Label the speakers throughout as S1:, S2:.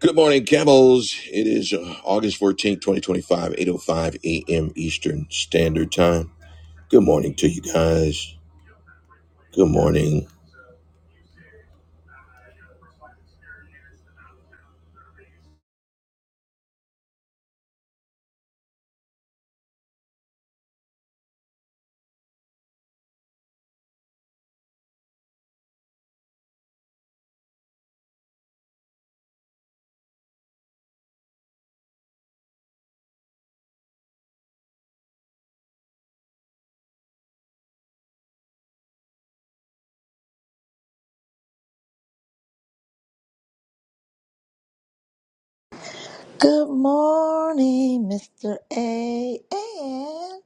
S1: Good morning, camels. It is uh, August 14th, eight oh five a.m. Eastern Standard Time. Good morning to you guys. Good morning.
S2: Good morning, Mr. A and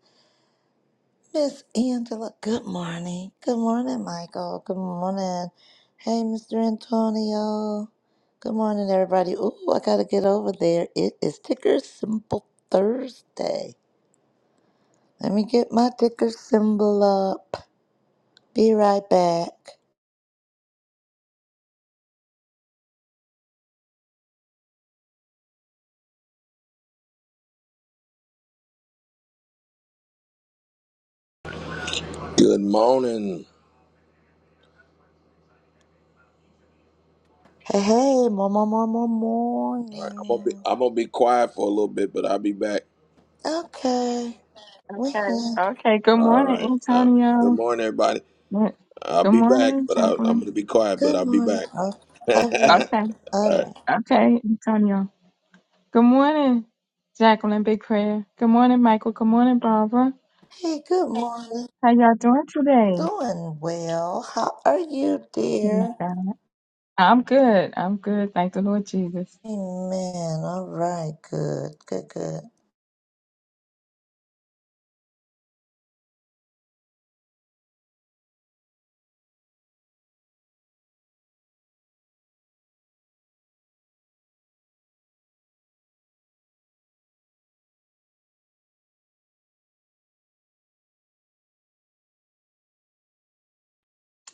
S2: Miss Angela. Good morning. Good morning, Michael. Good morning. Hey, Mr. Antonio. Good morning, everybody. Ooh, I gotta get over there. It is ticker symbol Thursday. Let me get my ticker symbol up. Be right back.
S1: Good morning.
S2: Hey, hey, more, more, more, more
S1: All right, I'm gonna be
S2: morning.
S1: I'm gonna be quiet for a little bit, but I'll be back.
S2: Okay. We
S3: Okay.
S2: here.
S3: Okay. Good
S1: All
S3: morning,
S1: right. Uh, good
S3: Antonio.
S1: morning, everybody.
S3: Good
S1: I'll
S3: good
S1: be back,
S3: morning,
S1: but I, I'm
S3: Jacqueline.
S1: gonna be quiet, but
S2: Good
S1: I'll be
S2: morning.
S1: back.
S2: All
S1: All
S2: all right.
S3: Okay.
S2: All right.
S1: right.
S3: Okay, Antonio. Good morning, Jacqueline. Big prayer. Good morning, Michael. Good morning, Barbara.
S2: Hey, good morning.
S3: How y'all doing today?
S2: Doing well. How are you,
S3: Praise
S2: dear?
S3: God. I'm good. I'm good. Thank the Lord Jesus.
S2: Amen. All right. Good. Good. Good.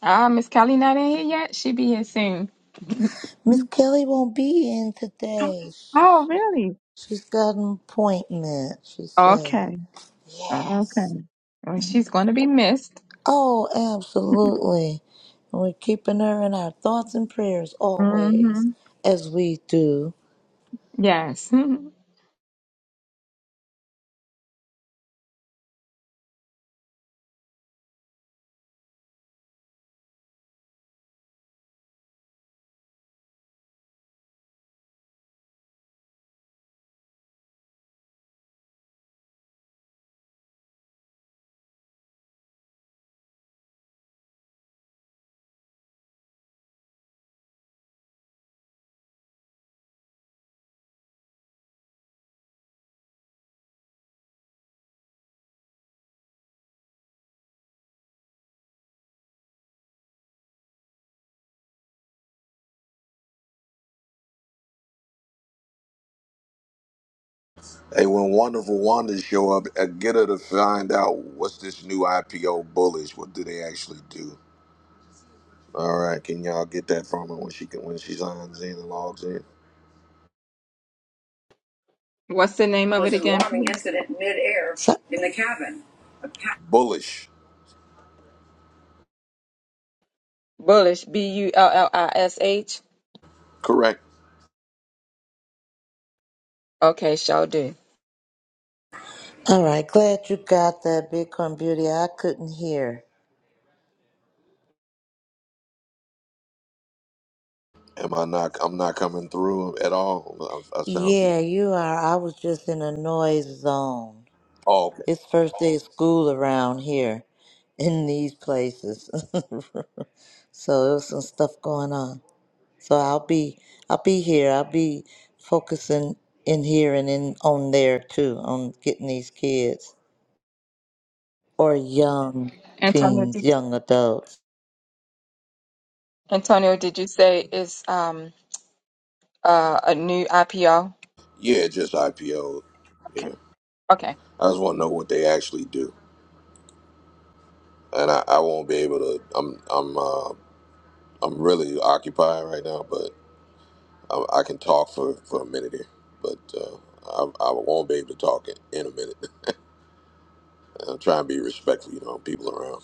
S3: Ah, Miss Kelly not in here yet. she be here soon.
S2: Miss Kelly won't be in today.
S3: Oh, really?
S2: She's got an appointment. She said.
S3: Okay. Okay. Well, she's going to be missed.
S2: Oh, absolutely. And we're keeping her in our thoughts and prayers always,
S3: Mm-hmm.
S2: as we do.
S3: Yes.
S1: Hey, when wonderful Wanda show up, uh, get her to find out what's this new IPO bullish. What do they actually do? All right, can y'all get that from her when she can, when she signs in and logs in?
S3: What's the name of
S2: was
S3: it
S2: an alarming
S3: again?
S2: incident midair So, in the cabin. A pa-
S1: Bullish,
S3: Bullish, B U L L I S H.
S1: correct?
S3: Okay, shall do.
S2: all right. Glad you got that, Bitcoin Beauty. I couldn't hear.
S1: Am I not? I'm not coming through at all. I, I sound too.
S2: Yeah, you are. I was just in a noise zone.
S1: Oh, okay.
S2: It's first day of school around here in these places. so there was some stuff going on. So I'll be I'll be here. I'll be focusing in here and in on there too, on getting these kids or young
S3: Antonio,
S2: teens,
S3: did,
S2: young adults.
S3: Antonio, did you say it's um uh, a new IPO?
S1: Yeah, just IPO. Yeah,
S3: Okay, okay.
S1: I just want to know what they actually do, and I, I won't be able to. I'm I'm uh, I'm really occupied right now, but I, I can talk for for a minute here, but. Uh, I, I won't be able to talk in in a minute. I'm trying to be respectful, you know, people around.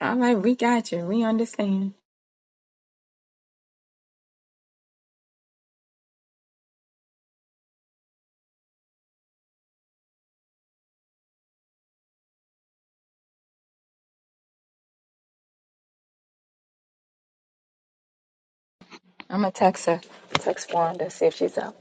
S3: All right, we got you. We understand. I'm gonna text her, text Wanda, see if she's up.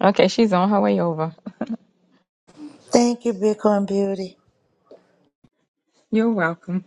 S3: Okay, she's on her way over.
S2: Thank you, Bitcoin Beauty.
S3: You're welcome.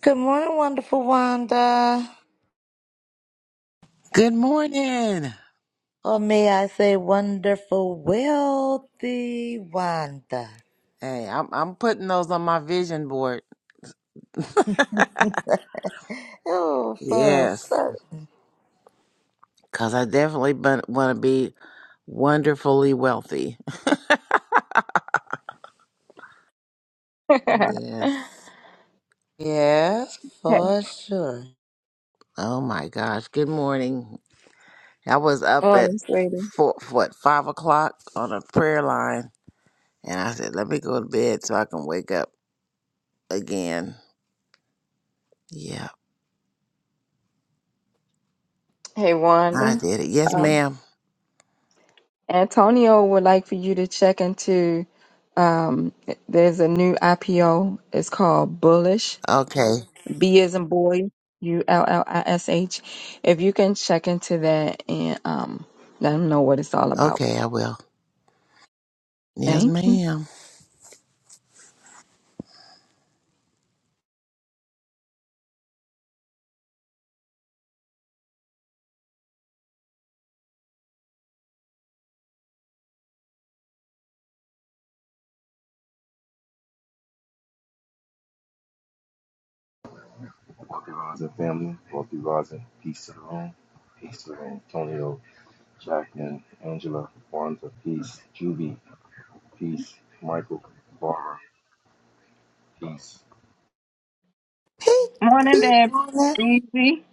S2: Good morning, wonderful Wanda.
S4: Good morning.
S2: Or may I say wonderful, wealthy Wanda?
S4: Hey, I'm I'm putting those on my vision board.
S2: Oh, for
S4: Yes,
S2: certain.
S4: cuz I definitely want to be wonderfully wealthy.
S3: hey,
S4: Yes.
S2: Yes, for sure.
S4: Oh my gosh. Good morning. I was up at
S3: morning, sweetie.
S4: four, what five o'clock on a prayer line, and I said, "Let me go to bed so I can wake up again." Yeah,
S3: Hey,
S4: I
S3: Wanda.
S4: did it. Yes,
S3: Um,
S4: ma'am.
S3: Antonio would like for you to check into. Um, there's a new IPO. It's called Bullish
S4: Okay.
S3: B as in boy, U L L I S H. If you can check into that and um, let them know what it's all about.
S4: Okay, I will. Yes,
S3: Thank you.
S4: ma'am.
S5: Wealthy Rising family, Wealthy Rising, peace to the room, peace to the room. Antonio, Jacqueline, Angela, Barnes peace, Juby, peace, Michael, Barbara, peace,
S2: Hey,
S3: Morning
S2: good
S3: there,
S2: morning.
S3: Breezy.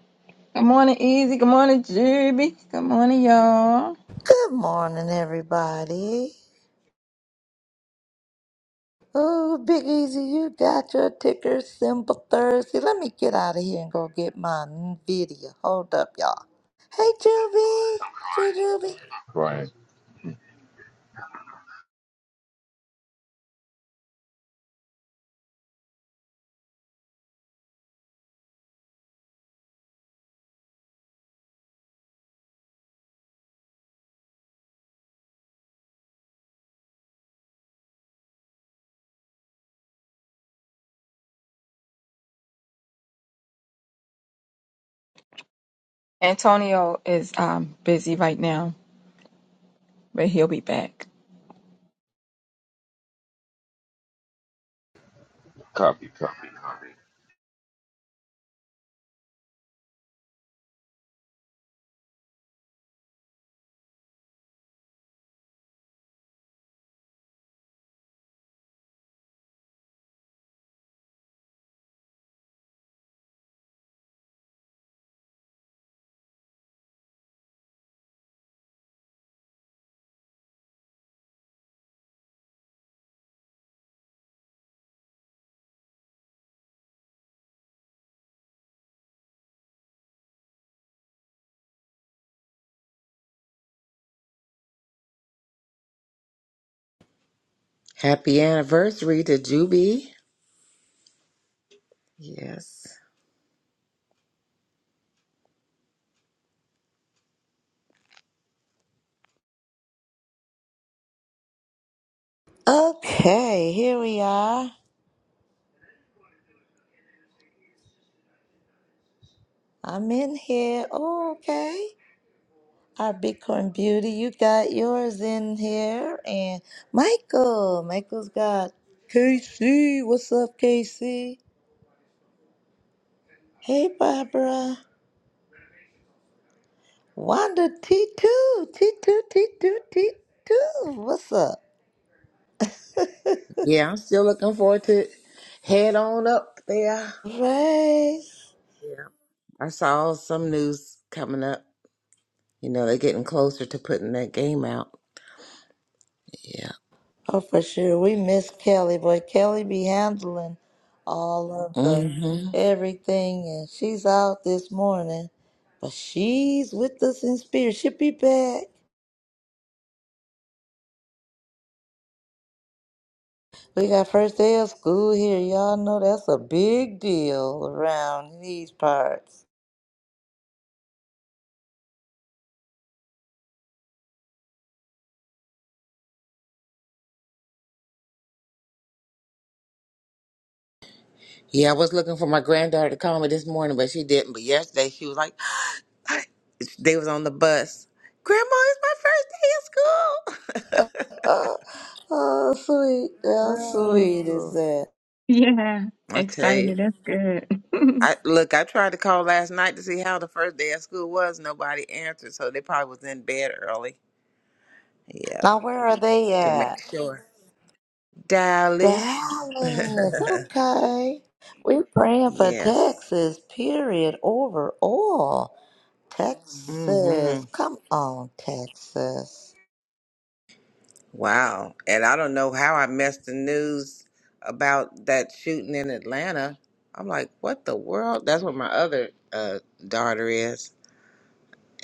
S3: Good morning, Easy. Good morning, Juby. Good morning, y'all.
S2: Good morning, everybody. Oh, Big Easy, you got your ticker symbol Thursday. Let me get out of here and go get my video. Hold up, y'all. Hey, Juby. Jujuby.
S5: Brian.
S3: Antonio is um busy right now, but he'll be back.
S5: Copy, copy, copy.
S4: Happy anniversary to Juby. Yes.
S2: Okay, here we are. I'm in here. Okay. Our Bitcoin beauty, you got yours in here. And Michael, Michael's got KC. What's up, KC? Hey, Barbara. Wanda T2, T2, T2, T2. What's up?
S4: Yeah, I'm still looking forward to it. head on up there.
S2: Race.
S4: Yeah. I saw some news coming up. You know, they're getting closer to putting that game out. Yeah.
S2: Oh, for sure. We miss Kelly. Boy, Kelly be handling all of the
S4: hmm
S2: everything. And she's out this morning. But she's with us in spirit. She'll be back. We got first day of school here. Y'all know that's a big deal around these parts.
S4: Yeah, I was looking for my granddaughter to call me this morning, but she didn't. But yesterday she was like, they was on the bus. Grandma, it's my first day of
S2: Oh, oh sweet. How sweet
S4: school.
S2: is
S4: oh.
S2: that?
S3: Yeah,
S4: I tell you.
S3: excited. That's good.
S4: I look, I tried to call last night to see how the first day of school was. Nobody answered, so they probably was in bed early. Yeah.
S2: Now, where are they
S4: to
S2: at?
S4: make sure. Dallas.
S2: Dallas. Okay. We're praying for
S4: yes.
S2: Texas, period, overall.
S4: mm
S2: Texas.
S4: hmm
S2: Come on, Texas.
S4: Wow. And I don't know how I missed the news about that shooting in Atlanta. I'm like, what the world? That's where my other uh, daughter is,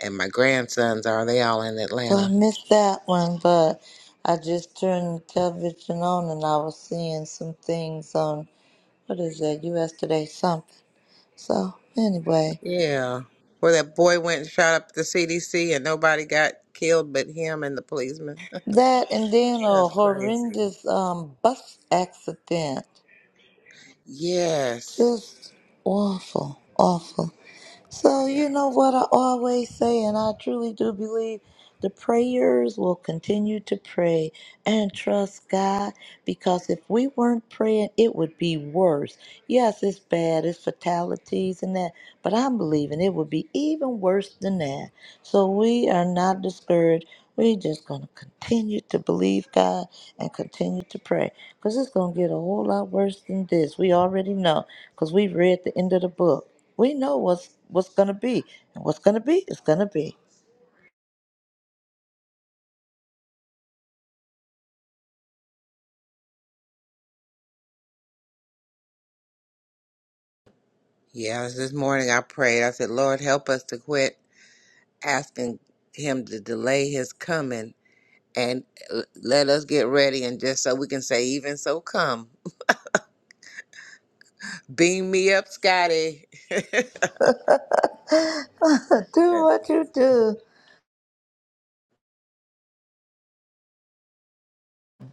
S4: and my grandsons are. They all in
S2: So I
S4: Atlanta.
S2: missed that one, but I just turned the television on and I was seeing some things on what is that? U.S. Today something. So anyway,
S4: Yeah. Where that boy went and shot up the CDC and nobody got killed but him and the policeman.
S2: that and then a
S4: That's crazy.
S2: horrendous um, bus accident.
S4: Yes.
S2: Just awful, awful. So
S4: Yeah.
S2: you know what I always say, and I truly do believe the prayers will continue to pray and trust God because if we weren't praying, it would be worse. Yes, it's bad, it's fatalities and that, but I'm believing it would be even worse than that. So we are not discouraged. We're just going to continue to believe God and continue to pray because it's going to get a whole lot worse than this. We already know because we've read the end of the book. We know what's what's going to be. And what's going to be is going to be.
S4: Yeah, it was this morning I prayed. I said, Lord, help us to quit asking Him to delay His coming and uh, let us get ready. And just so we can say, even so, come. Beam me up, Scotty.
S2: do
S4: Yeah.
S2: what you do.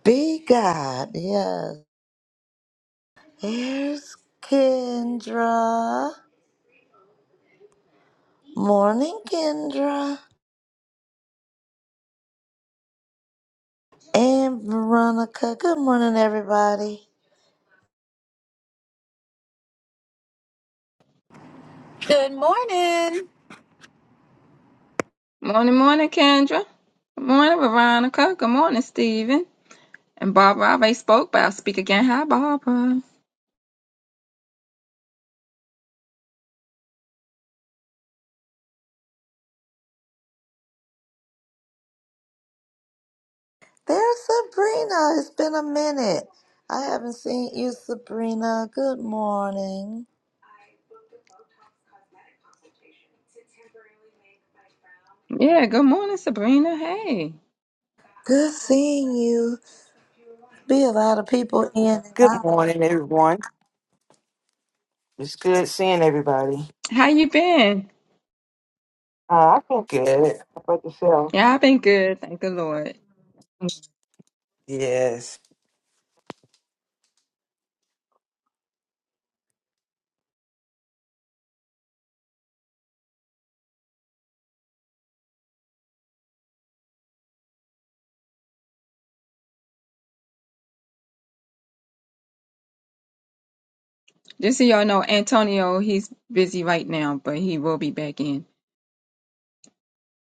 S2: Be God. Yes. Here's Kendra. Morning, Kendra. And Veronica. Good morning, everybody.
S6: Good morning.
S3: morning, morning, Kendra. Good morning, Veronica. Good morning, Stephen. And Barbara, I already spoke, but I'll speak again. Hi, Barbara.
S2: There's Sabrina. It's been a minute. I haven't seen you, Sabrina. Good morning.
S3: Yeah, good morning, Sabrina. Hey,
S2: Good seeing you. Be a lot of people in and
S7: Good
S2: out.
S7: morning, everyone. It's good seeing everybody.
S3: how you been?
S7: Uh, I feel good. about yourself?
S3: Yeah, I've been good, thank the Lord.
S7: Yes.
S3: Just so y'all know, Antonio, he's busy right now, but he will be back in.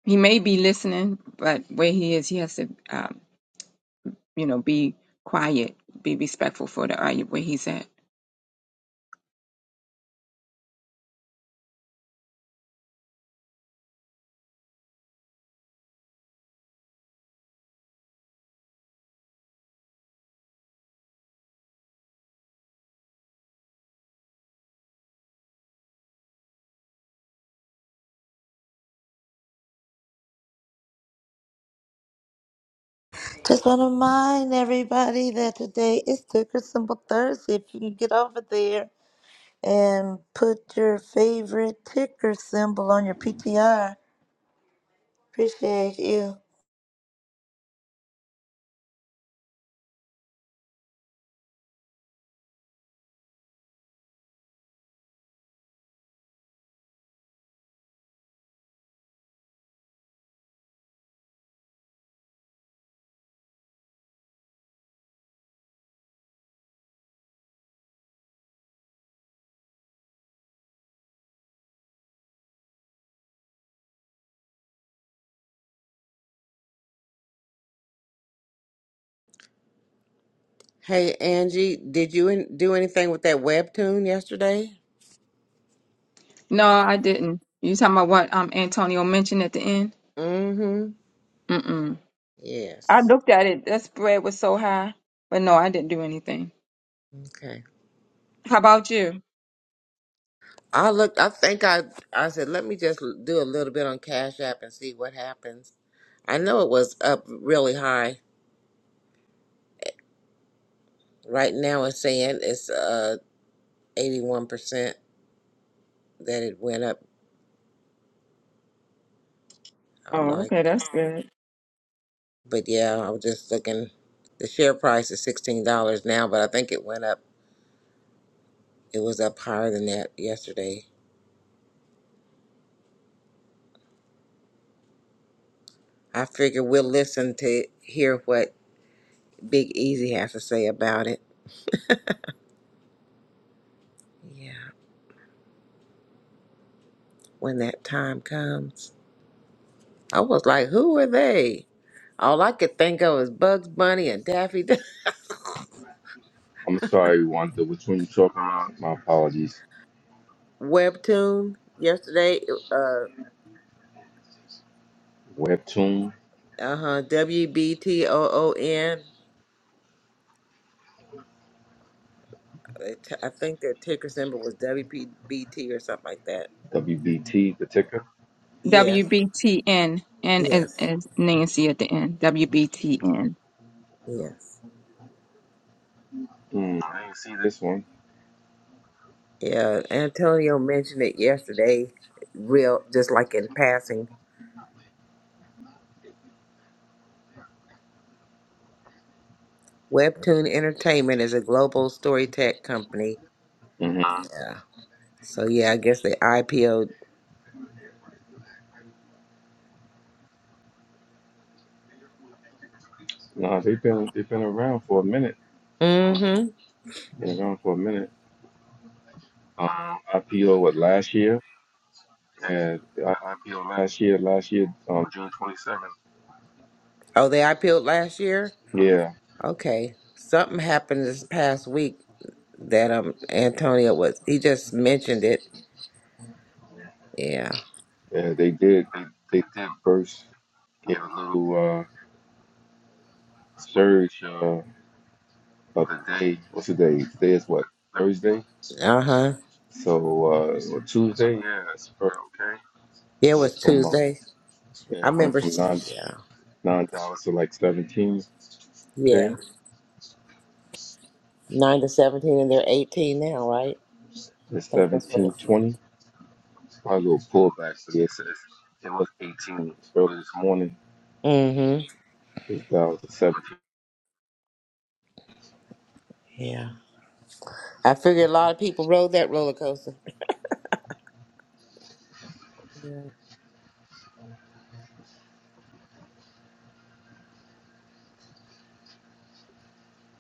S3: He may be listening, but where he is, he has to, um, you know, be quiet, be respectful for the area where he's at.
S2: Just want to remind everybody that today is Ticker Symbol Thursday. If you can get over there and put your favorite ticker symbol on your PTR, appreciate you.
S4: Hey, Angie, did you in- do anything with that webtoon yesterday?
S3: No, I didn't. You talking about what um Antonio mentioned at the end?
S4: Mm hmm.
S3: Mm-mm. I
S4: Yes.
S3: looked at it. That spread was so high, but no, I didn't do anything.
S4: Okay.
S3: How about you?
S4: I looked, I think I, I said, let me just l- do a little bit on Cash App and see what happens. I know it was up really high. Right now it's saying it's uh eighty-one percent that it went up. I'm
S3: Oh,
S4: like,
S3: okay, that's good.
S4: but yeah, I was just looking. The share price is sixteen dollars now, but I think it went up. It was up higher than that yesterday. I figure we'll listen to hear what Big Easy has to say about it. Yeah, when that time comes. I was like, who are they? All I could think of was Bugs Bunny and Daffy Duck.
S5: I'm sorry, Wanda, which one you talking about? My apologies.
S4: Webtoon yesterday. Uh
S5: Webtoon,
S4: uh huh. W B T O O N. They t- I think their ticker symbol was WPBT or something like that.
S5: WBT, the ticker.
S4: Yes,
S3: WBTN. N and as,
S4: yes,
S3: as Nancy at the end. WBTN.
S4: yes.
S5: Hmm, I didn't see this one.
S4: Yeah, Antonio mentioned it yesterday, real just like in passing. Webtoon Entertainment is a global story tech company.
S5: Mm-hmm.
S4: Yeah. So yeah, I guess they IPO'd.
S5: Nah, they've been they've been around for a minute. Uh,
S4: Mm-hmm.
S5: Been around for a minute. Um, IPO what last year? And I IPO last year, last year, um, June 27th.
S4: Oh, they IPO'd last year.
S5: Yeah,
S4: Okay. Something happened this past week that um Antonio was. He just mentioned it. Yeah.
S5: yeah, they did. They, they did burst, gave a little uh, surge uh, of the day. What's the day? Today is what? Thursday?
S4: Uh huh.
S5: So, uh, or Tuesday? Yeah, it's pretty okay.
S4: Yeah, it was
S5: Went from, uh,
S4: Tuesday. I
S5: yeah, went
S4: remember,
S5: from
S4: s-
S5: nine,
S4: yeah,
S5: nine dollars to like 17, okay?
S4: yeah, nine to seventeen, and they're eighteen now, right? I
S5: It's
S4: think that's what it
S5: 17.20.
S4: said.
S5: Probably a little pullback, but it's, it's, it was 18 early this morning.
S4: Mm-hmm.
S5: It's down to 17.20.
S4: Yeah, I figured a lot of people rode that roller coaster. Yeah,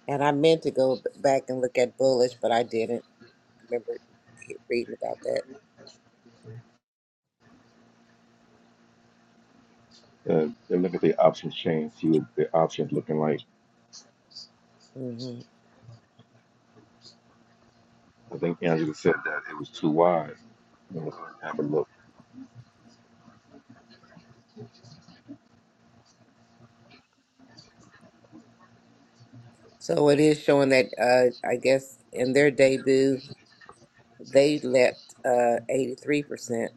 S4: and I meant to go b- back and look at Bullish, but I didn't. I remember he- reading about that.
S5: uh, they look at the options change, see what their options looking like.
S4: Mm-hmm.
S5: I think Angela said that it was too wise. You know, so have a look.
S4: So it is showing that, uh, I guess, in their debut, they leapt uh eighty three percent.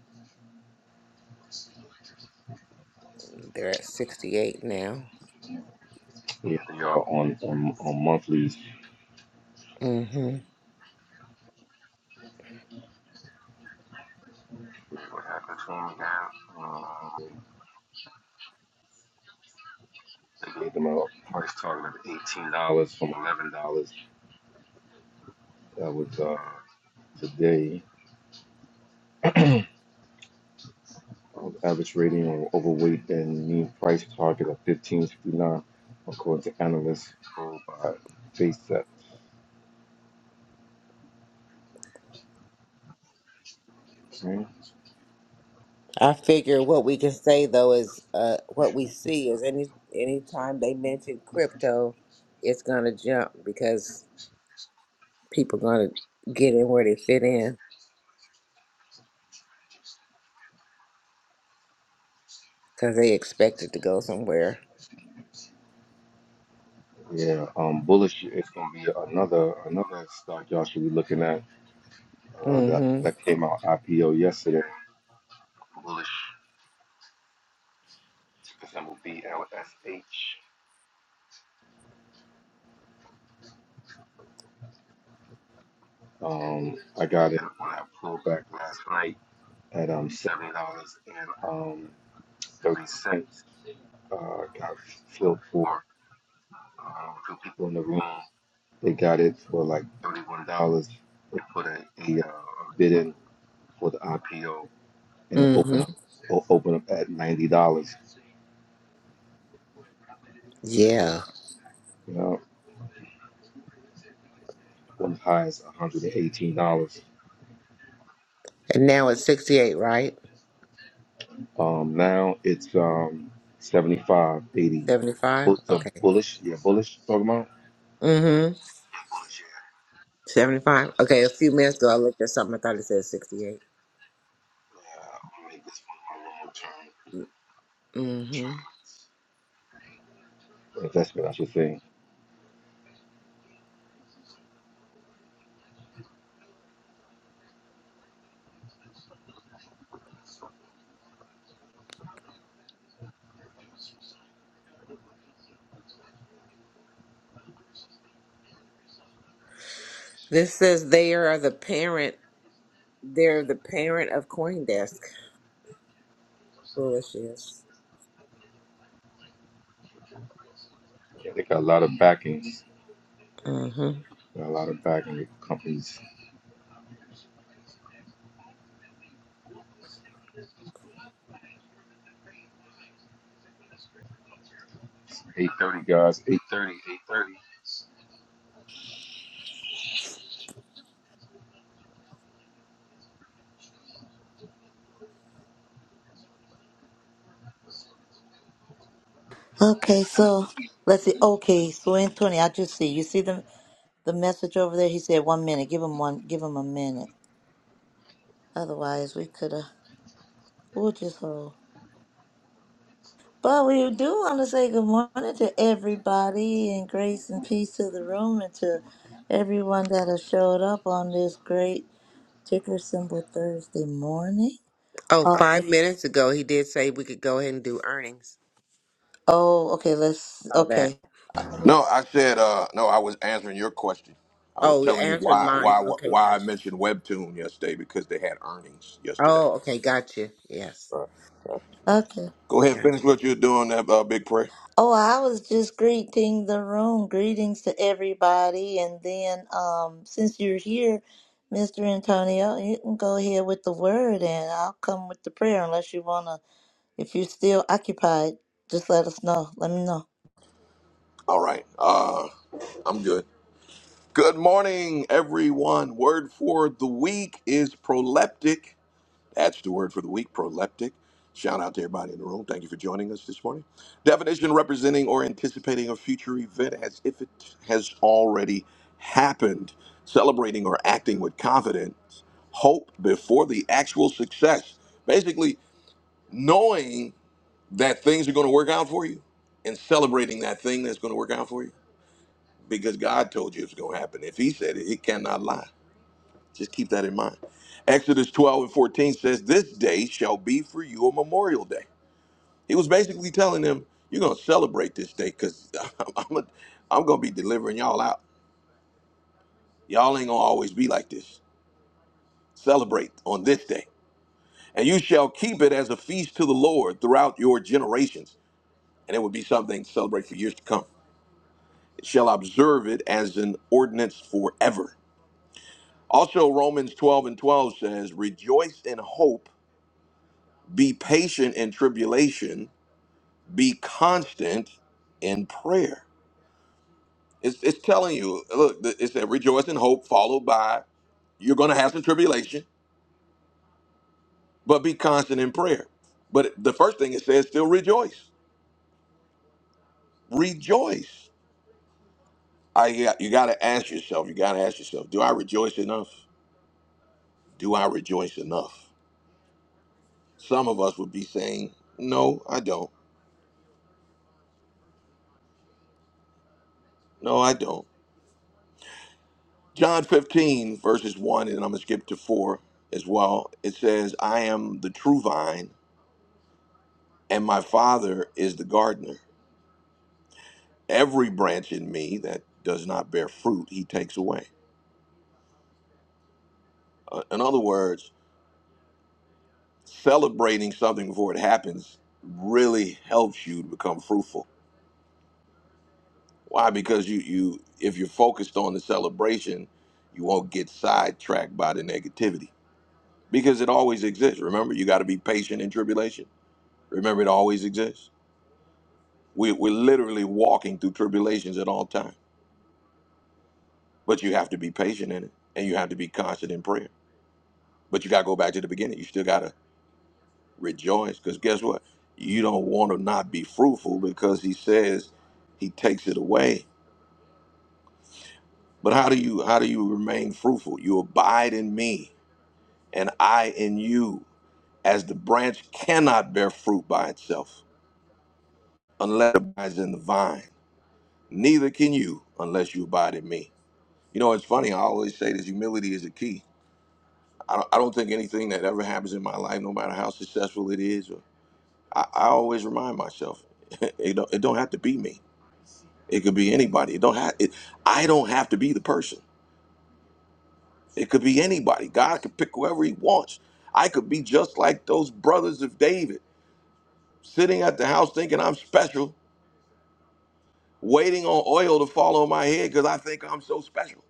S4: They're at sixty eight now.
S5: Yeah, they are on on, on monthlies.
S4: Mm-hmm.
S5: What happened to them again? Um, they gave them a price target of eighteen dollars from eleven dollars. That was uh, today. Um, average rating on overweight and mean price target of fifteen fifty nine, according to analysts told by FaceTime.
S4: I figure what we can say though is uh, what we see is any anytime they mention crypto, it's gonna jump because people gonna get in where they fit in because they expect it to go somewhere.
S5: Yeah, um, bullish is going to be another another stock y'all should be looking at uh, that
S4: Mm-hmm.
S5: that came out IPO yesterday. Bullish, ticker symbol BLSH. Um, I got it when I pulled back last night at um seventy dollars and um thirty cents. Uh, got filled for uh, two people in the room. They got it for like thirty one dollars. They put a, a uh, bid in for the IPO and it opened
S4: Mm-hmm.
S5: up o- opened up at ninety dollars. So
S4: Yeah.
S5: you know, when high as $118.
S4: And now it's sixty-eight, right?
S5: Um, now it's um seventy five eighty. 80.
S4: Seventy-five.
S5: Bu- the
S4: Okay.
S5: bullish, yeah, bullish talking about.
S4: Mm-hmm.
S5: bullish, Yeah,
S4: Seventy-five. Okay. A few minutes ago, I looked at something. I thought it said sixty-eight.
S5: Yeah, I'll make this one my long-term
S4: Mm-hmm.
S5: Investment, I should say.
S4: This says they are the parent. They're the parent of CoinDesk. Foolishness.
S5: Yeah, they got a lot of backing.
S4: Mm-hmm.
S5: Got a lot of backing with companies. 830 guys, 830, 830.
S2: Okay, so let's see. Okay, so Antonio, I just see you see the the message over there. He said one minute. Give him one. Give him a minute. Otherwise, we could have, we'll just hold. But we do want to say good morning to everybody and grace and peace to the room and to everyone that has showed up on this great ticker symbol Thursday morning.
S4: Oh,
S2: Oh,
S4: five minutes ago, he did say we could go ahead and do earnings.
S2: oh okay, let's,
S4: All that.
S2: okay.
S1: No, I said uh, no. I was answering your question. I was
S4: Oh, you're
S1: telling you
S4: answering
S1: why
S4: mine.
S1: why
S4: Okay,
S1: why I
S4: gotcha.
S1: mentioned Webtoon yesterday because they had earnings yesterday.
S4: Oh, okay, gotcha. Yes,
S1: Uh, uh,
S2: Okay.
S1: Go ahead, finish
S4: gotcha.
S1: what you're doing, that uh, big prayer.
S2: Oh, I was just greeting the room. Greetings to everybody. And then, um, since you're here, Mr. Antonio, you can go ahead with the word and I'll come with the prayer unless you want to If you're still occupied, just let us know. Let me know.
S1: All right, uh, I'm good. Good morning, everyone. Word for the week is proleptic. That's the word for the week, proleptic. Shout out to everybody in the room. Thank you for joining us this morning. Definition representing or anticipating a future event as if it has already happened. Celebrating or acting with confidence, hope before the actual success. Basically, knowing that things are going to work out for you and celebrating that thing that's going to work out for you because God told you it's going to happen. If He said it, He cannot lie. Just keep that in mind. Exodus 12 and 14 says, This day shall be for you a memorial day. He was basically telling them, You're going to celebrate this day because I'm, a- I'm going to be delivering y'all out. Y'all ain't going to always be like this. Celebrate on this day. And you shall keep it as a feast to the Lord throughout your generations. And it would be something to celebrate for years to come. It shall observe it as an ordinance forever. Also, Romans 12 and 12 says, Rejoice in hope, be patient in tribulation Be constant in prayer. It's, it's telling you, look, it said rejoice in hope, followed by you're going to have some tribulation, but be constant in prayer. But the first thing it says, still rejoice. Rejoice. I you got, you got to ask yourself. You got to ask yourself, do I rejoice enough? Do I rejoice enough? Some of us would be saying, no, I don't. No, I don't. John 15 verses 1 and I'm going to skip to 4 as well. It says, I am the true vine and my Father is the gardener. Every branch in me that does not bear fruit, he takes away. Uh, in other words, celebrating something before it happens really helps you to become fruitful. Why? Because you, you if you're focused on the celebration, you won't get sidetracked by the negativity because it always exists. Remember, you got to be patient in tribulation. Remember, it always exists. We, we're literally walking through tribulations at all times, but you have to be patient in it and you have to be constant in prayer But you got to go back to the beginning. You still got to rejoice because guess what? You don't want to not be fruitful because he says he takes it away. But how do you how do you remain fruitful? You abide in me and I in you, as the branch cannot bear fruit by itself unless it abides in the vine. Neither can you unless you abide in me. You know, it's funny. I always say this: humility is the key. I don't, I don't think anything that ever happens in my life, no matter how successful it is I, I always remind myself, it don't, it don't have to be me. It could be anybody. It don't have. It, I don't have to be the person. It could be anybody. God could pick whoever He wants. I could be just like those brothers of David, sitting at the house thinking I'm special, waiting on oil to fall on my head because I think I'm so special.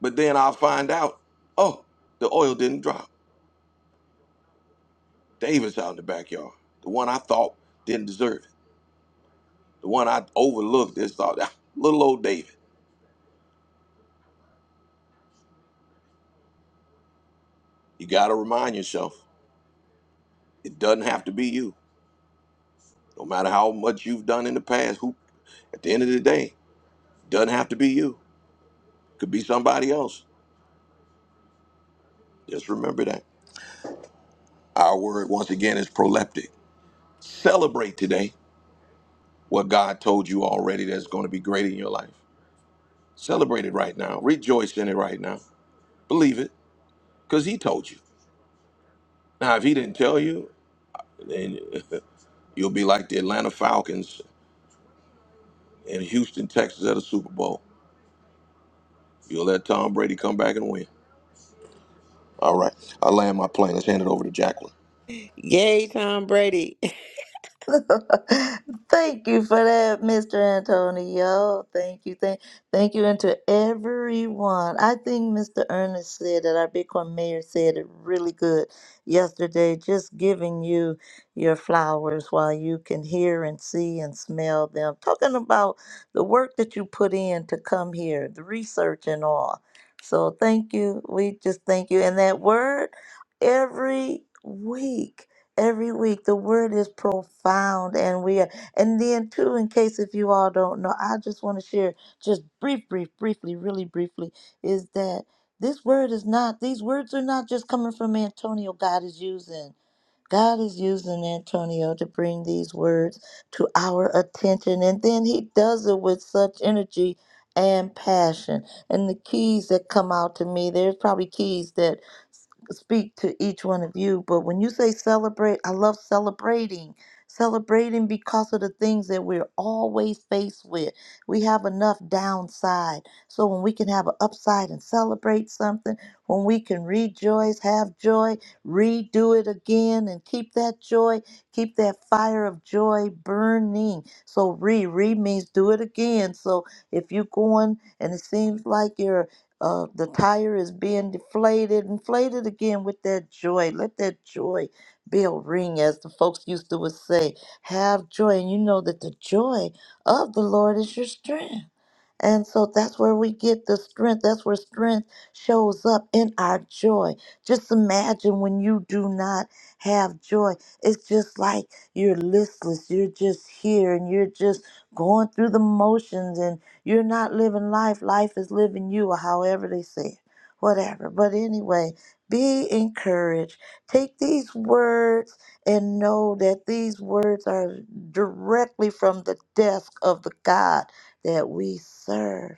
S1: But then I'll find out, oh, the oil didn't drop. David's out in the backyard. The one I thought didn't deserve it. The one I overlooked. This thought, little old David. You got to remind yourself. It doesn't have to be you. No matter how much you've done in the past, who at the end of the day, it doesn't have to be you. It Could be somebody else. Just remember that. Our word once again is proleptic. Celebrate today what God told you already that's going to be great in your life. Celebrate it right now. Rejoice in it right now. Believe it. Because he told you. Now if he didn't tell you, then you'll be like the Atlanta Falcons in Houston, Texas at a Super Bowl. You'll let Tom Brady come back and win. All right. I land my plane. Let's hand it over to Jacqueline.
S4: Yay, Tom Brady.
S2: thank you for that, Mr. Antonio. Thank you. Thank, thank you. And to everyone. I think Mr. Ernest said that our Bitcoin mayor said it really good yesterday, just giving you your flowers while you can hear and see and smell them. Talking about the work that you put in to come here, the research and all. So thank you. We just thank you. And that word every week every week. The word is profound, and we are, and then too, in case if you all don't know, I just want to share just brief, brief, briefly, really briefly, is that this word is not; these words are not just coming from Antonio. God is using. God is using Antonio to bring these words to our attention, and then he does it with such energy and passion. And the keys that come out to me, there's probably keys that s- speak to each one of you, but when you say celebrate, I love celebrating. Celebrating because of the things that we're always faced with. We have enough downside. So when we can have an upside and celebrate something, when we can rejoice, have joy, redo it again and keep that joy, keep that fire of joy burning. So re, re means do it again. So if you're going and it seems like you're uh, the tire is being deflated, inflated again with that joy. Let that joy bell ring, as the folks used to would say. Have joy, and you know that the joy of the Lord is your strength. And so that's where we get the strength. That's where strength shows up in our joy. Just imagine when you do not have joy. It's just like you're listless. You're just here and you're just going through the motions and you're not living life. Life is living you, or however they say it, whatever. But anyway, be encouraged. Take these words and know that these words are directly from the desk of the God that we serve.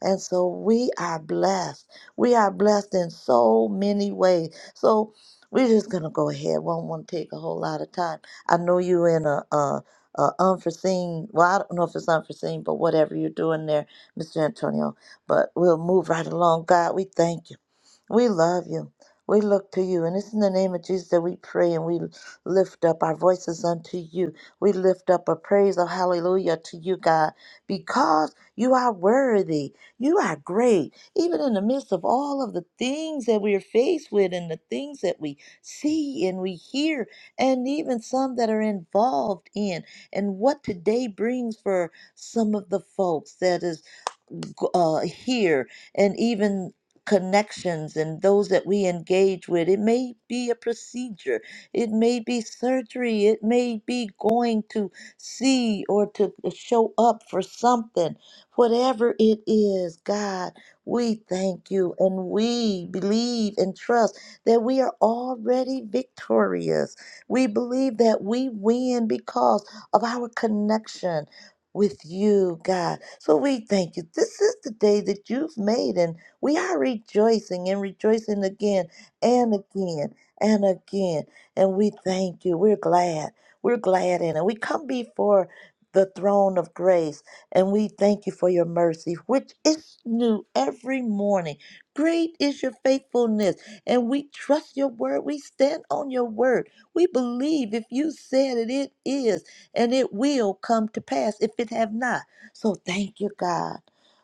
S2: And so we are blessed. We are blessed in so many ways. So we're just gonna go ahead. Won't want to take a whole lot of time. I know you in a, a, a unforeseen. Well, I don't know if it's unforeseen, but whatever you're doing there, Mr. Antonio. But we'll move right along. God, we thank you. We love you. We look to you, and it's in the name of Jesus that we pray and we lift up our voices unto you. We lift up a praise of hallelujah to you, God because you are worthy. You are great. Even in the midst of all of the things that we are faced with and the things that we see and we hear, and even some that are involved in, and what today brings for some of the folks that is g- uh, hear and even connections and those that we engage with. It may be a procedure, it may be surgery, it may be going to see or to uh, show up for something. Whatever it is, God, we thank you and we believe and trust that we are already victorious. We believe that we win because of our connection with you, God. So we thank you. This is the day that you've made, and we are rejoicing and rejoicing again and again and again. And we thank you. We're glad. We're glad in it. We come before the throne of grace, and we thank you for your mercy, which is new every morning. Great is your faithfulness, and we trust your word. We stand on your word. We believe if you said it, it is and it will come to pass if it have not. So thank you, God.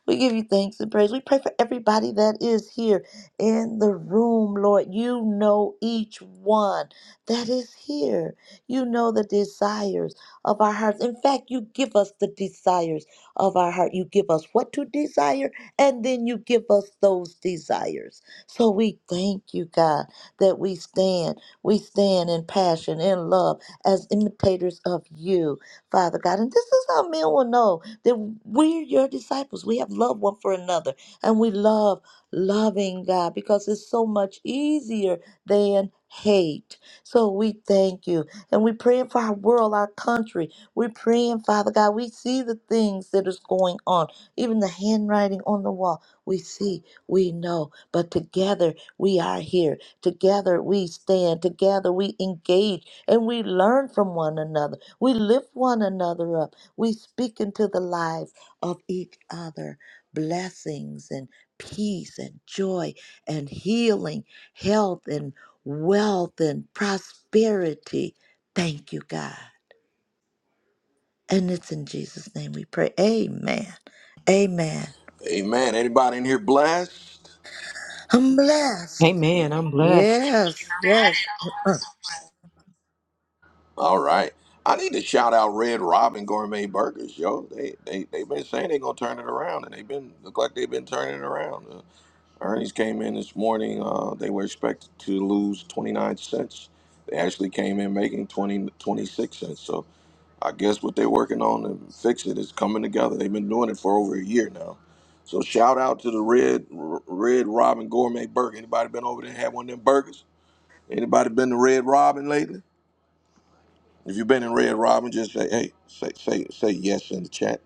S2: We give you thanks and praise. We pray for everybody that is here in the room, Lord. You know each one that is here. You know the desires of our hearts. In fact, you give us the desires of our heart. You give us what to desire, and then you give us those desires. So we thank you, God, that we stand. We stand in passion, in love as imitators of you, Father God. And this is how men will know that we're your disciples. We have love one for another, and we love loving God because it's so much easier than hate. So we thank you. And we're praying for our world, our country. We're praying, Father God. We see the things that is going on, even the handwriting on the wall. We see, we know, but together we are here. Together we stand. Together we engage and we learn from one another. We lift one another up. We speak into the lives of each other blessings and peace and joy and healing, health and wealth and prosperity. Thank you, God. And it's in Jesus' name we pray. Amen. Amen.
S1: Amen. Anybody in here blessed?
S2: I'm blessed.
S8: Amen. I'm blessed.
S2: Yes,
S9: That is
S2: yes.
S9: awesome.
S1: All right. I need to shout out Red Robin Gourmet Burgers, yo. They they they've been saying they're gonna turn it around, and they've been look like they've been turning it around. Uh, earnings came in this morning. Uh, they were expected to lose 29 cents. They actually came in making 20 26 cents. So I guess what they're working on to fix it is coming together. They've been doing it for over a year now. So shout out to the Red Red Robin Gourmet Burger. Anybody been over there and had one of them burgers? Anybody been to Red Robin lately? If you've been in Red Robin, just say hey, say say say yes in the chat.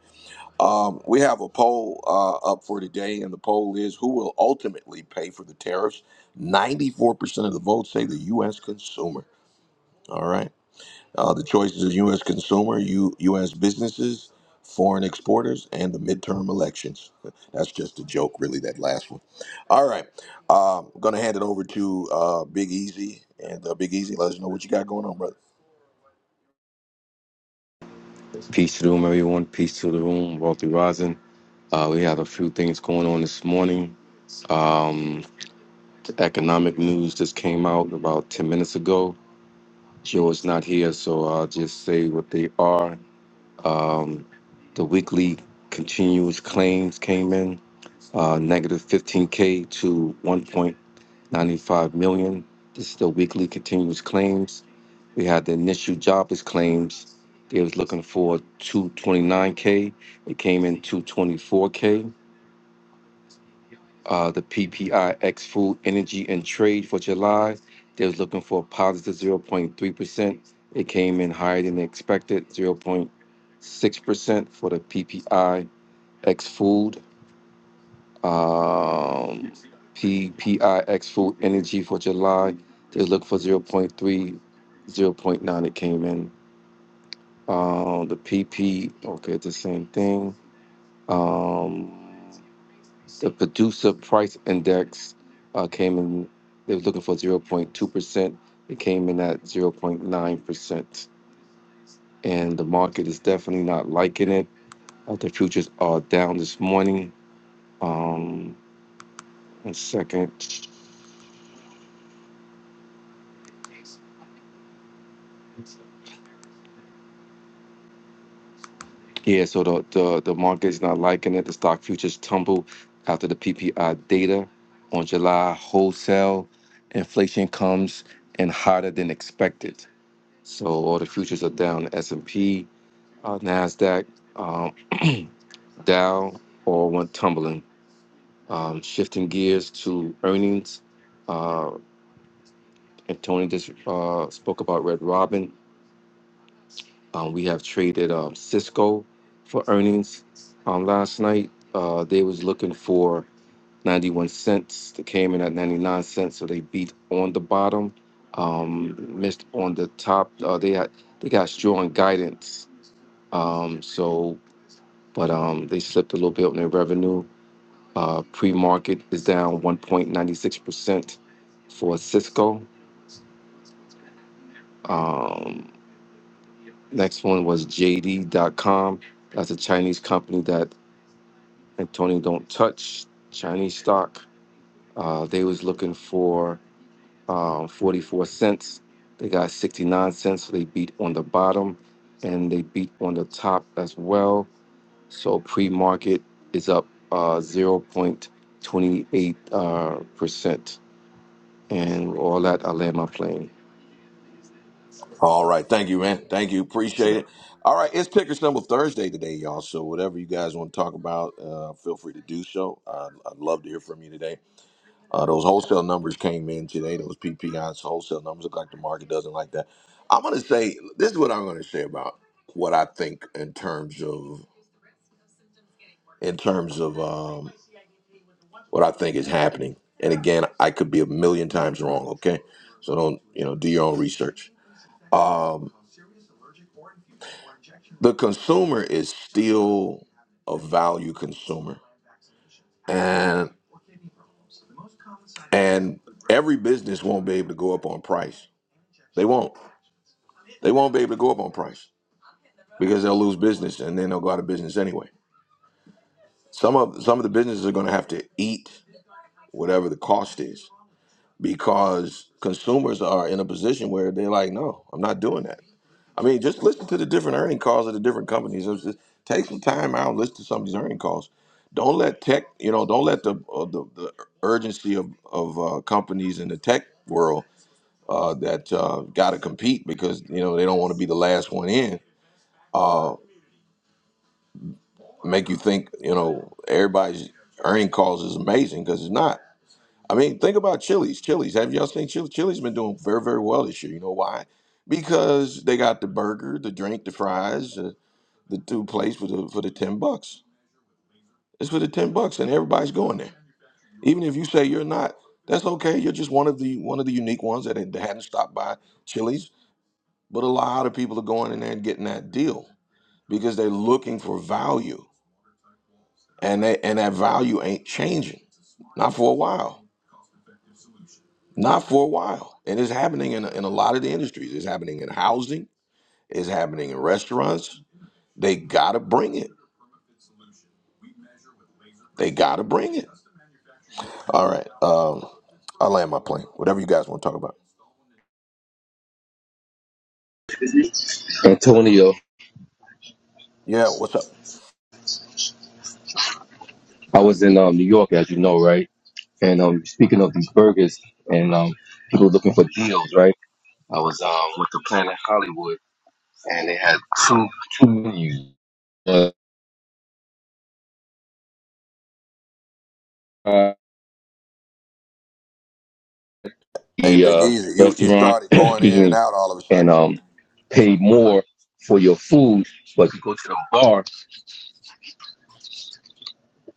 S1: Um, we have a poll uh, up for today, and the poll is who will ultimately pay for the tariffs. Ninety-four percent of the votes say the U.S. consumer. All right, uh, the choices are U.S. consumer, U, U.S. businesses, foreign exporters, and the midterm elections. That's just a joke, really. That last one. All right, um, I'm gonna hand it over to uh, Big Easy, and uh, Big Easy, let us know what you got going on, brother.
S5: Peace to the room, everyone. Peace to the room. Wealthy Rising. Uh, we had a few things going on this morning. Um, the economic news just came out about 10 minutes ago. Joe's not here, so I'll just say what they are. Um, the weekly continuous claims came in uh, negative 15K to 1.95 million. This is the weekly continuous claims. We had the initial jobless claims. They was looking for 229K. It came in 224K. uh, the PPIX Food, Energy, and Trade for July. They was looking for a 0.3%. It came in higher than expected, 0.6% for the PPIX Food. Um, PPIX Food Energy for July, they was looking for zero point three, zero point nine. It came in. Um, the PP, okay, it's the same thing. Um, The producer price index uh, came in, they were looking for 0.2%. It came in at 0.9%. And the market is definitely not liking it. Uh, the futures are down this morning. Um, one second. Yeah, so the, the, the market is not liking it. The stock futures tumble after the PPI data on July wholesale. Inflation comes in hotter than expected. So all the futures are down. S&P uh, NASDAQ, um, Dow, all went tumbling. Um, shifting gears to earnings, uh, and Tony just uh, spoke about Red Robin. Um, we have traded um, Cisco for earnings um, last night. Uh, they was looking for 91 cents. They came in at 99 cents, so they beat on the bottom, um, missed on the top. Uh, they had, they got strong guidance. Um, so but um, they slipped a little bit on their revenue. Uh, pre-market is down 1.96% for Cisco. Um, next one was JD.com. That's a Chinese company that Antonio don't touch. Chinese stock. Uh, they was looking for um, 44 cents. They got 69 cents. So they beat on the bottom, and they beat on the top as well. So pre-market is up uh, zero point 0.28 uh, percent, and all that. I land my plane.
S1: All right. Thank you, man. Thank you. Appreciate
S5: So,
S1: it. All right. It's Picker Stumble Thursday today, y'all. So, whatever you guys want to talk about, uh, feel free to do so. Uh, I'd love to hear from you today. Uh, those wholesale numbers came in today. Those PPIs, wholesale numbers look like the market doesn't like that. I'm going to say this is what I'm going to say about what I think in terms of in terms of um, what I think is happening. And again, I could be a million times wrong. Okay, so don't you know do your own research. Um, The consumer is still a value consumer, and and every business won't be able to go up on price. They won't. They won't be able to go up on price because they'll lose business, and then they'll go out of business anyway. Some of some of the businesses are going to have to eat whatever the cost is because consumers are in a position where they're like, no, I'm not doing that. I mean, just listen to the different earning calls of the different companies. It's just- take some time out and listen to some of these earning calls. Don't let tech, you know, don't let the uh, the, the urgency of of uh, companies in the tech world uh, that uh, got to compete because you know they don't want to be the last one in. Uh, make you think you know everybody's earning calls is amazing because it's not. I mean, think about Chili's. Chili's, have y'all seen Chili's? Chili's been doing very very well this year. You know why? Because they got the burger, the drink, the fries. uh, the two plates for the for the ten bucks. It's for the ten bucks, and everybody's going there. Even if you say you're not, that's okay. You're just one of the one of the unique ones that, had- hadn't stopped by Chili's. But a lot of people are going in there and getting that deal because they're looking for value, and they, and that value ain't changing, not for a while, not for a while. And it's happening in a, in a lot of the industries. It's happening in housing. It's happening in restaurants. They gotta bring it. They gotta bring it. All right. Um, I'll land my plane. Whatever you guys want to talk about.
S5: Antonio,
S1: Yeah, what's up?
S5: I was in um, New York, as you know, right? And um, speaking of these burgers and um, people looking for deals, right? I was um, with the Planet Hollywood, and they had two two menus. Uh, uh,
S1: Hey,
S5: the
S1: Big
S5: uh,
S1: Easy, you, you
S5: restaurant,
S1: started going
S5: excuse
S1: in and
S5: me,
S1: out all of a
S5: and
S1: sudden.
S5: um, pay more for your food, but you go to the bar.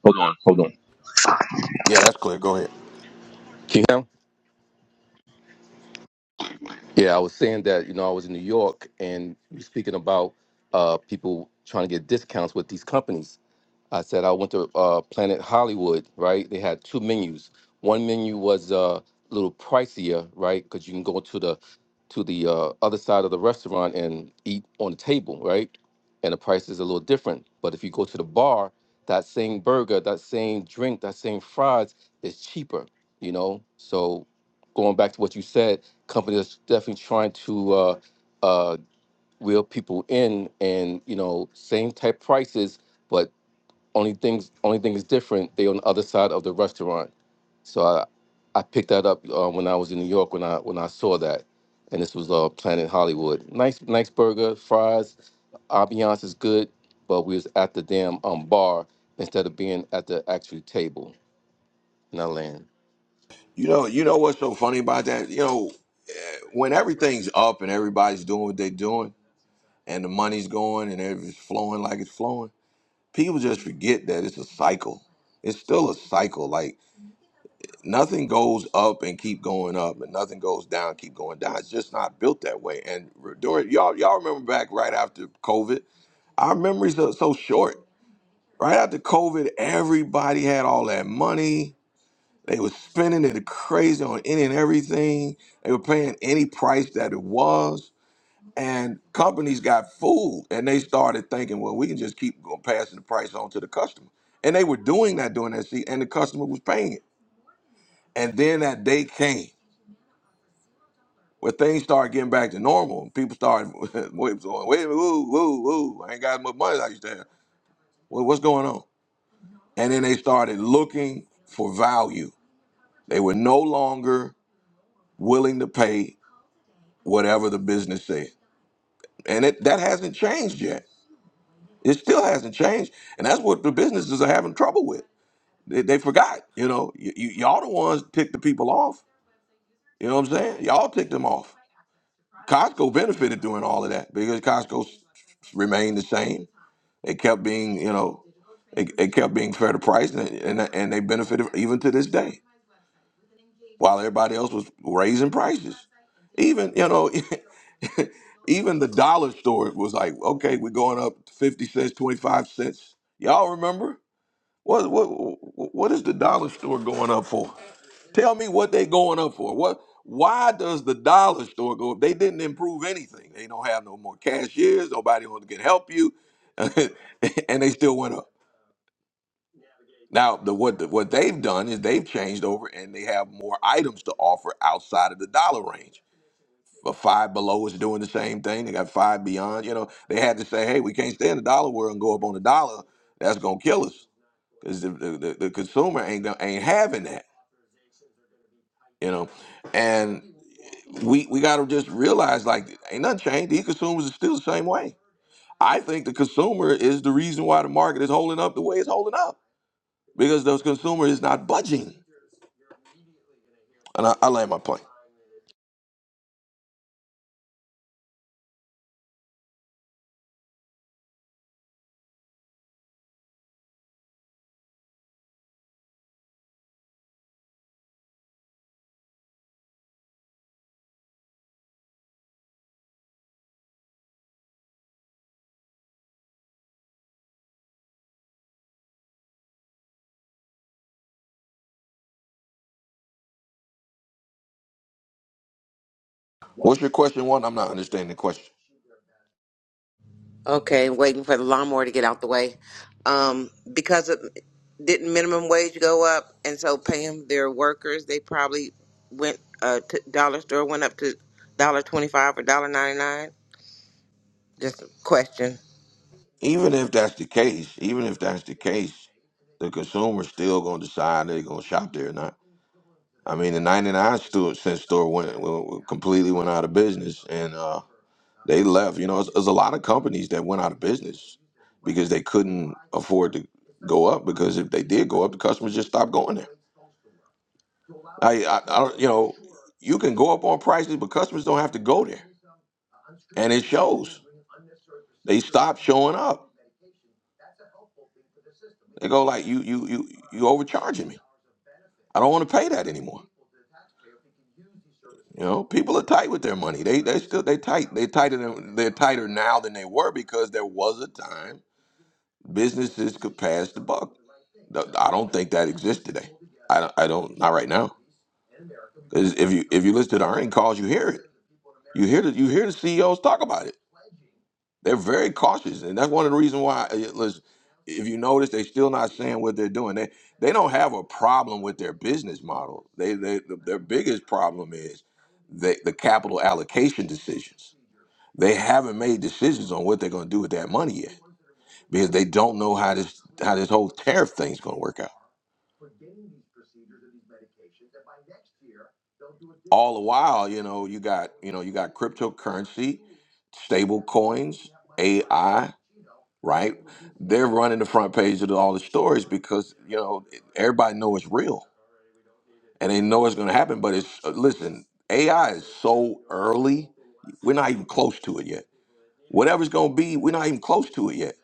S5: Hold on, hold on.
S1: Yeah, that's clear. Go ahead.
S5: can you hear? Yeah, I was saying that, you know, I was in New York and you were speaking about uh, people trying to get discounts with these companies. I said I went to uh, Planet Hollywood, right? They had two menus. One menu was uh, a little pricier, right? Because you can go to the to the uh, other side of the restaurant and eat on the table, right? And the price is a little different. But if you go to the bar, that same burger, that same drink, that same fries is cheaper, you know? So going back to what you said, companies are definitely trying to uh, uh, reel people in and, you know, same type prices, but only things only thing is different, they on the other side of the restaurant. So I, I picked that up uh, when I was in New York when I when I saw that, and this was uh, Planet Hollywood. Nice nice burger, fries. Ambiance is good, but we was at the damn um, bar instead of being at the actual table. And I land.
S1: You know, you know what's so funny about that? You know, when everything's up and everybody's doing what they're doing and the money's going and it's flowing like it's flowing, people just forget that it's a cycle. It's still a cycle. Like nothing goes up and keep going up, and nothing goes down, and keep going down. It's just not built that way. And re- during y'all, y'all remember back right after COVID Our memories are so short. Right after COVID, everybody had all that money. They were spending it crazy on any and everything. They were paying any price that it was. And companies got fooled and they started thinking, well, we can just keep going passing the price on to the customer. And they were doing that during that seat, and the customer was paying it. And then that day came where things started getting back to normal. People started wait, going, wait a minute, woo, woo, woo, I ain't got as much money as I used to have. Well, what's going on? And then they started looking for value. They were no longer willing to pay whatever the business said. And it, that hasn't changed yet. It still hasn't changed. And that's what the businesses are having trouble with. They, they forgot, you know, y- y- y'all the ones ticked the people off. You know what I'm saying? Y'all ticked them off. Costco benefited doing all of that because Costco s- remained the same. They kept being, you know, they, they kept being fair to price and, and, and they benefited even to this day. while everybody else was raising prices. Even you know, even the dollar store was like, okay, we're going up fifty cents, twenty five cents. Y'all remember what what what is the dollar store going up for? Tell me what they going up for. What why does the dollar store go up? They didn't improve anything. They don't have no more cashiers. Nobody wants to get help you, and they still went up. Now, the what the, what they've done is they've changed over and they have more items to offer outside of the dollar range. But Five Below is doing the same thing. They got Five Beyond. You know, they had to say, hey, we can't stay in the dollar world and go up on the dollar. That's gonna kill us because the, the, the, the consumer ain't gonna- ain't having that. You know, and we we gotta just realize like ain't nothing changed. These consumers are still the same way. I think the consumer is the reason why the market is holding up the way it's holding up because the consumer is not budging. And I, I land my plane. What's your question one? I'm not understanding the question.
S4: Okay, waiting for the lawnmower to get out the way. Um, because of, didn't minimum wage go up, and so paying their workers, they probably went uh to dollar store went up to dollar twenty five or dollar ninety nine. Just a question.
S1: Even if that's the case, even if that's the case, the consumer's still going to decide they're going to shop there or not. I mean, the 99 store, cent store went, went completely went out of business and uh, they left. You know, there's there's a lot of companies that went out of business because they couldn't afford to go up because if they did go up, the customers just stopped going there. I, I, I don't, you know, you can go up on prices, but customers don't have to go there. And it shows. They stop showing up. They go like, you you you you overcharging me. I don't want to pay that anymore. You know, people are tight with their money. They they still they tight. They tighter than they're tighter now than they were because there was a time businesses could pass the buck. Th- I don't think that exists today. I don't, I don't not right now. 'Cause if you if you listen to the earning calls, you hear it. You hear the you hear the CEOs talk about it. They're very cautious, and that's one of the reasons why. uh, yeah, Listen, if you notice, they're still not saying what they're doing. They they don't have a problem with their business model. They they their biggest problem is the the capital allocation decisions. They haven't made decisions on what they're going to do with that money yet because they don't know how this how this whole tariff thing's going to work out. All the while, you know, you got you know you got cryptocurrency, stable coins, AI. right? They're running the front page of all the stories because you know everybody know it's real and they know it's going to happen. But it's uh, listen, AI is so early; we're not even close to it yet. Whatever's going to be, we're not even close to it yet.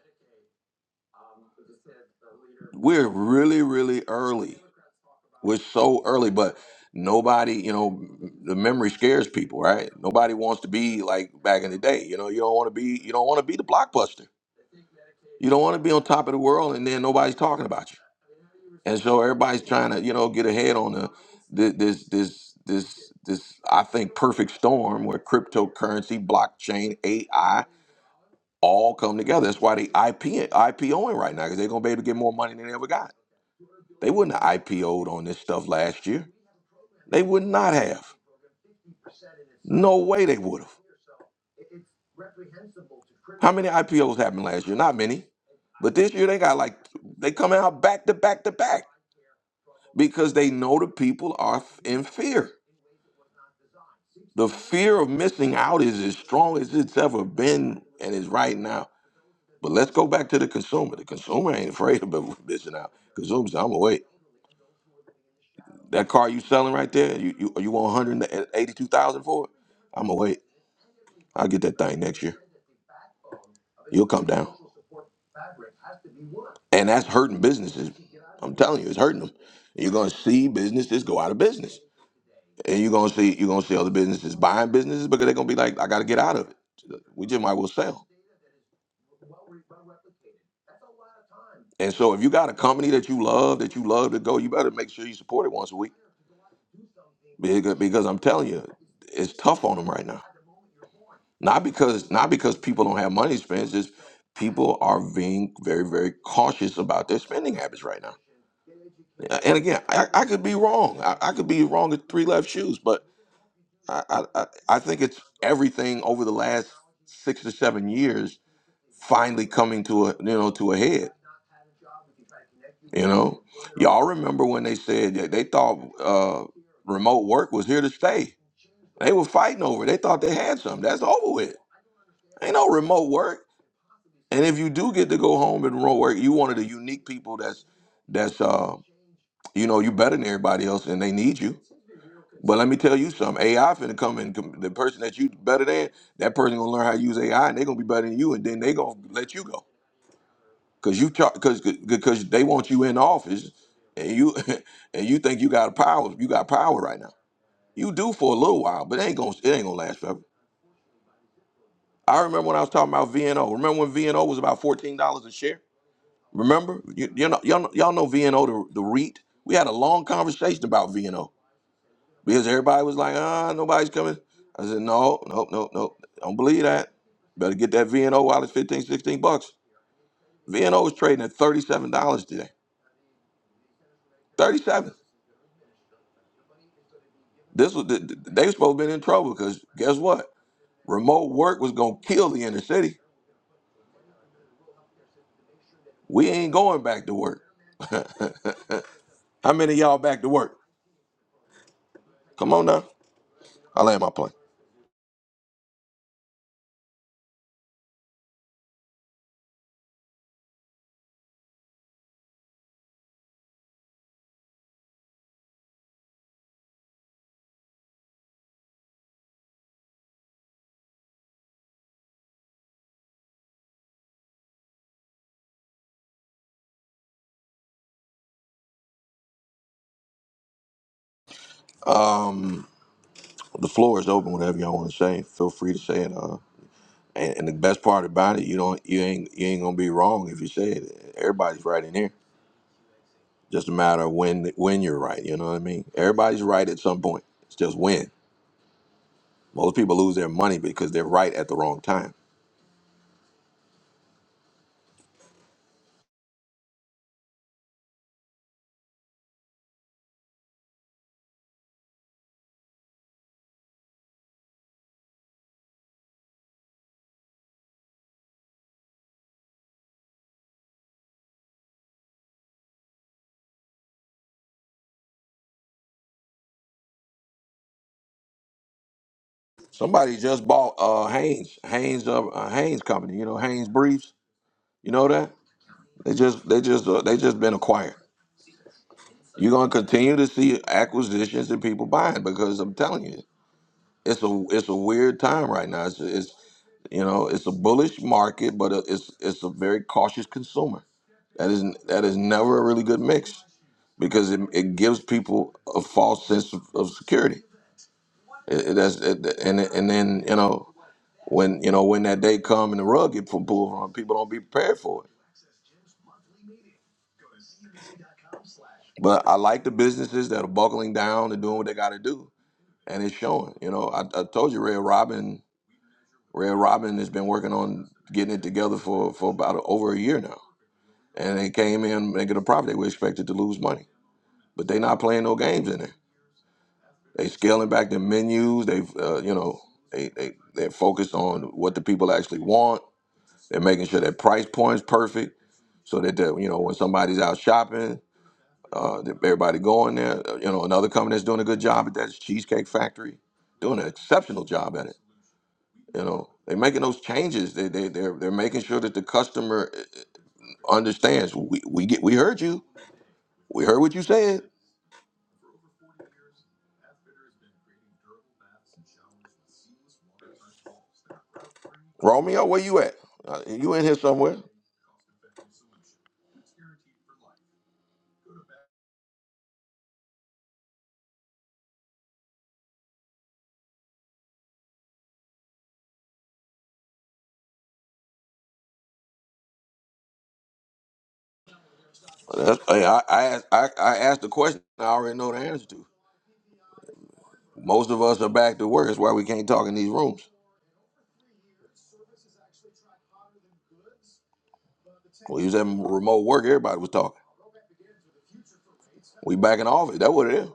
S1: We're really, really early. We're so early, but nobody, you know, the memory scares people, right? Nobody wants to be like back in the day. You know, you don't want to be, you don't want to be the blockbuster. You don't want to be on top of the world and then nobody's talking about you and so everybody's trying to you know get ahead on the, the this this this this I think perfect storm where cryptocurrency, blockchain, AI all come together. That's why they IP IPOing right now because they're gonna be able to get more money than they ever got. They wouldn't have IPO'd on this stuff last year. They would not have. No way they would have. How many IPOs happened last year? Not many. But this year they got like they coming out back to back to back because they know the people are f- in fear. The fear of missing out is as strong as it's ever been and is right now. But let's go back to the consumer. The consumer ain't afraid of missing out. Consumer said, I'm gonna wait. That car you selling right there, you you, you want 182,000 for it? I'm gonna wait. I'll get that thing next year. You'll come down. And that's hurting businesses. I'm telling you, it's hurting them. You're gonna see businesses go out of business. And you're gonna see you're gonna see other businesses buying businesses because they're gonna be like, I gotta get out of it. We just might as well sell. And so if you got a company that you love, that you love to go, you better make sure you support it once a week. Because, because I'm telling you, it's tough on them right now. Not because not because people don't have money to spend, it's just people are being very, very cautious about their spending habits right now. And again, I, I could be wrong. I, I could be wrong at three left shoes, but I, I, I I think it's everything over the last six to seven years finally coming to a you know to a head You know, y'all remember when they said that they thought uh, remote work was here to stay. They were fighting over. it. They thought they had something. That's over with. Ain't no remote work. And if you do get to go home and remote work, you one of the unique people that's that's uh you know you better than everybody else, and they need you. But let me tell you something. AI finna come in. com- The person that you better than, that person gonna learn how to use AI, and they gonna be better than you, and then they gonna let you go. because you because because they want you in office, and you and you think you got power. You got power right now. You do for a little while, but it ain't gonna it ain't gonna last forever. I remember when I was talking about VNO. Remember when VNO was about fourteen dollars a share? Remember you, you know y'all, know- y'all know VNO the the REIT. We had a long conversation about VNO because everybody was like, ah, nobody's coming. I said, no, no, no, no, don't believe that. Better get that VNO while it's 15 16 bucks. VNO is trading at thirty seven dollars today. Thirty seven. This was th- th- they was supposed to be in trouble because guess what? Remote work was gonna kill the inner city. We ain't going back to work. How many of y'all back to work? Come on now. I land my plane. Um, the floor is open. Whatever y'all want to say, feel free to say it. Uh, and, and the best part about it, you don't, you ain't, you ain't gonna be wrong if you say it. Everybody's right in here. Just a matter of when, when you're right. You know what I mean? Everybody's right at some point. It's just when. Most people lose their money because they're right at the wrong time. Somebody just bought uh Hanes, Hanes uh, uh Haynes company, you know, Hanes Briefs. You know that? They just they just uh, they just been acquired. You're going to continue to see acquisitions and people buying because I'm telling you, it's a it's a weird time right now. It's it's you know, it's a bullish market, but it- it's it's a very cautious consumer. That is that is never a really good mix because it, it gives people a false sense of, of security. It, it, that's, it, and and then you know when you know when that day come and the rug get pulled from people don't be prepared for it but i like the businesses that are buckling down and doing what they got to do and it's showing you know I, I told you red robin red robin has been working on getting it together for for about over a year now and they came in making a profit they were expected to lose money but they not playing no games in there they scaling back their menus they've uh, you know they, they they're focused on what the people actually want They're making sure that price point's perfect, so that the- you know when somebody's out shopping, uh, that everybody going there. Uh, You know, another company that's doing a good job at that is Cheesecake Factory, doing an exceptional job at it. You know, they're making those changes. They they they're, they're making sure that the customer uh, understands. We we get we heard you. We heard what you said. Romeo, where you at? Uh, you in here somewhere? That's, hey, I, I, asked, I I asked the question I already know the answer to. Most of us are back to work. That's why we can't talk in these rooms. We was at remote work. Everybody was talking. We back in the office. That what it is.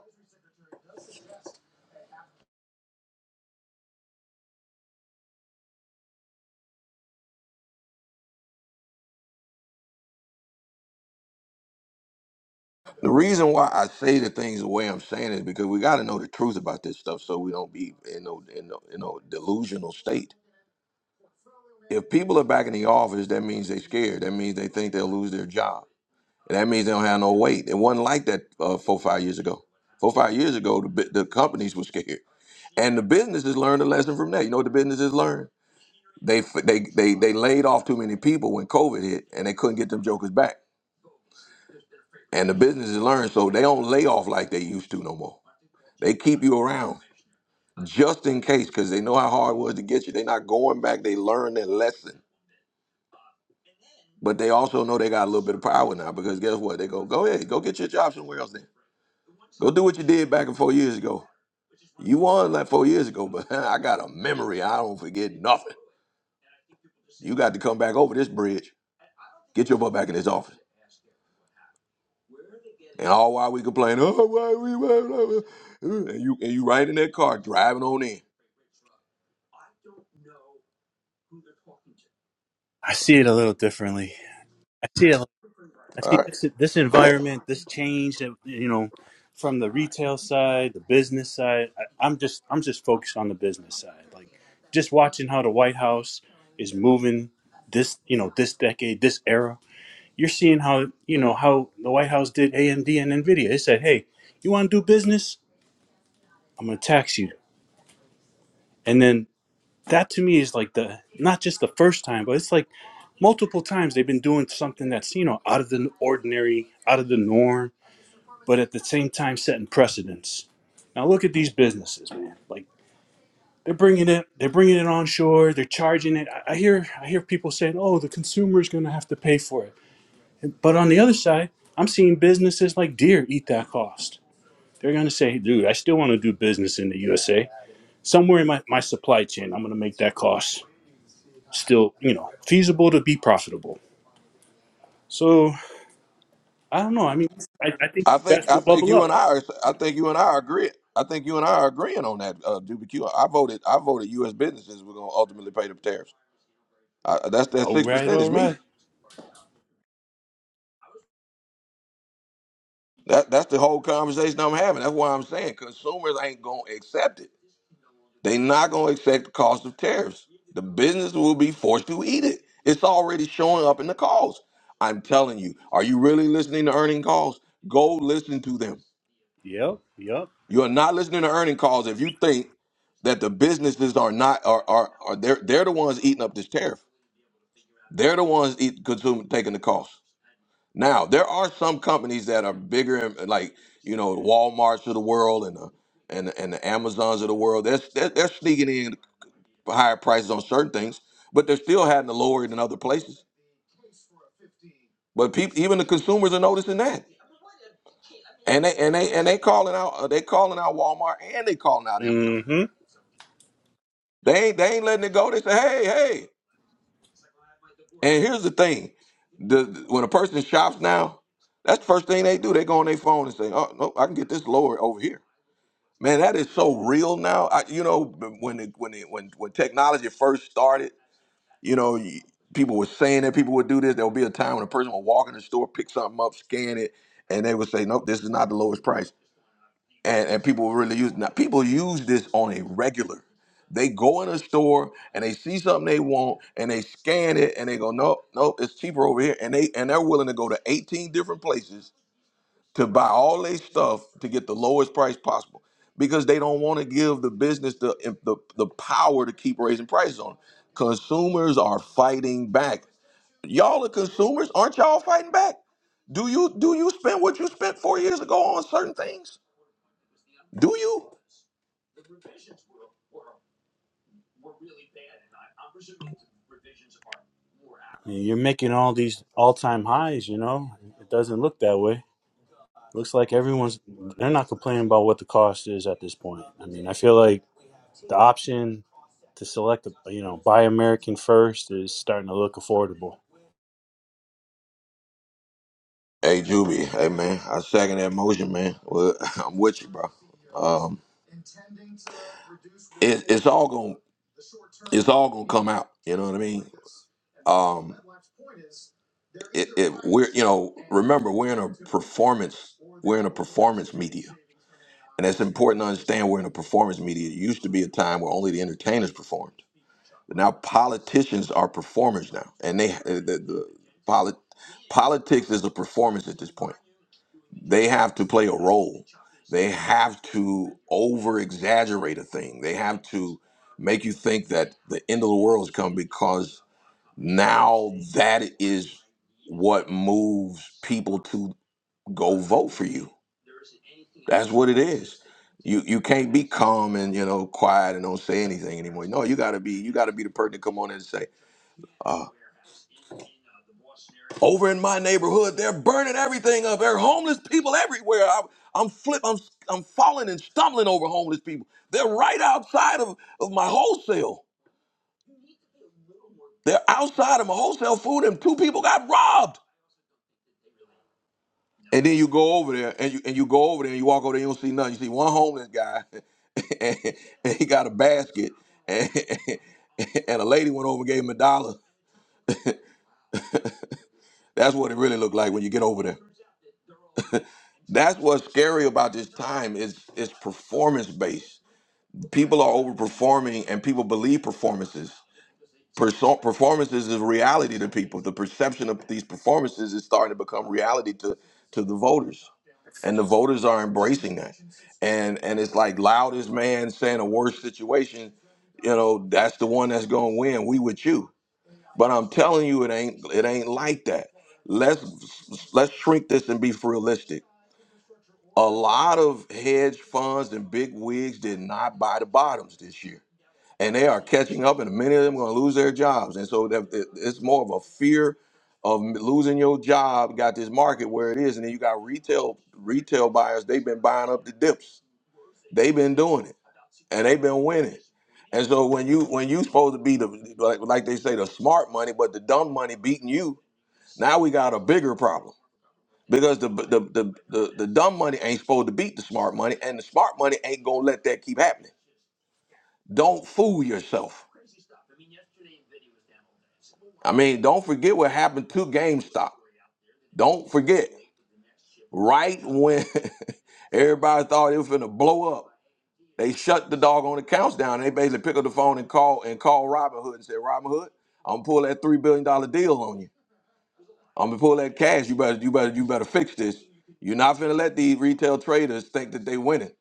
S1: The reason why I say the things the way I'm saying is because we got to know the truth about this stuff, so we don't be in no in no, in no delusional state. If people are back in the office, that means they're scared. That means they think they'll lose their job. And that means they don't have no weight. It wasn't like that uh, four five years ago. Four five years ago, the bu- the companies were scared, and the businesses learned a lesson from that. You know what the businesses learned? They f- they they they laid off too many people when COVID hit, and they couldn't get them jokers back. and the businesses learn so they don't lay off like they used to no more they keep you around just in case because they know how hard it was to get you they're not going back they learn their lesson but they also know they got a little bit of power now because guess what they go go ahead go get your job somewhere else then go do what you did back in four years ago you won like four years ago but i got a memory i don't forget nothing you got to come back over this bridge get your butt back in this office and all while we complain oh why we why, why, why," and you and you right in that car driving on in
S10: I see it a little differently. I see it. I
S1: all
S10: see
S1: right
S10: this this
S1: go ahead
S10: environment, this change that you know, from the retail side, the business side. I, I'm just I'm just focused on the business side. Like just watching how the White House is moving this you know this decade, this era. You're seeing how you know how the White House did AMD and Nvidia. They said, "Hey, you want to do business? I'm going to tax you." And then that to me is like the not just the first time, but it's like multiple times they've been doing something that's you know out of the ordinary, out of the norm, but at the same time setting precedents. Now look at these businesses, man. Like they're bringing it, they're bringing it onshore, they're charging it. I, I hear, I hear people saying, "Oh, the consumer's going to have to pay for it." But on the other side, I'm seeing businesses like Deer eat that cost. They're going to say, "Dude, I still want to do business in the USA. Somewhere in my, my supply chain, I'm going to make that cost." still, you know, feasible to be profitable. So I don't know. I mean, I, I think
S1: I
S10: the
S1: think
S10: best
S1: I
S10: will
S1: think
S10: bubble
S1: you
S10: up.
S1: and I are I think you and I are agree. I think you and I are agreeing on that, uh, Juby Q. I voted I voted U.S. businesses were going to ultimately pay the tariffs. I, that's that
S10: All
S1: six
S10: right,
S1: percent
S10: all
S1: is me.
S10: right.
S1: That that's the whole conversation I'm having. That's why I'm saying consumers ain't going to accept it. They not going to accept the cost of tariffs. The business will be forced to eat it. It's already showing up in the calls. I'm telling you. Are you really listening to earning calls? Go listen to them.
S10: Yep, yep.
S1: You are not listening to earning calls if you think that the businesses are not are are, are they're they're the ones eating up this tariff. They're the ones eat, consuming taking the cost. Now there are some companies that are bigger, and like you know the Walmart's of the world and the and the, and the Amazons of the world. They're, they're they're sneaking in higher prices on certain things, but they're still having to lower it in other places. But people, even the consumers are noticing that, and they and they and they calling out uh, they calling out Walmart and they calling out Amazon.
S10: Mm-hmm.
S1: They ain't, they ain't letting it go. They say, hey, hey. And here's the thing: the when a person shops now, that's the first thing they do. They go on their phone and say, oh no, I can get this lower over here. Man, that is so real now. I, you know, when it, when it, when when technology first started, you know, you- people were saying that people would do this. There would be a time when a person would walk in the store, pick something up, scan it, and they would say, nope, this is not the lowest price. and and people really use now people use this on a regular they go in a store and they see something they want and they scan it and they go nope nope it's cheaper over here and they and they're willing to go to 18 different places to buy all their stuff to get the lowest price possible because they don't want to give the business the, the the power to keep raising prices on 'em. consumers are fighting back y'all are consumers aren't y'all fighting back do you do you spend what you spent four years ago on certain things do you
S10: you're making all these all-time highs. You know, it doesn't look that way. Looks like everyone's they're not complaining about what the cost is at this point. I mean, I feel like the option to select, a, you know, buy American first is starting to look affordable.
S1: Hey Juby, hey man, I second that motion, man. Well, I'm with you, bro. Um, it, it's all gonna it's all gonna come out. You know what I mean? Um, it, it, we're you know remember we're in a performance we're in a performance media, and it's important to understand we're in a performance media. It used to be a time where only the entertainers performed, but now politicians are performers now, and they the, the, the polit, politics is a performance at this point. they have to play a role. They have to over exaggerate a thing. They have to make you think that the end of the world is coming because now that is what moves people to go vote for you. That's what it is. You you can't be calm and you know quiet and don't say anything anymore. No, you gotta be you gotta be the person to come on and say, uh, Over in my neighborhood, they're burning everything up. There are homeless people everywhere. I, I'm flip. I'm I'm falling and stumbling over homeless people. They're right outside of, of my wholesale. They're outside of my wholesale food, and two people got robbed. And then you go over there, and you and you go over there, and you walk over there, you don't see nothing. You see one homeless guy, and, he got a basket, and, and a lady went over and gave him a dollar. That's what it really looked like when you get over there. That's what's scary about this time. It's it's performance based. People are overperforming and people believe performances. Perso- performances is reality to people. The perception of these performances is starting to become reality to, to the voters. And the voters are embracing that. And and it's like loudest man saying a worse situation, you know, that's the one that's gonna win. We with you. But I'm telling you it ain't it ain't like that. Let's let's shrink this and be realistic. A lot of hedge funds and big wigs did not buy the bottoms this year and they are catching up, and many of them are going to lose their jobs. And so that- it- it's more of a fear of losing your job. Got this market where it is, and then you got retail retail buyers. They've been buying up the dips. They've been doing it, and they've been winning. And so when you when you supposed to be the like, like they say the smart money, but the dumb money beating you. Now we got a bigger problem because the the the the, the dumb money ain't supposed to beat the smart money, and the smart money ain't gonna let that keep happening. Don't fool yourself I mean, don't forget what happened to GameStop. Don't forget, right when everybody thought it was gonna blow up, they shut the dog on accounts down. They basically pick up the phone and call and call Robin Hood and said, Robin Hood, I'm gonna pull that three billion dollar deal on you. I'm gonna pull that cash. You better, you better, you better fix this. You're not gonna let these retail traders think that they winning.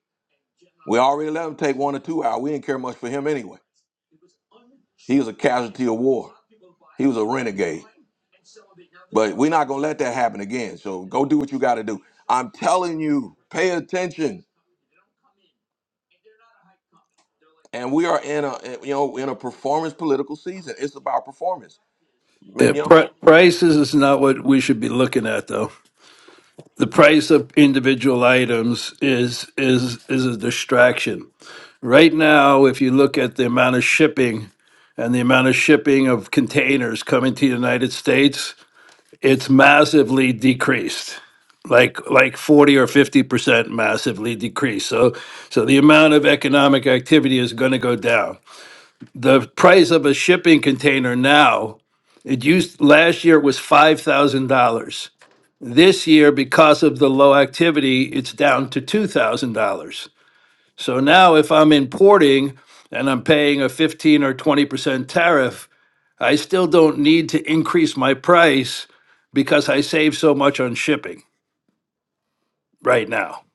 S1: We already let him take one or two out. We didn't care much for him anyway. He was a casualty of war. He was a renegade. But we're not gonna let that happen again. So go do what you got to do. I'm telling you, pay attention. And we are in a you know in a performance political season. It's about performance, Ma-
S11: Yeah,
S1: you
S11: pri
S1: know.
S11: prices is not what we should be looking at, though. The price of individual items is is is a distraction. Right now, if you look at the amount of shipping and the amount of shipping of containers coming to the United States, it's massively decreased, like like 40 or 50% massively decreased. So so the amount of economic activity is going to go down. The price of a shipping container now, it used last year it was $5,000. This year, because of the low activity, it's down to $2,000. So now if I'm importing and I'm paying a 15 or 20% tariff, I still don't need to increase my price because I save so much on shipping right now.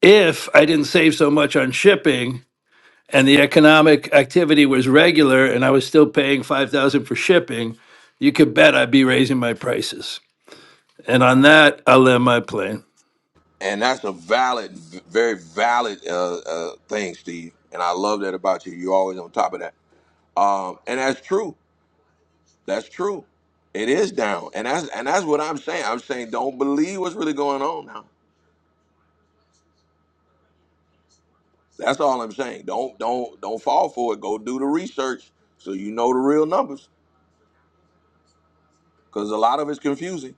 S11: If I didn't save so much on shipping, and the economic activity was regular and I was still paying 5000 for shipping, you could bet I'd be raising my prices. And on that, I'll land my plane.
S1: And that's a valid, v- very valid uh, uh, thing, Steve. And I love that about you. You're always on top of that. Um, and that's true. That's true. It is down, and that's and that's what I'm saying. I'm saying don't believe what's really going on now. That's all I'm saying. Don't don't don't fall for it. Go do the research so you know the real numbers. because a lot of it's confusing.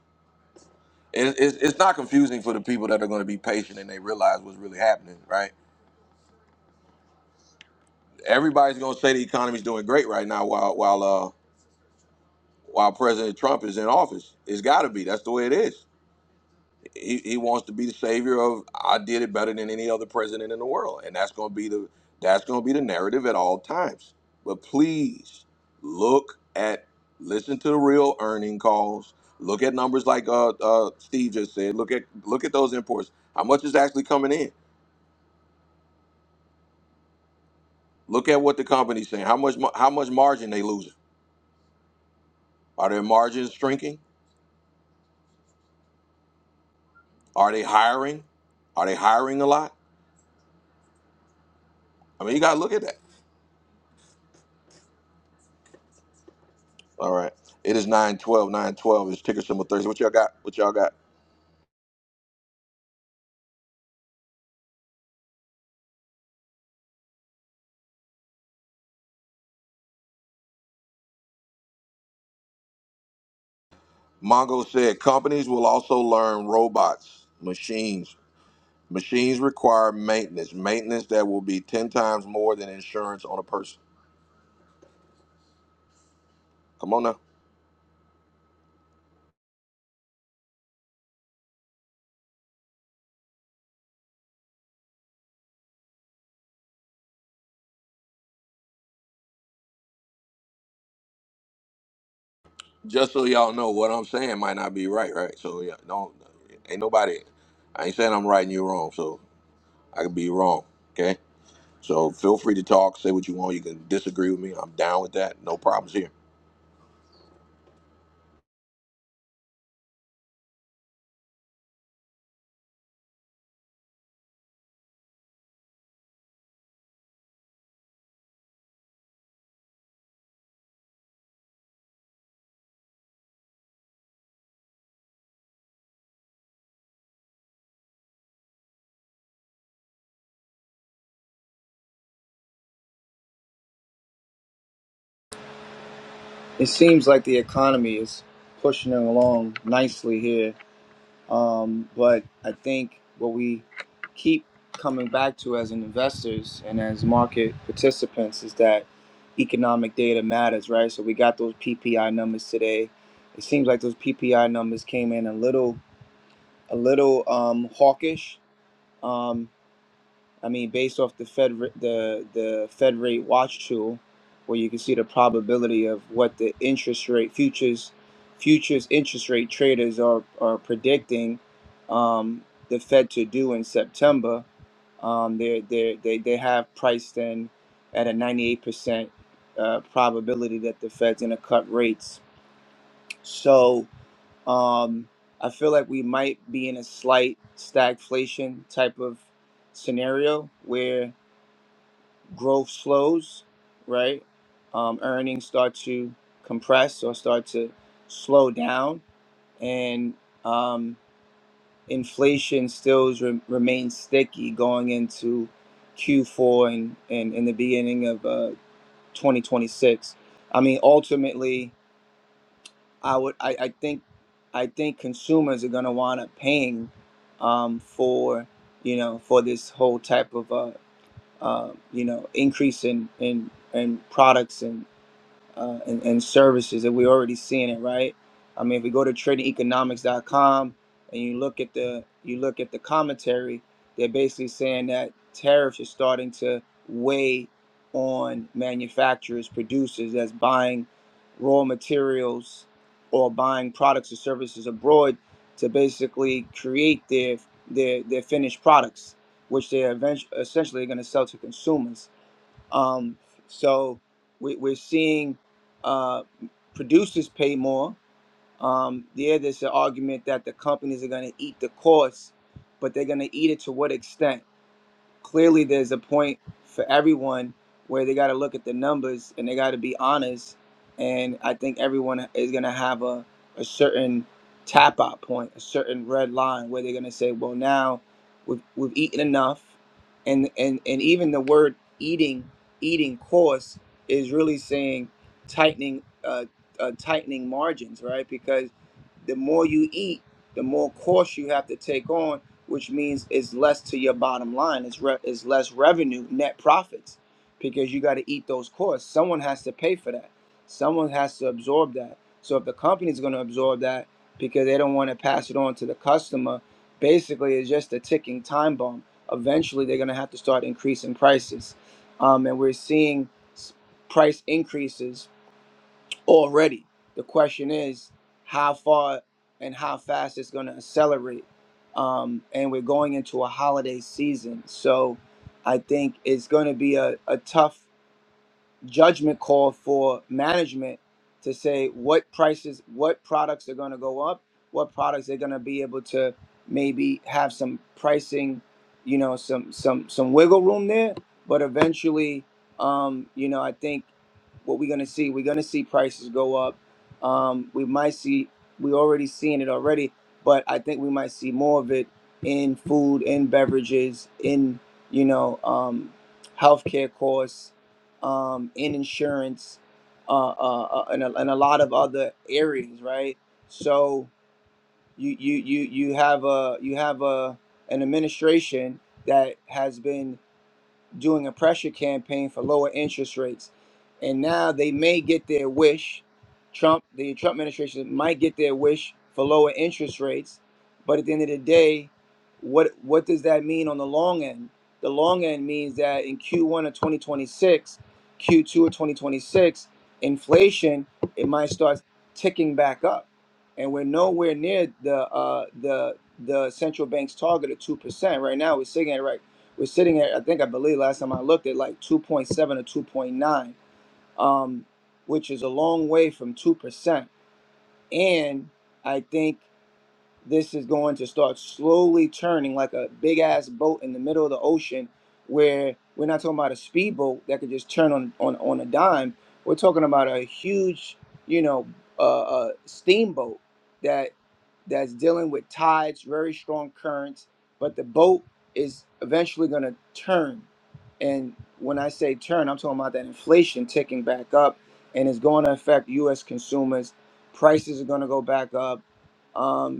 S1: It, it's, it's not confusing for the people that are going to be patient and they realize what's really happening, right? Everybody's going to say the economy's doing great right now while while uh, while President Trump is in office. It's got to be. That's the way it is. he, he wants to be the savior of I did it better than any other president in the world. And that's gonna be the that's gonna be the narrative at all times. But please look at listen to the real earning calls. Look at numbers like uh, uh, Steve just said. Look at look at those imports. How much is actually coming in? Look at what the company's saying. How much mar- how much margin they losing? Are their margins shrinking? Are they hiring? Are they hiring a lot? I mean, you gotta look at that. All right. It is 912. 912 is ticker symbol Thursday. What y'all got? What y'all got? Mongo said companies will also learn robots, machines. Machines require maintenance, maintenance that will be 10 times more than insurance on a person. Come on now. Just so y'all know, what I'm saying might not be right, right? So, yeah, don't, ain't nobody, I ain't saying I'm right and you wrong. So, I could be wrong, okay? So, feel free to talk, say what you want. You can disagree with me. I'm down with that. No problems here.
S12: it seems like the economy is pushing it along nicely here. Um, but I think what we keep coming back to as investors and as market participants is that economic data matters, right? So we got those PPI numbers today. It seems like those PPI numbers came in a little, a little um, hawkish. Um, I mean, based off the Fed the the Fed rate watch tool, where you can see the probability of what the interest rate futures futures interest rate traders are are predicting um, the Fed to do in September. Um, they they they they have priced in at a ninety eight percent uh, probability that the Fed's going to cut rates. So um, I feel like we might be in a slight stagflation type of scenario where growth slows, right? Um, earnings start to compress or start to slow down, and um, inflation still re- remains sticky going into Q4 and, and in the beginning of uh, 2026. I mean, ultimately, I would I, I think I think consumers are going to want to paying um, for you know for this whole type of uh, uh, you know, increase in in in products and uh, and, and services, and we're already seeing it, right? I mean, if we go to tradingeconomics.com and you look at the you look at the commentary, they're basically saying that tariffs are starting to weigh on manufacturers, producers that's buying raw materials or buying products or services abroad to basically create their their, their finished products, which they're eventually, essentially going to sell to consumers. Um, so we, we're seeing uh, producers pay more. Um, yeah, there's an argument that the companies are going to eat the cost, but they're going to eat it to what extent? clearly there's a point for everyone where they got to look at the numbers and they got to be honest. And I think everyone is going to have a, a certain tap out point, a certain red line where they're going to say, well, now we've, we've eaten enough. And, and, and even the word eating, eating course is really saying tightening, uh, uh, tightening margins, right? Because the more you eat, the more course you have to take on which means it's less to your bottom line. It's re- it's less revenue, net profits, because you got to eat those costs. Someone has to pay for that. Someone has to absorb that. So if the company's going to absorb that because they don't want to pass it on to the customer, basically it's just a ticking time bomb. Eventually, they're going to have to start increasing prices, um, and we're seeing s- price increases already. The question is how far and how fast it's going to accelerate. Um, and we're going into a holiday season. So I think it's going to be a, a tough judgment call for management to say what prices, what products are going to go up, what products they're going to be able to maybe have some pricing, you know, some some some wiggle room there. But eventually, um, you know, I think what we're going to see, we're going to see prices go up. Um, we might see, we already seeing it already, but I think we might see more of it in food, in beverages, in you know, um, healthcare costs um, in insurance, uh, uh, uh, and, a, and a lot of other areas, right? So you you you you have a you have a an administration that has been doing a pressure campaign for lower interest rates. And now they may get their wish. Trump, the Trump administration might get their wish for lower interest rates. But at the end of the day, what what does that mean on the long end? The long end means that in Q1 of 2026, Q2 of 2026, inflation it might start ticking back up, and we're nowhere near the uh, the the central bank's target of two percent right now. We're sitting at right we're sitting at, I think I believe last time I looked at like 2.7 or 2.9, um, which is a long way from 2%. And I think this is going to start slowly turning like a big ass boat in the middle of the ocean where we're not talking about a speedboat that could just turn on on, on a dime we're talking about a huge you know uh, uh, steamboat that that's dealing with tides very strong currents but the boat is eventually going to turn and when i say turn i'm talking about that inflation ticking back up and it's going to affect us consumers prices are going to go back up Um,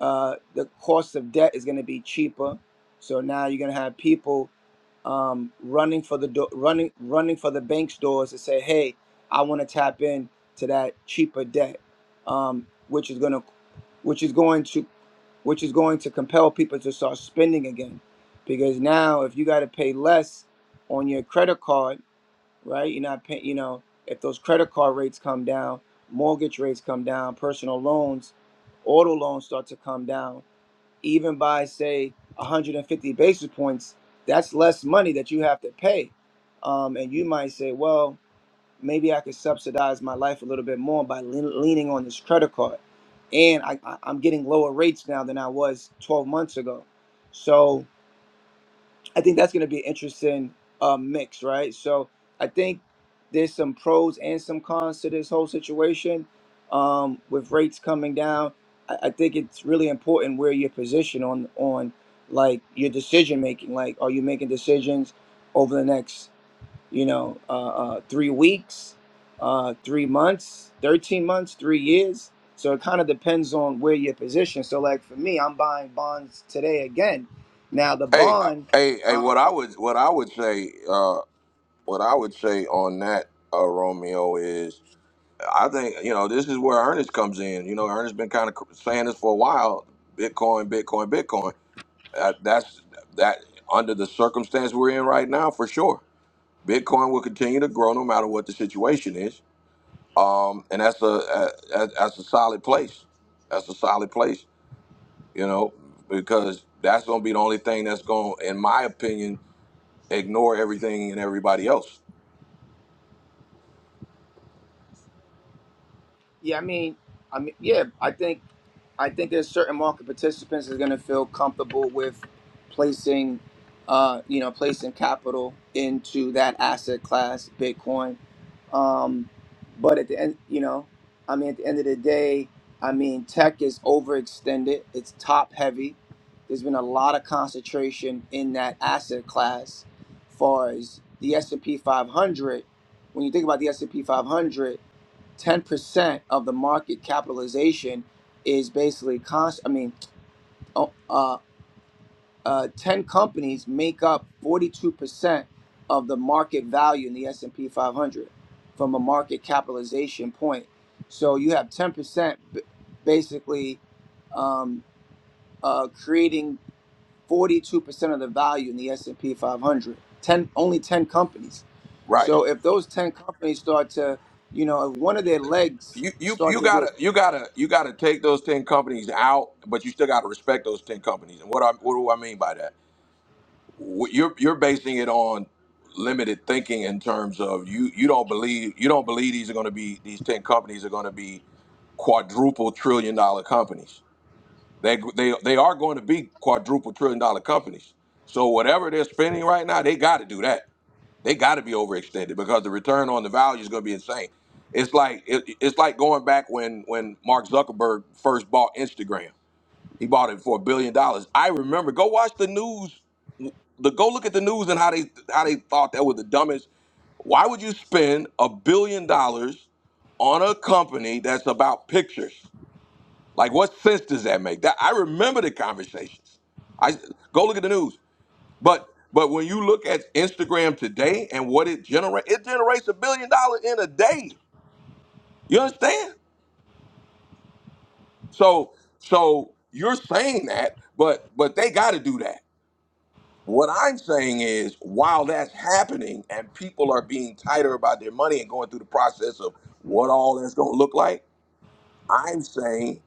S12: uh, the cost of debt is going to be cheaper. So now you're going to have people um, running for the do- running running for the bank's doors to say, "Hey, I want to tap in to that cheaper debt," um, which is going to which is going to which is going to compel people to start spending again, because now if you got to pay less on your credit card, right? You're not paying. You know, if those credit card rates come down, mortgage rates come down, personal loans, auto loans start to come down even by say 150 basis points, that's less money that you have to pay. Um, and you might say, well, maybe I could subsidize my life a little bit more by lean- leaning on this credit card. And I, I- I'm getting lower rates now than I was 12 months ago. So I think that's going to be an interesting uh, mix, right? So I think there's some pros and some cons to this whole situation um, with rates coming down. I, I think it's really important where you're positioned on on like your decision making. Like, are you making decisions over the next you know, uh, uh, three weeks, uh, three months, 13 months, three years. So it kind of depends on where your position. So, like for me, I'm buying bonds today again. Now, the
S1: Hey, uh, hey, hey! What
S12: bond,
S1: I would, what I would say, uh, what I would say on that, uh, Romeo is, I think you know this is where Ernest comes in. You know, Ernest been kind of saying this for a while: Bitcoin, Bitcoin, Bitcoin. That, that's that under the circumstance we're in right now, for sure. Bitcoin will continue to grow no matter what the situation is, um, and that's a, a that- that's a solid place. That's a solid place, you know, because that's gonna be the only thing that's going, in my opinion ignore everything and everybody else.
S12: Yeah, I mean, I mean, yeah, I think, I think there's certain market participants that are going to feel comfortable with placing, uh, you know, placing capital into that asset class, Bitcoin. Um, but at the end, you know, I mean, at the end of the day, I mean, tech is overextended. It's top heavy. There's been a lot of concentration in that asset class, far as the S and P 500. When you think about the S and P 500. 10% of the market capitalization is basically cost i mean uh, uh, uh, 10 companies make up 42% of the market value in the s&p 500 from a market capitalization point so you have 10% basically um, uh, creating 42% of the value in the s&p 500 10, only 10 companies
S1: Right.
S12: so if those 10 companies start to you know if one of their legs
S1: You you
S12: start
S1: you
S12: to
S1: gotta
S12: get
S1: you gotta you gotta take those ten companies out, but you still gotta respect those ten companies. And what I what do I mean by that? What You're you're basing it on limited thinking in terms of you you don't believe you don't believe these are going to be these ten companies are going to be quadruple trillion dollar companies. They they they are going to be quadruple trillion dollar companies. So whatever they're spending right now, they got to do that They got to be overextended because the return on the value is going to be insane. It's like it, it's like going back when when Mark Zuckerberg first bought Instagram. He bought it for a billion dollars. I remember. Go watch the news. The go look at the news and how they how they thought that was the dumbest. Why would you spend a billion dollars on a company that's about pictures? Like, what sense does that make? That I remember the conversations. I go look at the news. But but when you look at Instagram today and what it generates, it generates a billion dollars in a day. You understand? So so you're saying that, but but they got to do that. What I'm saying is, while that's happening and people are being tighter about their money and going through the process of what all that's going to look like, I'm saying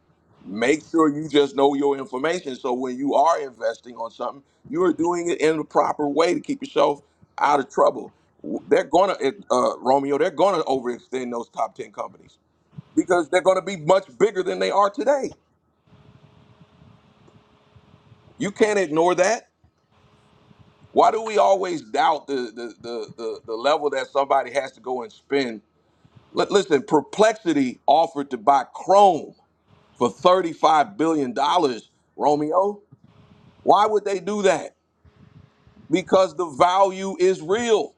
S1: make sure you just know your information so when you are investing on something, you are doing it in the proper way to keep yourself out of trouble. W- They're going to, uh, Romeo, they're going to overextend those top 10 companies because they're going to be much bigger than they are today. You can't ignore that. Why do we always doubt the, the, the, the, the level that somebody has to go and spend? Li- listen, Perplexity offered to buy Chrome for $35 billion, dollars, Romeo. Why would they do that? Because the value is real.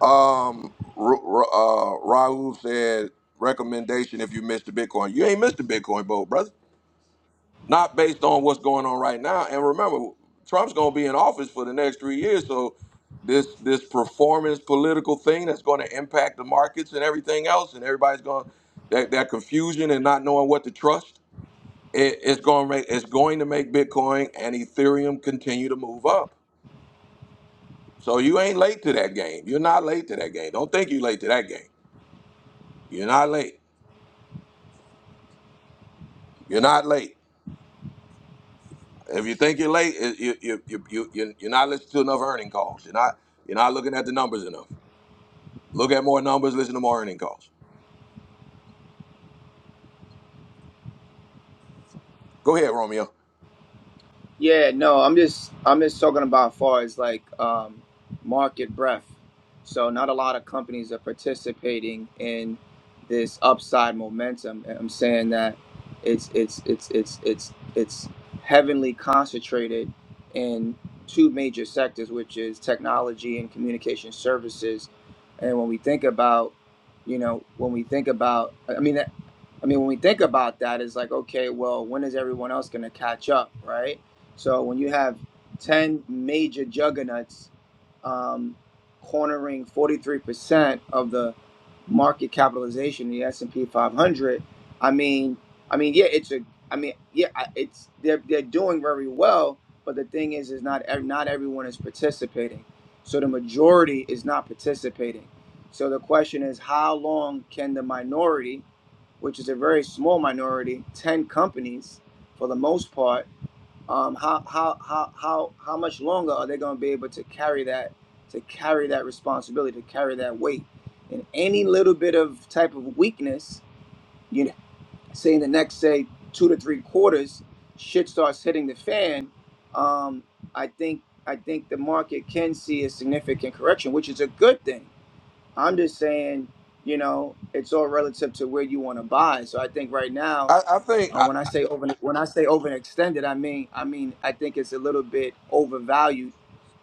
S1: Um, R- R- uh, Raul said recommendation if you missed the Bitcoin. You ain't missed the Bitcoin boat, brother. Not based on what's going on right now. And remember, Trump's gonna be in office for the next three years, so this this performance political thing that's going to impact the markets and everything else, and everybody's going that that confusion and not knowing what to trust. It, it's going to make it's going to make Bitcoin and Ethereum continue to move up. So you ain't late to that game. You're not late to that game. Don't think you're late to that game. You're not late. You're not late. If you think you're late, it- you you you you you- you're not listening to enough earning calls. You're not you're not looking at the numbers enough. Look at more numbers. Listen to more earning calls. Go ahead, Romeo.
S12: Yeah, no, I'm just I'm just talking about far as like um, market breadth. So not a lot of companies are participating in this upside momentum. And I'm saying that it's it's it's it's it's it's heavily concentrated in two major sectors, which is technology and communication services. And when we think about, you know, when we think about, I mean, I mean, when we think about that, it's like, okay, well, when is everyone else going to catch up, right? So when you have 10 major juggernauts um, cornering 43% of the market capitalization in the S&P 500, I mean, I mean, yeah, it's a, I mean, yeah, I- it's they're they're doing very well, but the thing is, is not ev- not everyone is participating, so the majority is not participating. So the question is, how long can the minority? which is a very small minority, 10 companies for the most part, um, how, how, how, how, how much longer are they going to be able to carry that, to carry that responsibility, to carry that weight? And any little bit of type of weakness, you know, say in the next, say, two to three quarters, shit starts hitting the fan, um, I think, I think the market can see a significant correction, which is a good thing I'm just saying, you know, it's all relative to where you want to buy. So I think right now,
S1: I, I think
S12: uh,
S1: I,
S12: when I say over, when I say overextended, I mean, I mean, I think it's a little bit overvalued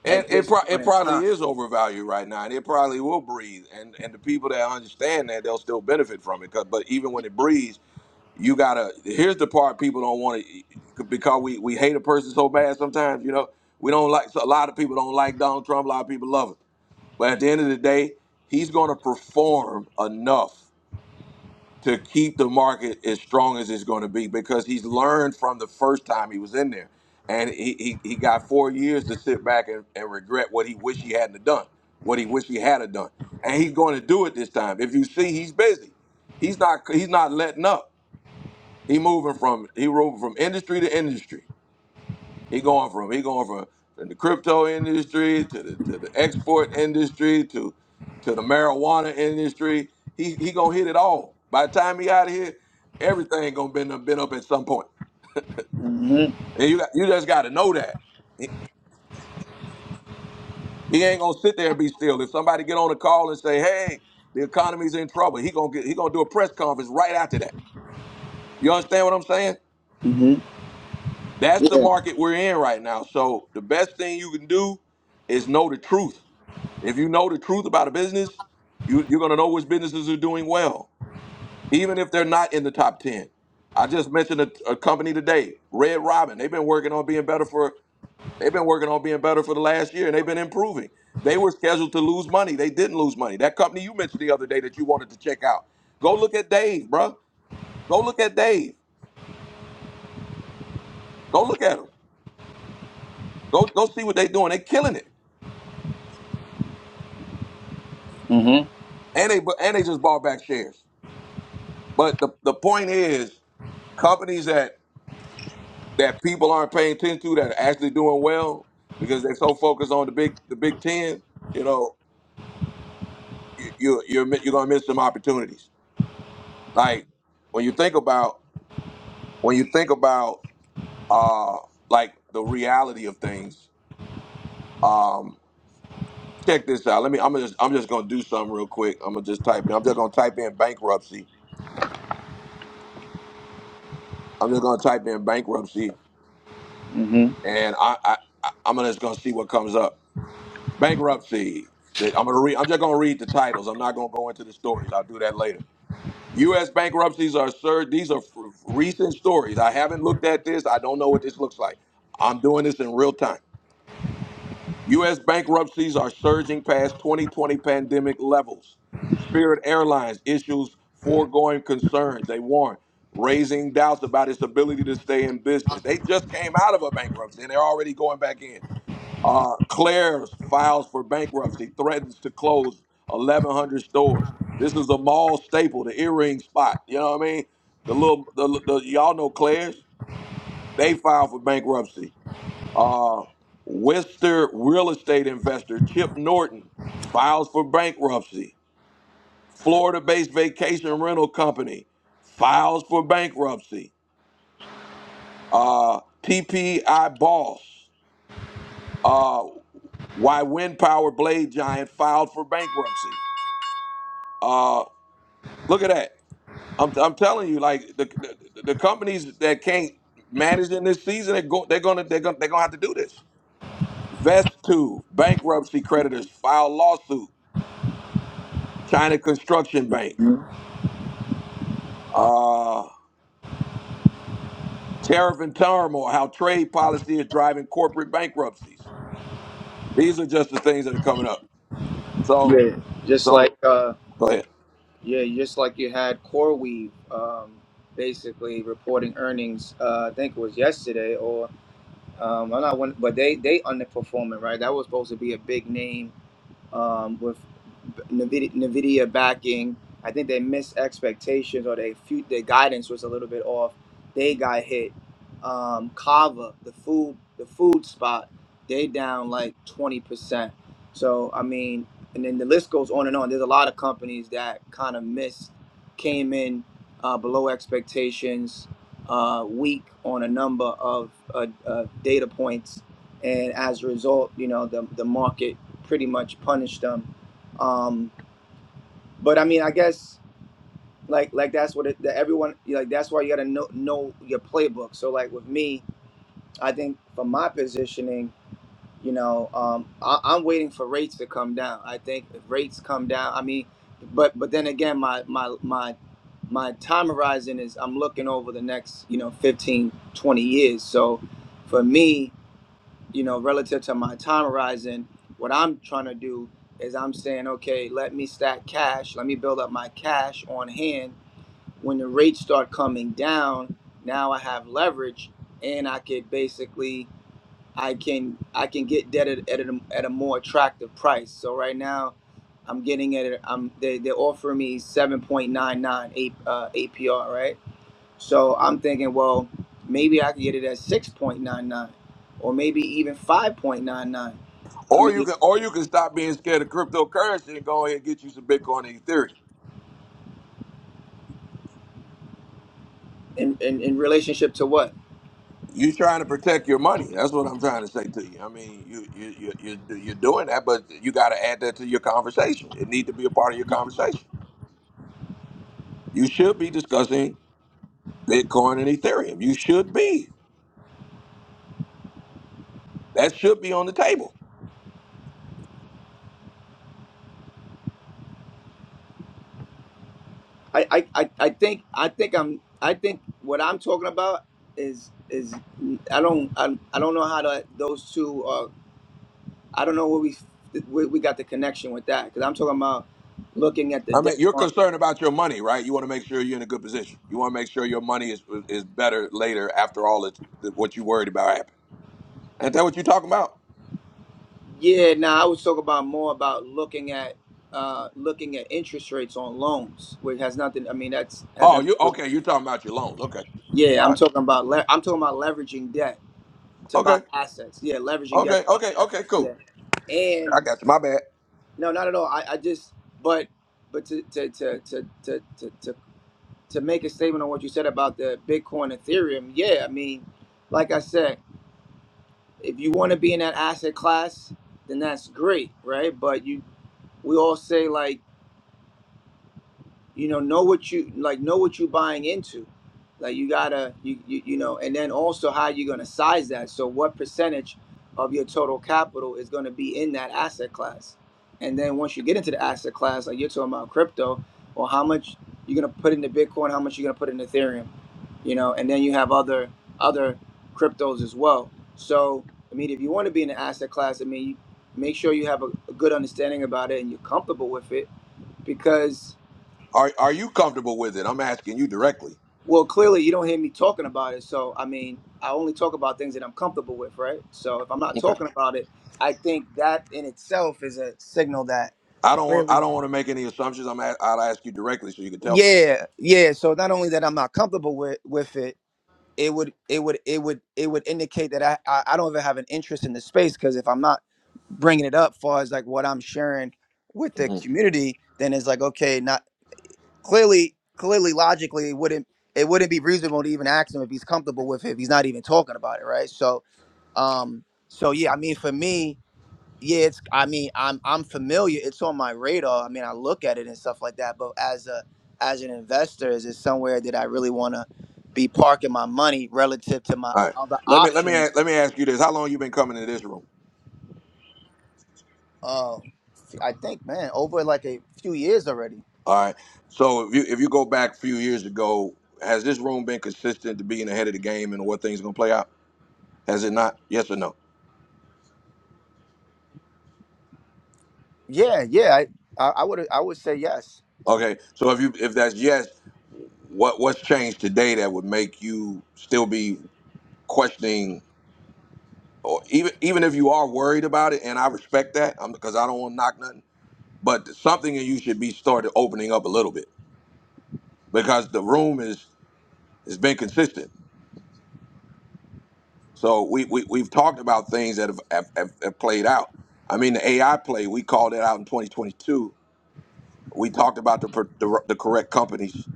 S1: it
S12: at
S1: it,
S12: this
S1: pro- it
S12: point in
S1: probably
S12: time.
S1: is overvalued right now, and it probably will breathe. And and the people that understand that they'll still benefit from it. 'Cause- But even when it breathes, you gotta here's the part people don't want to because we we hate a person so bad sometimes you know we don't like so a lot of people don't like donald trump a lot of people love him but at the end of the day he's going to perform enough to keep the market as strong as it's going to be because he's learned from the first time he was in there and he, he, he got four years to sit back and, and regret what he wish he hadn't have done what he wish he had have done and he's going to do it this time if you see he's busy he's not he's not letting up he moving from he moving from industry to industry. He going from he going from the crypto industry to the to the export industry to to the marijuana industry. He he gonna hit it all. By the time he out of here, everything gonna been been up at some point.
S12: Mhm.
S1: And you got, you just got to know that he ain't gonna sit there and be still. If somebody get on a call and say, "Hey, the economy's in trouble," he gonna get he gonna do a press conference right after that. You understand what I'm saying?
S12: Mhm.
S1: That's the
S12: Yeah.
S1: market we're in right now. So the best thing you can do is know the truth. If you know the truth about a business, you, you're gonna know which businesses are doing well, even if they're not in the top ten. I just mentioned a, a company today, Red Robin. They've been working on being better for they've been working on being better for the last year, and they've been improving. They were scheduled to lose money. They didn't lose money. That company you mentioned the other day that you wanted to check out. Go look at Dave, bruh. Go look at Dave. Go look at him. Go go see what they're doing. They're killing it.
S12: Mhm.
S1: and they bu- and they just bought back shares. But the the point is, companies that that people aren't paying attention to that are actually doing well because they're so focused on the big the Big Ten. You know, you, you're you're mi- you're gonna miss some opportunities. Like when you think about when you think about uh like the reality of things. Um, check this out. Let me. I'm just I'm just gonna do something real quick. I'm gonna just type it. I'm just gonna type in bankruptcy. I'm just gonna type in bankruptcy,
S12: Mhm.
S1: and I, I I- I'm just gonna see what comes up bankruptcy. That- I'm gonna read. I'm just gonna read the titles. I'm not gonna go into the stories. I'll do that later. U.S. bankruptcies are surge. These are f- recent stories. I haven't looked at this. I don't know what this looks like. I'm doing this in real time. U.S. bankruptcies are surging past 2020 pandemic levels. Spirit Airlines issues foregoing concerns. They warn, raising doubts about its ability to stay in business. They just came out of a bankruptcy and they're already going back in. Uh, Claire's files for bankruptcy, threatens to close 1,100 stores. This is a mall staple, the earring spot. You know what I mean? The little, the, the y'all know Claire's. They filed for bankruptcy. Uh, Wester real estate investor Chip Norton files for bankruptcy. Florida-based vacation rental company files for bankruptcy. Uh, TPI boss, uh, why wind power blade giant filed for bankruptcy. Uh, Look at that. I'm, I'm telling you, like the, the the companies that can't manage in this season, they're, go, they're gonna they're gonna they're gonna have to do this. Vest2, bankruptcy creditors file lawsuit. China Construction Bank.
S12: Mm-hmm.
S1: Uh, tariff and turmoil, how trade policy is driving corporate bankruptcies. These are just the things that are coming up. So
S12: Yeah. Just like,
S1: so
S12: uh,
S1: go ahead.
S12: yeah, just like you had CoreWeave, um, basically reporting earnings. Uh, I think it was yesterday, or um, I'm not one, but they they underperforming, right? That was supposed to be a big name um, with NVIDIA, NVIDIA backing. I think they missed expectations or they their guidance was a little bit off. They got hit. Um, Kava, the food the food spot, they down like twenty percent. So I mean, and then the list goes on and on. There's a lot of companies that kind of missed, came in uh, below expectations, uh, weak on a number of uh, uh, data points, and as a result, you know the the market pretty much punish them. Um, but I mean, I guess like like that's what it, that everyone like that's why you gotta know know your playbook. So like with me, I think for my positioning, you know, um, I, I'm waiting for rates to come down. I think if rates come down, I mean, but but then again, my my my my time horizon is I'm looking over the next you know 15 20 years. So for me, you know, relative to my time horizon, what I'm trying to do is I'm saying, okay, let me stack cash, let me build up my cash on hand. When the rates start coming down, now I have leverage, and I could basically, I can, I can get debt at, at, a, at a more attractive price. So right now, I'm getting it. I'm they they're offering me 7.99 uh, APR, right? So I'm thinking, well, maybe I could get it at 6.99 or maybe even 5.99. I
S1: Or you
S12: mean,
S1: can or you can stop being scared of cryptocurrency and go ahead and get you some Bitcoin and Ethereum.
S12: in, in, in relationship to what?
S1: you trying to protect your money. That's what I'm trying to say to you. I mean, you you you you you're doing that, but you got to add that to your conversation. It need to be a part of your conversation. You should be discussing Bitcoin and Ethereum. You should be. That should be on the table.
S12: I, I, I I think I think I'm I think what I'm talking about is is I don't I, I don't know how to those two uh I don't know where we where we got the connection with that because I'm talking about looking at the
S1: I mean,
S12: debt
S1: you're
S12: market.
S1: concerned about your money, right? You want to make sure you're in a good position. You want to make sure your money is is better later after all it's, what you worried about happened. Ain't that what you're talking about?
S12: Yeah, now I was talking about more about looking at uh looking at interest rates on loans, which has nothing. I mean, that's has
S1: Oh,
S12: nothing
S1: you
S12: to do
S1: okay?
S12: with.
S1: You're talking about your loans. Okay.
S12: Yeah,
S1: All
S12: I'm
S1: right.
S12: talking about le- I'm talking about leveraging debt to
S1: Okay.
S12: buy assets. Yeah, leveraging debt
S1: Okay.
S12: to buy
S1: Okay.
S12: assets.
S1: Okay. Cool.
S12: Yeah,
S1: I
S12: and
S1: got you. My bad.
S12: no, not at all. I, I just but but to to to to to to to to make a statement on what you said about the Bitcoin Ethereum. Yeah, I mean, like I said, if you want to be in that asset class, then that's great, right? But you we all say like you know know what you like know what you're buying into like you gotta you, you you know and then also how you're gonna size that so what percentage of your total capital is gonna be in that asset class and then once you get into the asset class like you're talking about crypto or how much you're gonna put into bitcoin how much you're gonna put in ethereum you know and then you have other other cryptos as well so i mean if you want to be in the asset class i mean make sure you have a, a good understanding about it and you're comfortable with it because
S1: Are are you comfortable with it? I'm asking you directly.
S12: Well, clearly you don't hear me talking about it. So, I mean, I only talk about things that I'm comfortable with, right? So, if I'm not
S1: Okay.
S12: talking about it, I think that in itself is a signal that
S1: I don't want I
S12: clearly
S1: don't want to make any assumptions. I'm a, I'll ask you directly so you can tell me.
S12: yeah, yeah. So not only that I'm not comfortable with with it, it would it would it would it would indicate that I I, I don't even have an interest in the space because if I'm not bringing it up far as like what I'm sharing with
S1: hmm
S12: the
S1: All
S12: community, then it's like okay, not. clearly, clearly, logically, it wouldn't it wouldn't be reasonable to even ask him if he's comfortable with it if he's not even talking about it, right? So, um, so yeah, I mean, for me, yeah, it's I mean, I'm I'm familiar. It's on my radar. I mean, I look at it and stuff like that. But as a as an investor, is it somewhere that I really want to be parking my money relative to my
S1: right.
S12: other
S1: Let me let me
S12: options?
S1: a- let me ask you this. How long you been coming to this room?
S12: Uh, I think, man, over like a few years already.
S1: All right. So if you if you go back a few years ago, has this room been consistent to being ahead of the game and what things gonna play out? Has it not? Yes or no?
S12: Yeah, yeah, I I, I would I would say yes.
S1: Okay. So if you if that's yes, what what's changed today that would make you still be questioning or even even if you are worried about it and I respect that, I'm because I don't want to knock nothing but something in you should be started opening up a little bit because the room is has been consistent. So we, we we've talked about things that have, have, have have played out. I mean, the AI play we called it out in 2022. We talked about the per- the, the correct companies,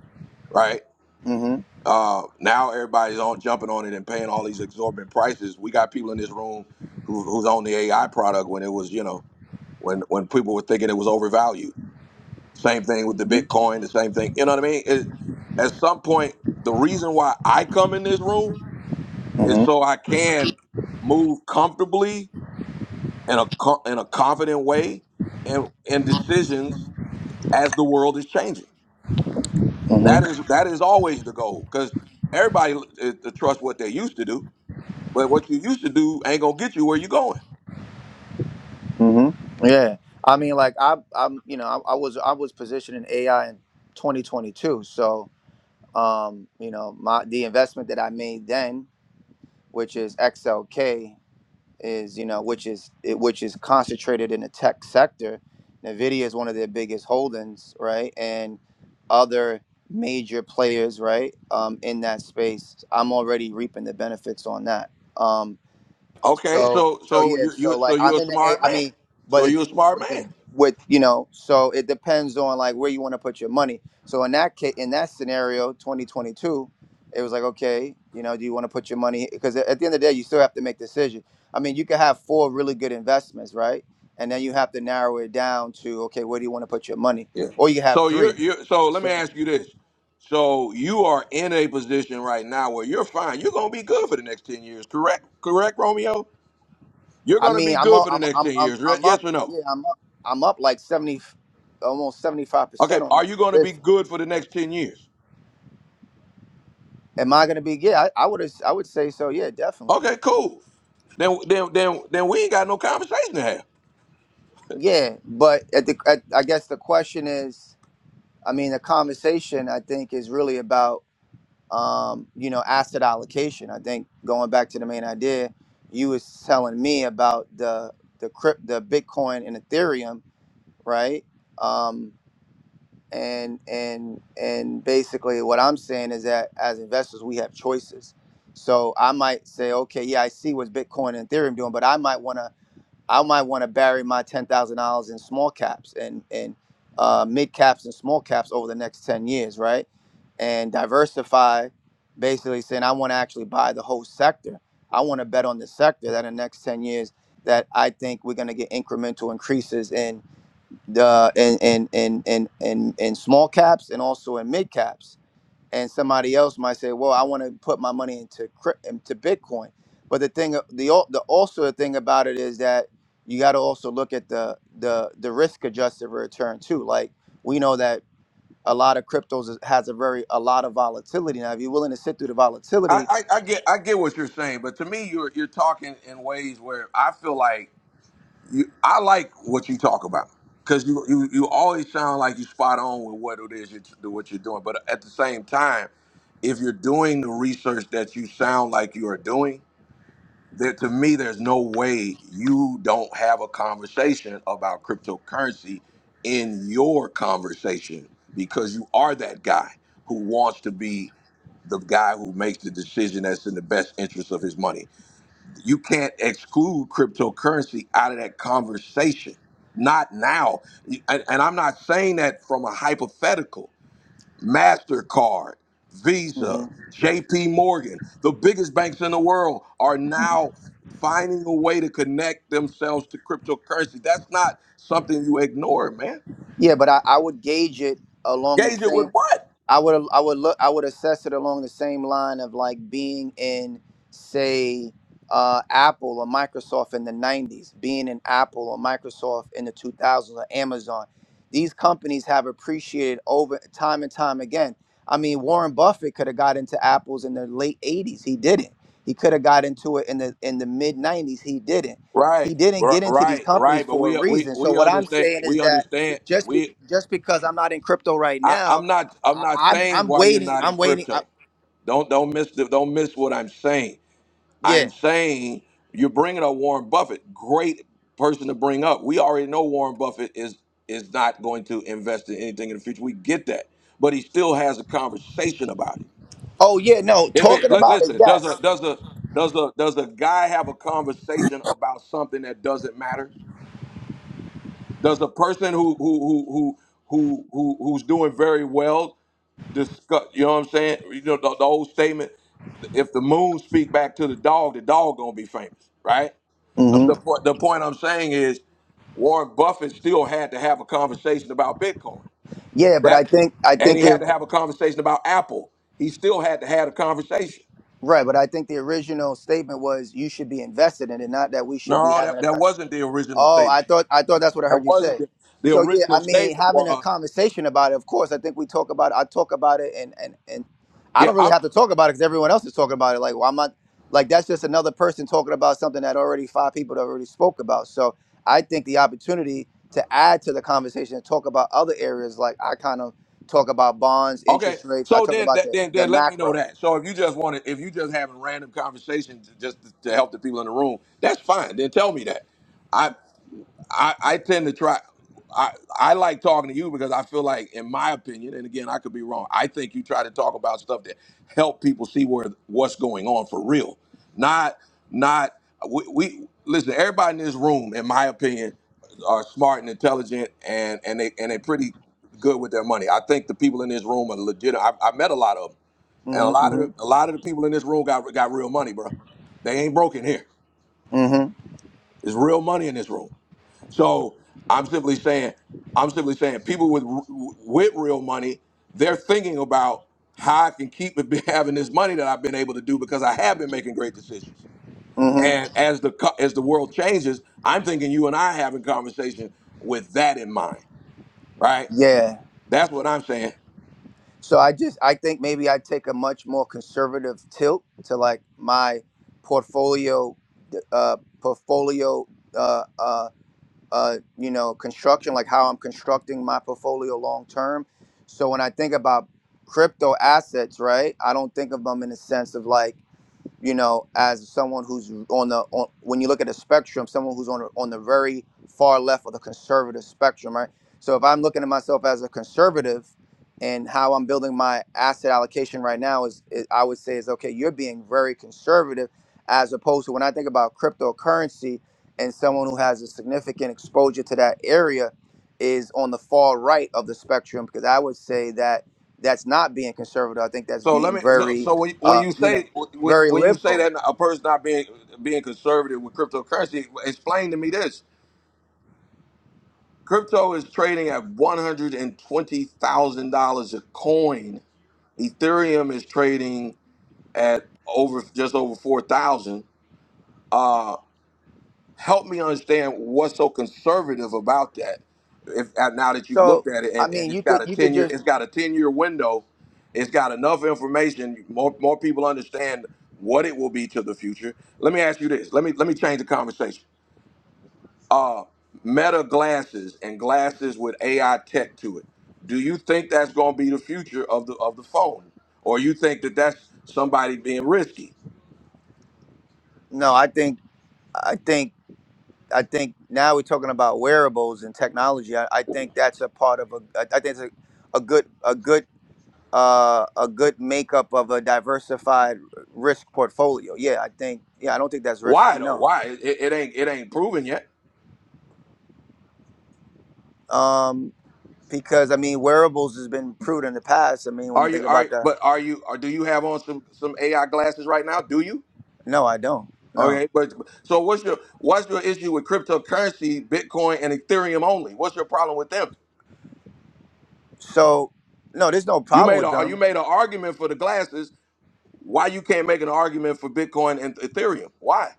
S1: right?
S12: hmm
S1: Uh, now everybody's on jumping on it and paying all these exorbitant prices. We got people in this room who, who's on the AI product when it was you know when when people were thinking it was overvalued Same thing with the
S12: hmm
S1: Bitcoin, the same thing. You know what I mean? It, at some point, the reason why I come in this room is
S12: hmm
S1: so I can move comfortably in a co- in a confident way and in decisions as the world is changing. That is that is always the goal because everybody is to trust what they used to do, but what you used to do ain't gonna get you where you're going.
S12: hmm Yeah, I mean, like I, I'm, you know, I, I was, I was positioned in AI in 2022. So, um, you know, my the investment that I made then, which is XLK, is you know, which is it, which is concentrated in the tech sector. Nvidia is one of their biggest holdings, right, and other major players, right, um, in that space. I'm already reaping the benefits on that. Um,
S1: Okay,
S12: so
S1: so
S12: so
S1: so
S12: yeah,
S1: you
S12: so
S1: you so
S12: like I'm
S1: you're a
S12: in the A
S1: smart
S12: I
S1: man.
S12: mean, but
S1: So
S12: the
S1: you're a
S12: thing is
S1: smart
S12: with the
S1: man.
S12: with you know, so it depends on like where you want to put your money. So in that case, in that scenario, 2022, it was like okay, you know, do you want to put your money because at the end of the day, you still have to make decisions. I mean, you can have four really good investments, right? And then you have to narrow it down to okay, where do you want to put your money?
S1: Yeah.
S12: Or you have
S1: So you're
S12: three.
S1: you so let me
S12: So
S1: ask you this. So you are in a position right now where you're fine. You're gonna be good for the next ten years, correct? Correct, Romeo? You're
S12: I
S1: gonna be
S12: mean, I'm
S1: good
S12: up,
S1: for the
S12: I'm
S1: next
S12: I'm
S1: ten
S12: I'm,
S1: years, re-
S12: I'm
S1: yes
S12: up,
S1: or no?
S12: yeah, I'm up, I'm up like 70 almost
S1: Okay,
S12: 75% on
S1: are you
S12: that
S1: gonna be
S12: position.
S1: good for the next ten years?
S12: Am I gonna be? Yeah, I, I would. I would say so. Yeah, definitely.
S1: Okay, cool. Then then then then we ain't got no conversation to have.
S12: Yeah, but at the, at, I guess the question is, I mean, the conversation I think is really about, um, you know, asset allocation. I think going back to the main idea, you was telling me about the the crypt, the Bitcoin and Ethereum, right? Um, and and and basically, what I'm saying is that as investors, we have choices. So I might say, okay, yeah, I see what's Bitcoin and Ethereum doing, but I might want to I might want to bury my ten thousand dollars in small caps and and uh, mid caps and small caps over the next ten years, right? And diversify, basically saying I want to actually buy the whole sector. I want to bet on the sector that in the next ten years that I think we're going to get incremental increases in the in in in in in, in small caps and also in mid caps and somebody else might say, "Well, I want to put my money into cryp- into Bitcoin." But the thing, the al- the also the thing about it is that you got to also look at the the the risk adjusted return too. Like we know that a lot of cryptos is- has a very a lot of volatility. Now, if you're willing to sit through the
S1: I,
S12: volatility,
S1: I, I get I get what you're saying, but to me you're you're talking in ways where I feel like you, I like what you talk about because you, you you always sound like you spot on with what it is you do what you're doing. But at the same time, if you're doing the research that you sound like you are doing, there to me, there's no way you don't have a conversation about cryptocurrency in your conversation because you are that guy who wants to be the guy who makes the decision that's in the best interest of his money you can't exclude cryptocurrency out of that conversation. Not now. And, and I'm not saying that from a hypothetical. MasterCard, Visa,
S12: hmm
S1: JP Morgan, the biggest banks in the world are now finding a way to connect themselves to cryptocurrency. That's not something you ignore, man.
S12: yeah, but I, I would gauge it along the
S1: Gauge it
S12: same.
S1: with what?
S12: I would I would look I would assess it along the same line of like being in say uh, Apple or Microsoft in the 90s, being in Apple or Microsoft in the 2000s or Amazon. These companies have appreciated over time and time again. I mean, Warren Buffett could have got into Apple's in the late 80s. He didn't. He could have got into it in the in the mid 90s. He didn't. He
S1: Right,
S12: didn't
S1: r-
S12: get into these
S1: right,
S12: companies
S1: right. But
S12: for a
S1: we we
S12: reason. So
S1: we
S12: what I'm
S1: understand.
S12: saying is
S1: We
S12: that
S1: understand.
S12: just
S1: We
S12: just because I'm not in crypto right
S1: I,
S12: now
S1: I'm not I'm
S12: I,
S1: not
S12: I'm
S1: saying
S12: I'm
S1: why you're
S12: waiting.
S1: not in
S12: I'm waiting. I,
S1: crypto. Don't don't miss the, don't miss what I'm saying. I'm
S12: yeah.
S1: saying you're bringing up Warren Buffett, great person to bring up. We already know Warren Buffett is is not going to invest in anything in the future. We get that, but he still has a conversation about it.
S12: Oh yeah. No,
S1: If it
S12: talking
S1: li-
S12: about it.
S1: listen, does
S12: Yes.
S1: a does a does a does a guy have a conversation about something that doesn't matter? Does a person who who who who who, who who's doing very well discuss. You know what I'm saying? You know the, the old statement: if the moon speak back to the dog, the dog gonna be famous, right? Um,
S12: hmm
S1: the point the point I'm saying is Warren Buffett still had to have a conversation about Bitcoin.
S12: Yeah, but I
S1: That
S12: think I
S1: and he
S12: think it
S1: had to have a conversation about Apple. He still had to have a conversation.
S12: right. But I think the original statement was you should be invested in it, not that we should be
S1: No,
S12: having
S1: that, that
S12: a.
S1: wasn't the original
S12: Oh, I
S1: statement.
S12: thought I thought that's what I
S1: That
S12: heard you
S1: wasn't
S12: say.
S1: the, the
S12: So yeah,
S1: original
S12: I mean,
S1: statement
S12: having a
S1: was
S12: conversation about it. Of course, I think we talk about. I talk about it, and and and I
S1: yeah.
S12: don't
S1: I'm.
S12: really have to talk about it because everyone else is talking about it. Like, well, I'm not like that's just another person talking about something that already five people already spoke about. So I think the opportunity to add to the conversation and talk about other areas, like I kind of talk about bonds,
S1: Okay.
S12: interest rates. I
S1: So
S12: talk
S1: then,
S12: about
S1: that,
S12: the
S1: then,
S12: the
S1: then let me know
S12: macro.
S1: that. So if you just want to, if you just having random conversations just to, to help the people in the room, that's fine. Then tell me that. I, I, I tend to try. I, I like talking to you because I feel like, in my opinion, and again, I could be wrong. I think you try to talk about stuff that help people see where what's going on for real. Not, not we, we listen. Everybody in this room, in my opinion, are smart and intelligent, and and they and they pretty good with their money. I think the people in this room are legit. I, I met a lot of them, and a
S12: Mm-hmm.
S1: lot of the,
S12: Mm-hmm.
S1: a lot of the people in this room got got real money, bro. They ain't broken here.
S12: Mm-hmm.
S1: There's real money in this room. So I'm simply saying, I'm simply saying, people with with real money, they're thinking about how I can keep it, having this money that I've been able to do because I have been making great decisions.
S12: Mm-hmm.
S1: And as the co- as the world changes, I'm thinking you and I having conversation with that in mind, right?
S12: Yeah.
S1: That's what I'm saying.
S12: So I just I think maybe I take a much more conservative tilt to like my portfolio, uh, portfolio, uh, uh, uh, you know, construction, like how I'm constructing my portfolio long term. So when I think about crypto assets, right, I don't think of them in the sense of like you know, as someone who's on the on, when you look at the spectrum, someone who's on the- on the very far left of the conservative spectrum, right? So if I'm looking at myself as a conservative, and how I'm building my asset allocation right now is, is I would say is okay, you're being very conservative, as opposed to when I think about cryptocurrency and someone who has a significant exposure to that area is on the far right of the spectrum because I would say that that's not being conservative. I think that's
S1: So let
S12: being
S1: me. So,
S12: very,
S1: so when when
S12: uh,
S1: you
S12: you know,
S1: say when,
S12: very
S1: when you say
S12: liberal.
S1: that a person not being being conservative with cryptocurrency, explain to me this: crypto is trading at one hundred and twenty thousand dollars a coin. Ethereum is trading at over just over four thousand. help me understand what's so conservative about that. If uh, now that you've
S12: So
S1: looked at it
S12: I
S1: and, and
S12: mean,
S1: it's
S12: you could
S1: got a
S12: you could
S1: ten year,
S12: just
S1: it's got a ten year window. It's got enough information. More more people understand what it will be to the future. Let me ask you this. Let me let me change the conversation. Uh, Meta glasses and glasses with AI tech to it. Do you think that's going to be the future of the of the phone, or you think that that's somebody being risky?
S12: no. I think I think I think now we're talking about wearables and technology. I, I think that's a part of a I I think it's a, a good a good uh, a good makeup of a diversified risk portfolio. Yeah, I think yeah. I don't think that's risky.
S1: Why though?
S12: No,
S1: Why it, it ain't it ain't proven yet?
S12: um, because I mean wearables has been proved in the past. I mean when
S1: Are
S12: you
S1: you
S12: think
S1: are
S12: about the
S1: but are you or do you have on some some AI glasses right now? Do you?
S12: no, I don't. No,
S1: Okay, but so what's your what's your issue with cryptocurrency, Bitcoin and Ethereum only? What's your problem with them?
S12: so no, there's no
S1: You
S12: problem
S1: made a
S12: with
S1: uh, you
S12: them.
S1: made an argument for the glasses. Why you can't make an argument for Bitcoin and Ethereum? Why?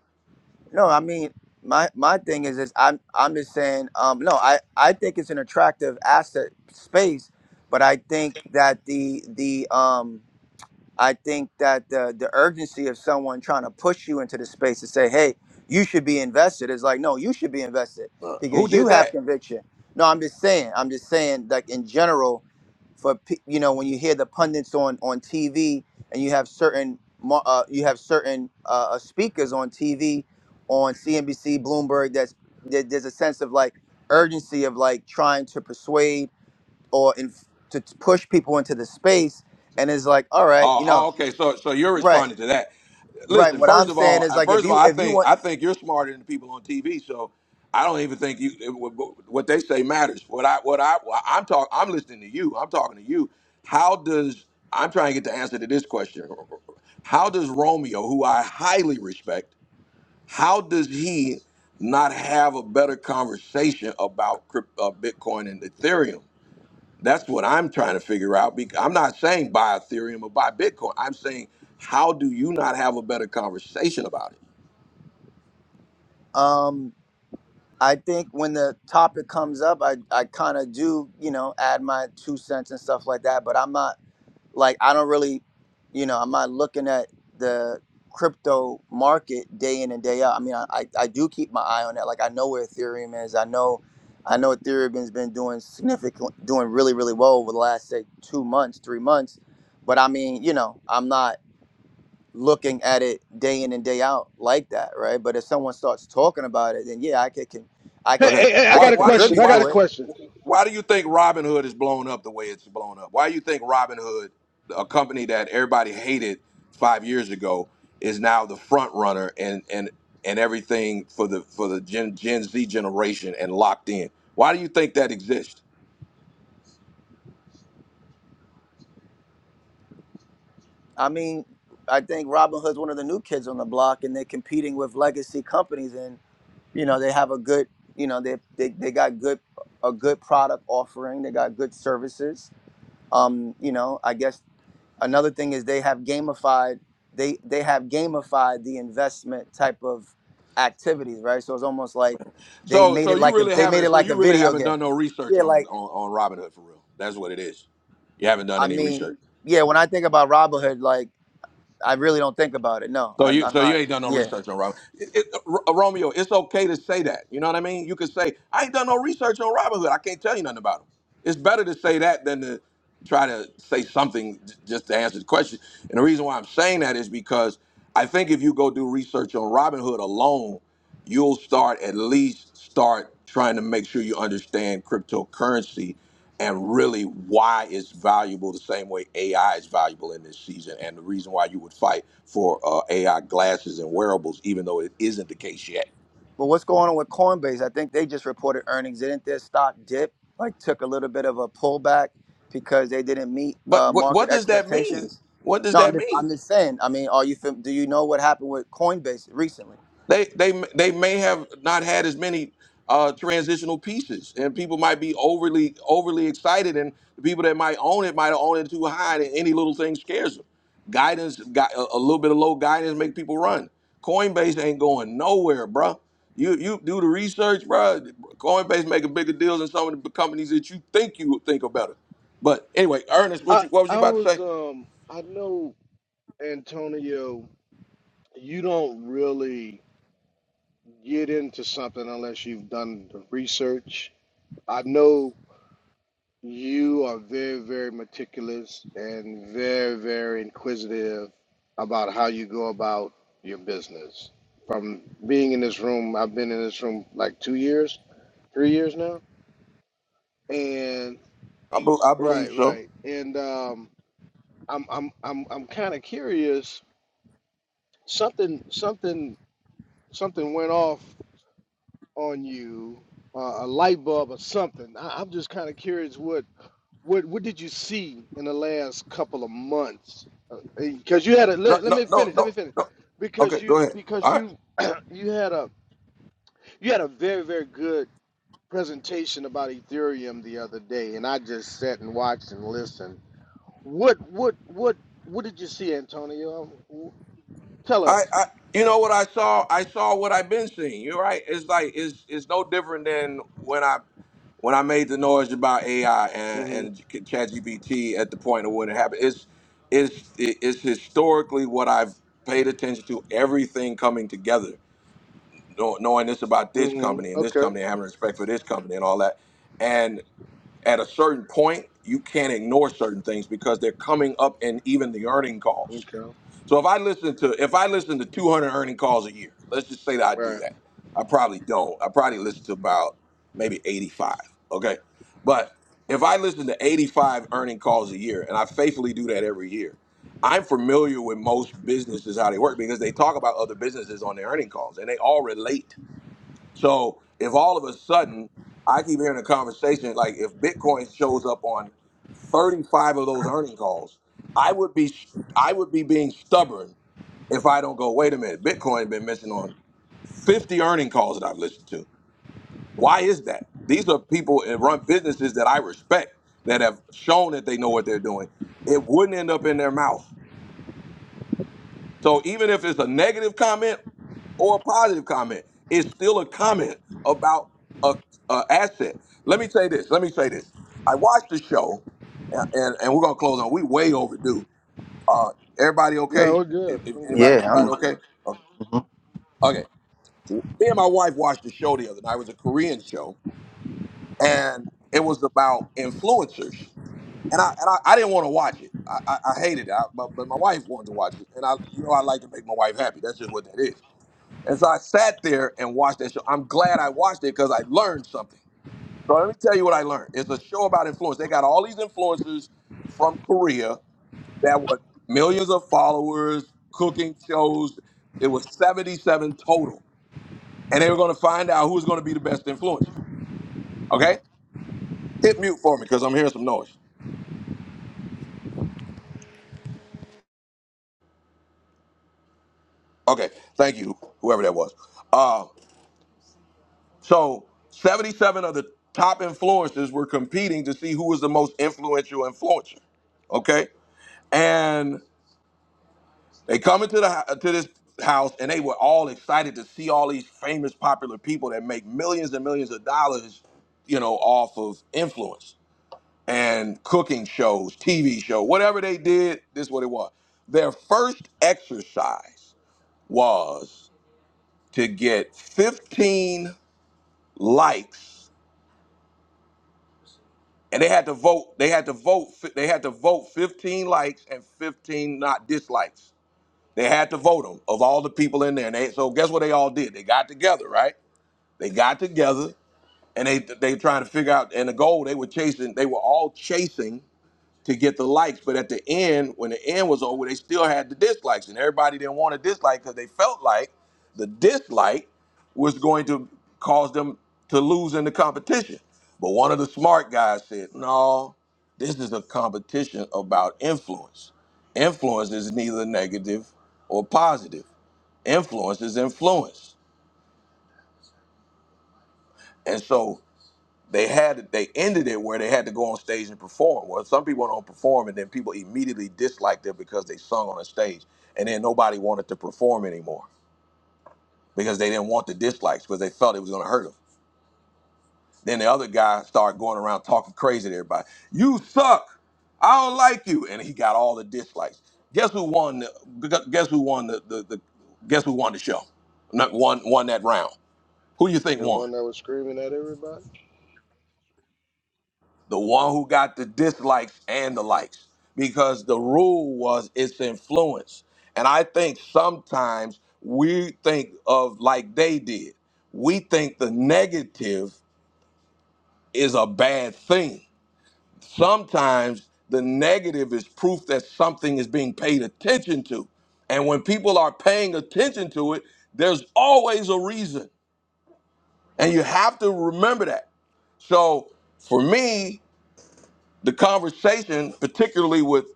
S12: No, I mean my my thing is is I'm I'm just saying um no I I think it's an attractive asset space, but I think that the the um I think that the the urgency of someone trying to push you into the space to say, "Hey, you should be invested," is like, no, you should be invested
S1: Uh, who
S12: because you
S1: did
S12: have
S1: that?
S12: conviction. No, I'm just saying. I'm just saying, like in general, for pe- you know, when you hear the pundits on on TV and you have certain mo- uh, you have certain uh, uh, speakers on TV, on CNBC, Bloomberg, that's there, there's a sense of like urgency of like trying to persuade or inf- to to push people into the space, and it's like, all right,
S1: Oh,
S12: you know.
S1: oh, okay. So, so you're
S12: Right,
S1: responding to that.
S12: right.
S1: Listen,
S12: What
S1: first
S12: I'm
S1: of
S12: saying
S1: all,
S12: is
S1: I-
S12: like if
S1: first of all,
S12: you
S1: I
S12: if you
S1: think
S12: want,
S1: I think you're smarter than the people on TV. So, I don't even think you it- what what they say matters. What I what I I'm talking. I'm listening to you. I'm talking to you. How does I'm trying to get the answer to this question? How does Romeo, who I highly respect, how does he not have a better conversation about crypt, uh, Bitcoin and Ethereum? That's what I'm trying to figure out. bec- I'm not saying buy Ethereum or buy Bitcoin. I'm saying how do you not have a better conversation about it?
S12: um, I think when the topic comes up, I I kind of do you know add my two cents and stuff like that. But I'm not like I don't really, you know, I'm not looking at the crypto market day in and day out. I mean, I I, I do keep my eye on that. Like I know where Ethereum is. I know. I know Ethereum's been doing significant, doing really, really well over the last say two months, three months, but I mean, you know, I'm not looking at it day in and day out like that, right? But if someone starts talking about it, then yeah, I could can I
S13: Hey,
S12: could
S1: Okay.
S13: hey,
S12: can
S13: hey, I
S12: I
S1: Why
S13: got
S12: could
S13: a
S1: why do you
S13: question. I
S12: contribute
S1: why
S13: got
S1: do
S13: a
S12: to it.
S13: question.
S1: you why do you think Robinhood is blown up the way it's blown up? Why do you think Robinhood, a company that everybody hated five years ago, is now the front runner and and and everything for the for the Gen, Gen Z generation and locked in? Why do you think that exists?
S12: I mean, I think Robin Hood's one of the new kids on the block and they're competing with legacy companies and you know, they have a good you know, they they, they got good a good product offering, they got good services. Um, you know, I guess Another thing is they have gamified they they have gamified the investment type of activities, right? So it's almost like they
S1: So
S12: made
S1: so
S12: it
S1: you
S12: like a
S1: really
S12: they made
S1: haven't
S12: it
S1: so
S12: like
S1: you
S12: a
S1: really
S12: video
S1: haven't
S12: game.
S1: done no research
S12: Yeah,
S1: on
S12: like
S1: on, on Robin for real. That's what it is. You haven't done
S12: I
S1: any
S12: mean,
S1: research.
S12: yeah. When I think about Robinhood, like I really don't think about it. No,
S1: So
S12: I'm,
S1: you
S12: I'm
S1: so you
S12: not.
S1: ain't done no
S12: Yeah.
S1: research on Robin. It, it, R- Romeo, it's okay to say that. You know what I mean? You could say I ain't done no research on Robinhood. I can't tell you nothing about him. It's better to say that than to try to say something j- just to answer the question. And the reason why I'm saying that is because I think if you go do research on Robinhood alone. you'll start at least start trying to make sure you understand cryptocurrency and really why it's valuable the same way AI is valuable in this season and the reason why you would fight for uh, AI glasses and wearables even though it isn't the case yet.
S12: But what's going on with Coinbase? I think they just reported earnings. Didn't their stock dip? Like took a little bit of a pullback because they didn't meet
S1: But
S12: uh,
S1: what
S12: market
S1: what does that mean?
S12: expectations.
S1: What does
S12: No, I'm
S1: that
S12: just
S1: mean?
S12: I'm just saying. I mean, are you fam- do you know what happened with Coinbase recently?
S1: They they they may have not had as many uh, transitional pieces, and people might be overly overly excited, and the people that might own it might own it too high, and any little thing scares them. Guidance, got a a little bit of low guidance, make people run. Coinbase ain't going nowhere, bruh. You you do the research, bruh. Coinbase making bigger deals than some of the companies that you think you would think are better. But anyway, Ernest, what
S13: I
S1: you what was you
S13: I
S1: about to
S13: was
S1: say?
S13: um I know Antonio, you don't really get into something unless you've done the research. I know you are very very meticulous and very very inquisitive about how you go about your business. From being in this room, I've been in this room like 2 years, 3 years now. And
S1: I, be, I believe
S13: right,
S1: so.
S13: right. And um I'm I'm I'm I'm kind of curious. Something something something went off on you, uh, a light bulb or something. I, I'm just kind of curious. What what what did you see in the last couple of months? Because you had a
S1: No
S13: let, let
S1: no
S13: me
S1: no
S13: finish. Let me
S1: no
S13: finish.
S1: no.
S13: Because
S1: Okay, go
S13: you
S1: ahead.
S13: because
S1: All right.
S13: you you had a you had a very very good presentation about Ethereum the other day, and I just sat and watched and listened. What what what what did you see, Antonio? Wh- Tell us.
S1: I, I you know what I saw? I saw what I've been seeing. You're right. It's like it's it's no different than when I when I made the noise about AI and,
S13: Mm-hmm.
S1: and ChatGPT at the point of when it happened. It's it's it's historically what I've paid attention to. Everything coming together, know- knowing this about this
S13: Mm-hmm.
S1: company and this
S13: Okay.
S1: company, and having respect for this company and all that. And at a certain point, you can't ignore certain things because they're coming up in even the earning calls
S13: Okay.
S1: so if I listen to if I listen to 200 earning calls a year, let's just say that I do
S13: Right.
S1: that. I probably don't. I probably listen to about maybe 85. Okay, but if I listen to 85 earning calls a year, and I faithfully do that every year, I'm familiar with most businesses how they work because they talk about other businesses on their earning calls, and they all relate. So if all of a sudden I keep hearing a conversation like if Bitcoin shows up on 35 of those earning calls, I would be I would be being stubborn if I don't go, wait a minute, Bitcoin been mentioned on 50 earning calls that I've listened to. Why is that? These are people that run businesses that I respect that have shown that they know what they're doing. It wouldn't end up in their mouth. So even if it's a negative comment or a positive comment, it's still a comment about a, a asset. Let me say this. Let me say this. I watched the show, and, and, and we're gonna close on. We way overdue. Uh, everybody
S13: No,
S1: okay?
S13: we're good.
S1: If, if
S13: I'm good.
S1: anybody
S12: Yeah,
S1: anybody
S12: I'm.
S1: okay? Okay.
S12: Mhm.
S1: Okay. me and my wife watched a show the other night. It was a Korean show, and it was about influencers. And I and I, I didn't want to watch it. I, I, I hated it. I, but, but my wife wanted to watch it, and I you know I like to make my wife happy. That's just what that is. And so I sat there and watched that show. I'm glad I watched it because I learned something. So let me tell you what I learned. It's a show about influence. They got all these influencers from Korea that were millions of followers, cooking shows. It was 77 total and they were going to find out who was going to be the best influencer. Okay, hit mute for me because I'm hearing some noise. Okay, thank you, whoever that was. Uh, so 77 of the top influencers were competing to see who was the most influential influencer. Okay, and they come into the hou- to this house and they were all excited to see all these famous, popular people that make millions and millions of dollars, you know, off of influence. and cooking shows, TV show, whatever they did, this is what it was. Their first exercise was to get 15 likes and they had to vote they had to vote they had to vote 15 likes and 15 not dislikes. They had to vote them of all the people in there. And they, so guess what they all did? They got together, right? They got together and they they trying to figure out and the goal they were chasing, they were all chasing to get the likes. But at the end, when the end was over, they still had the dislikes, and everybody didn't want to dislike because they felt like the dislike was going to cause them to lose in the competition. But one of the smart guys said, "No, this is a competition about influence. Influence is neither negative or positive. Influence is influence." And so They had they ended it where they had to go on stage and perform. Well, some people don't perform, and then people immediately disliked it because they sung on a stage, and then nobody wanted to perform anymore because they didn't want the dislikes because they felt it was going to hurt them. Then the other guy started going around talking crazy to everybody. You suck. I don't like you, and he got all the dislikes. Guess who won? The, guess who won the, the, the Guess who won the show? Not won won that round. Who you think
S13: The
S1: won?
S13: one that was screaming at everybody.
S1: the one who got the dislikes and the likes because the rule was its influence and i think sometimes we think of like they did we think the negative is a bad thing sometimes the negative is proof that something is being paid attention to and when people are paying attention to it there's always a reason and you have to remember that so for me the conversation, particularly with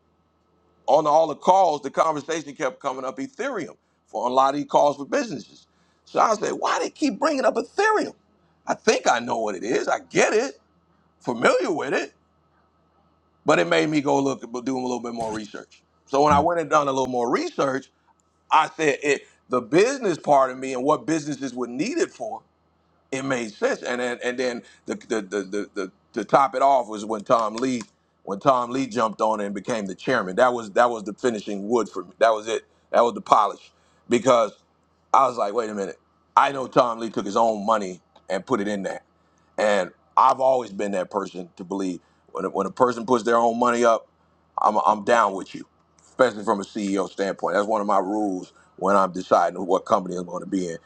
S1: on all the calls, the conversation kept coming up Ethereum for a lot of these calls for businesses. So I said, why they keep bringing up Ethereum? I think I know what it is. I get it, familiar with it, but it made me go look, do a little bit more research. So when I went and done a little more research, I said it, the business part of me and what businesses would need it for it made sense. And then and then the the the the, the to top it off was when Tom Lee when Tom Lee jumped on and became the chairman. That was that was the finishing wood for me. That was it. That was the polish because I was like, wait a minute. I know Tom Lee took his own money and put it in there, and I've always been that person to believe when a, when a person puts their own money up, I'm I'm down with you, especially from a CEO standpoint. That's one of my rules when I'm deciding what company I'm going to be in.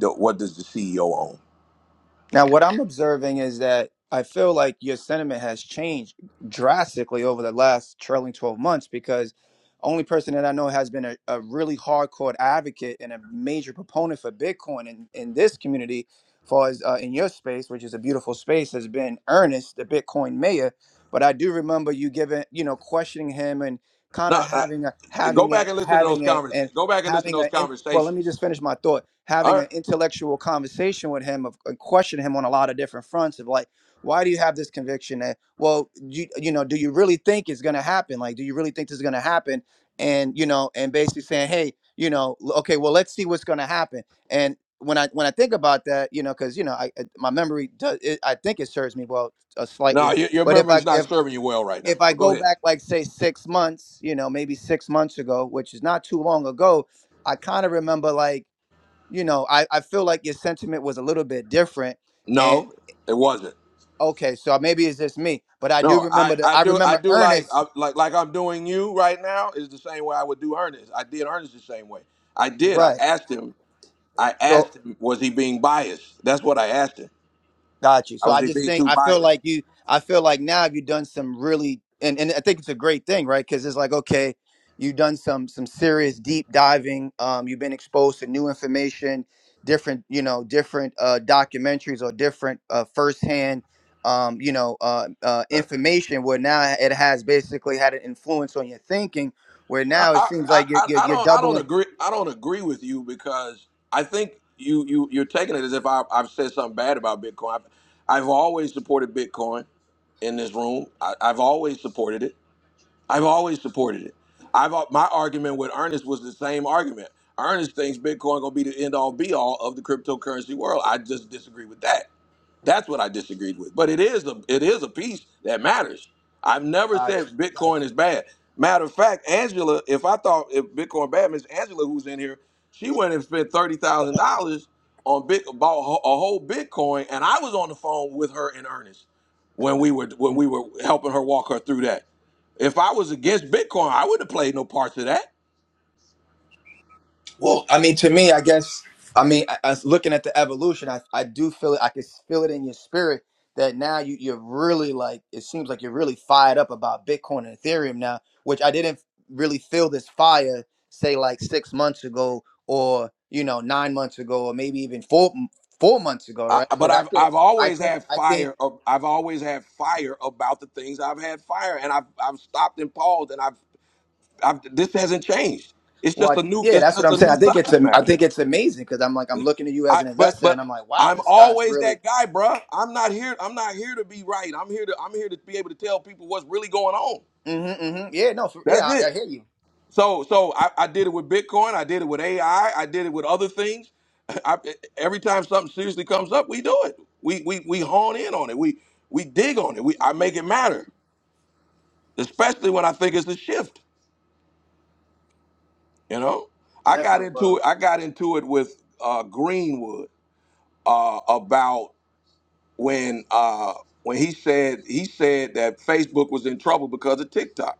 S1: The- What does the CEO own?
S12: Now, what I'm observing is that I feel like your sentiment has changed drastically over the last trailing 12 months because only person that I know has been a, a really hardcore advocate and a major proponent for Bitcoin in, in this community, far as uh, in your space, which is a beautiful space, has been Ernest, the Bitcoin mayor. But I do remember you giving, you know, questioning him and kind
S1: No,
S12: of
S1: uh,
S12: having a
S1: go
S12: having
S1: back
S12: a
S1: and listen to those
S12: having
S1: convers.
S12: a,
S1: Go back and listen to
S12: having
S1: those
S12: a in, well let me
S1: conversations.
S12: just finish my thought
S1: All
S12: having
S1: right.
S12: an intellectual conversation with him of and question him on a lot of different fronts of like why do you have this conviction that well you, you know do you really think it's going to happen like do you really think this is going to happen and you know and basically saying hey you know l- okay well let's see what's going to happen and when i when i think about that you know because you know I, I- my memory does it, i think it serves me well uh,
S1: No,
S12: slightly
S1: your, your
S12: but if i
S1: memory's not
S12: if
S1: serving you well right now.
S12: if I
S1: But go
S12: go
S1: ahead.
S12: back, like say six months, you know, maybe six months ago, which is not too long ago, I kind of remember like, you know, I, I feel like your sentiment was a little bit different. And
S1: No, it wasn't.
S12: okay, so maybe it's just me, but I do
S1: No, I,
S12: remember that
S1: I
S12: I
S1: do I
S12: remember
S1: do like
S12: Ernest,
S1: I, like like I'm doing you right now is the same way I would do Ernest. I did Ernest the same way. I did. I
S12: right?
S1: asked him. I
S12: So
S1: asked him was he being biased. That's what I asked him.
S12: Got you.
S1: I
S12: So
S1: was
S12: I
S1: he
S12: just
S1: being
S12: think
S1: too
S12: I feel
S1: biased.
S12: like you. I feel like now you've done some really, and and I think it's a great thing, right? Because it's like okay, you've done some some serious deep diving. Um, you've been exposed to new information, different you know different uh, documentaries or different uh, firsthand um, you know uh, uh, information. Where now it has basically had an influence on your thinking. Where
S1: I,
S12: now it seems
S1: I,
S12: like you're
S1: I
S12: you're,
S1: I
S12: you're
S1: don't I don't
S12: doubling.
S1: agree I don't agree with you because I think you you you're taking it as if I, I've said something bad about Bitcoin. I've, I've always supported Bitcoin in this room. I, I've always supported it. I've always supported it. I've al- my argument with Ernest was the same argument. Ernest thinks Bitcoin gonna be the end all be all of the cryptocurrency world. I just disagree with that. That's what I disagreed with. But it is a it is a piece that matters. I've never
S12: Got you.
S1: said
S12: Got
S1: Bitcoin is bad. Matter of fact, Angela, if I thought if Bitcoin bad, Miss Angela, who's in here, she went and spent thirty thousand dollars on Bit bought a whole Bitcoin, and I was on the phone with her in earnest when we were
S12: you.
S1: when we were helping her walk her through that. If I was against Bitcoin, I wouldn't have played no parts of that.
S12: Well, I mean, to me, I guess, I mean, I, I was looking at the evolution, I, I do feel it. I can feel it in your spirit that now you, you're really like, it seems like you're really fired up about Bitcoin and Ethereum now, which I didn't really feel this fire, say, like six months ago or, you know, nine months ago or maybe even four four months ago,
S1: I,
S12: right?
S1: but
S12: Because I
S1: I've
S12: think,
S1: I've
S12: I
S1: always
S12: think,
S1: had
S12: I think,
S1: fire. of- I've always had fire about the things I've had fire, and I've I've stopped and paused, and I've I've this hasn't changed. It's
S12: well,
S1: just
S12: I-
S1: a new
S12: yeah,
S1: it's
S12: that's what
S1: just
S12: I'm
S1: a
S12: saying. I
S1: new
S12: think it's,
S1: subject
S12: am- I
S1: matter.
S12: think it's amazing because I'm like, I'm looking at you as
S1: I
S12: an
S1: but
S12: investor
S1: but
S12: and I'm like, wow,
S1: I'm
S12: this guy's
S1: always
S12: really,
S1: that guy, bruh. I'm not here. I'm not here to be right. I'm here to I'm here to be able to tell people what's really going on.
S12: hmm hmm yeah, no, for,
S1: That's
S12: yeah, I,
S1: it.
S12: I hear you.
S1: So so I, I did it with Bitcoin. I did it with AI. I I did it with other things. I, every time something seriously comes up, we do it. We we we hone in on it. We we dig on it. We I make it matter, especially when I think it's a shift. You know, I got
S12: Definitely,
S1: into
S12: bro.
S1: it. I got into it with uh, Greenwood uh, about when uh, when he said he said that Facebook was in trouble because of TikTok.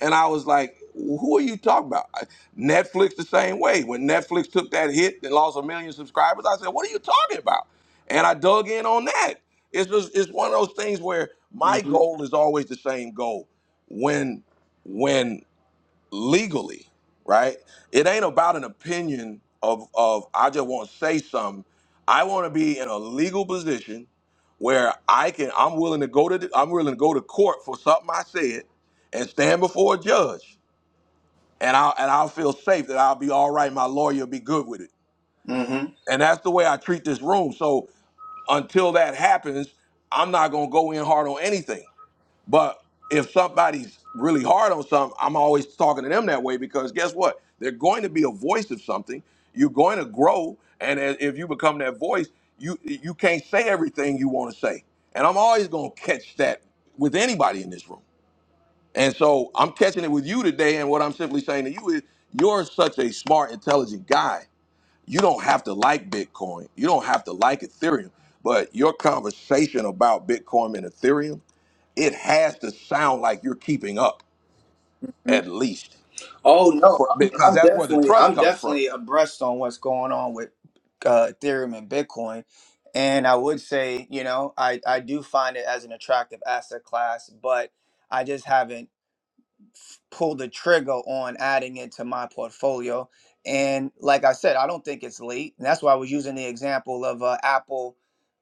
S1: And I was like, who are you talking about? I- Netflix the same way. When Netflix took that hit and lost a million subscribers, I said, what are you talking about? And I dug in on that. It's just it's one of those things where my
S12: hmm
S1: goal is always the same goal. When when legally, right? It ain't about an opinion of of I just want to say something. I want to be in a legal position where I can I'm willing to go to the, I'm willing to go to court for something I said and stand before a judge and I will and I'll feel safe that I'll be all right. My lawyer will be good with it,
S12: hmm
S1: and that's the way I treat this room. So until that happens, I'm not gonna go in hard on anything. But if somebody's really hard on something, I'm always talking to them that way because guess what? They're going to be a voice of something. You're going to grow, and as- if you become that voice, you you can't say everything you want to say. And I'm always going to catch that with anybody in this room. And so I'm catching it with you today. And what I'm simply saying to you is, you're such a smart, intelligent guy. You don't have to like Bitcoin. You don't have to like Ethereum. But your conversation about Bitcoin and Ethereum it has to sound like you're keeping up at least
S12: Oh no,
S1: for,
S12: I'm,
S1: because
S12: I'm
S1: that's where the
S12: definitely,
S1: trust
S12: I'm
S1: comes from
S12: definitely abreast on what's going on with uh, Ethereum and Bitcoin, and I would say, you know, I I do find it as an attractive asset class, but I just haven't. pull the trigger on adding it to my portfolio. And like I said, I don't think it's late. And that's why I was using the example of uh, Apple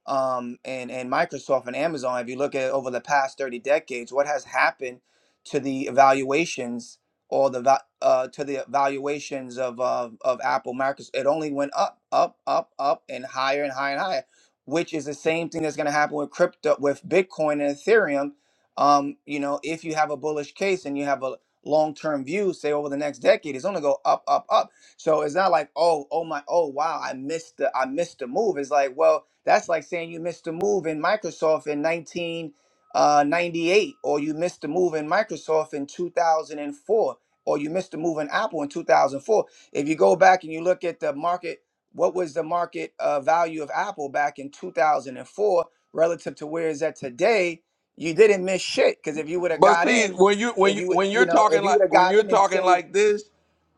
S12: um, and, and Microsoft and Amazon. If you look at over the past 30 decades, what has happened to the evaluations or the va- uh, to the valuations of, uh, of Apple, Microsoft, it only went up, up, up, up, and higher and higher and higher, which is the same thing that's going to happen with crypto, with Bitcoin and Ethereum um, you know, if you have a bullish case and you have a long-term view, say over the next decade, it's gonna go up, up, up. So it's not like, oh, oh my, oh wow, I missed the, I missed the move. It's like, well, that's like saying you missed the move in Microsoft in 1998, or you missed the move in Microsoft in 2004, or you missed the move in Apple in 2004. If you go back and you look at the market, what was the market uh, value of Apple back in 2004 relative to where is that today? you didn't miss shit because if you would have
S1: but
S12: got
S1: see
S12: in,
S1: when you when
S12: if
S1: you
S12: you
S1: when you're
S12: you know
S1: talking
S12: if you
S1: like
S12: would have
S1: when
S12: got
S1: you're
S12: in and
S1: talking
S12: say
S1: like this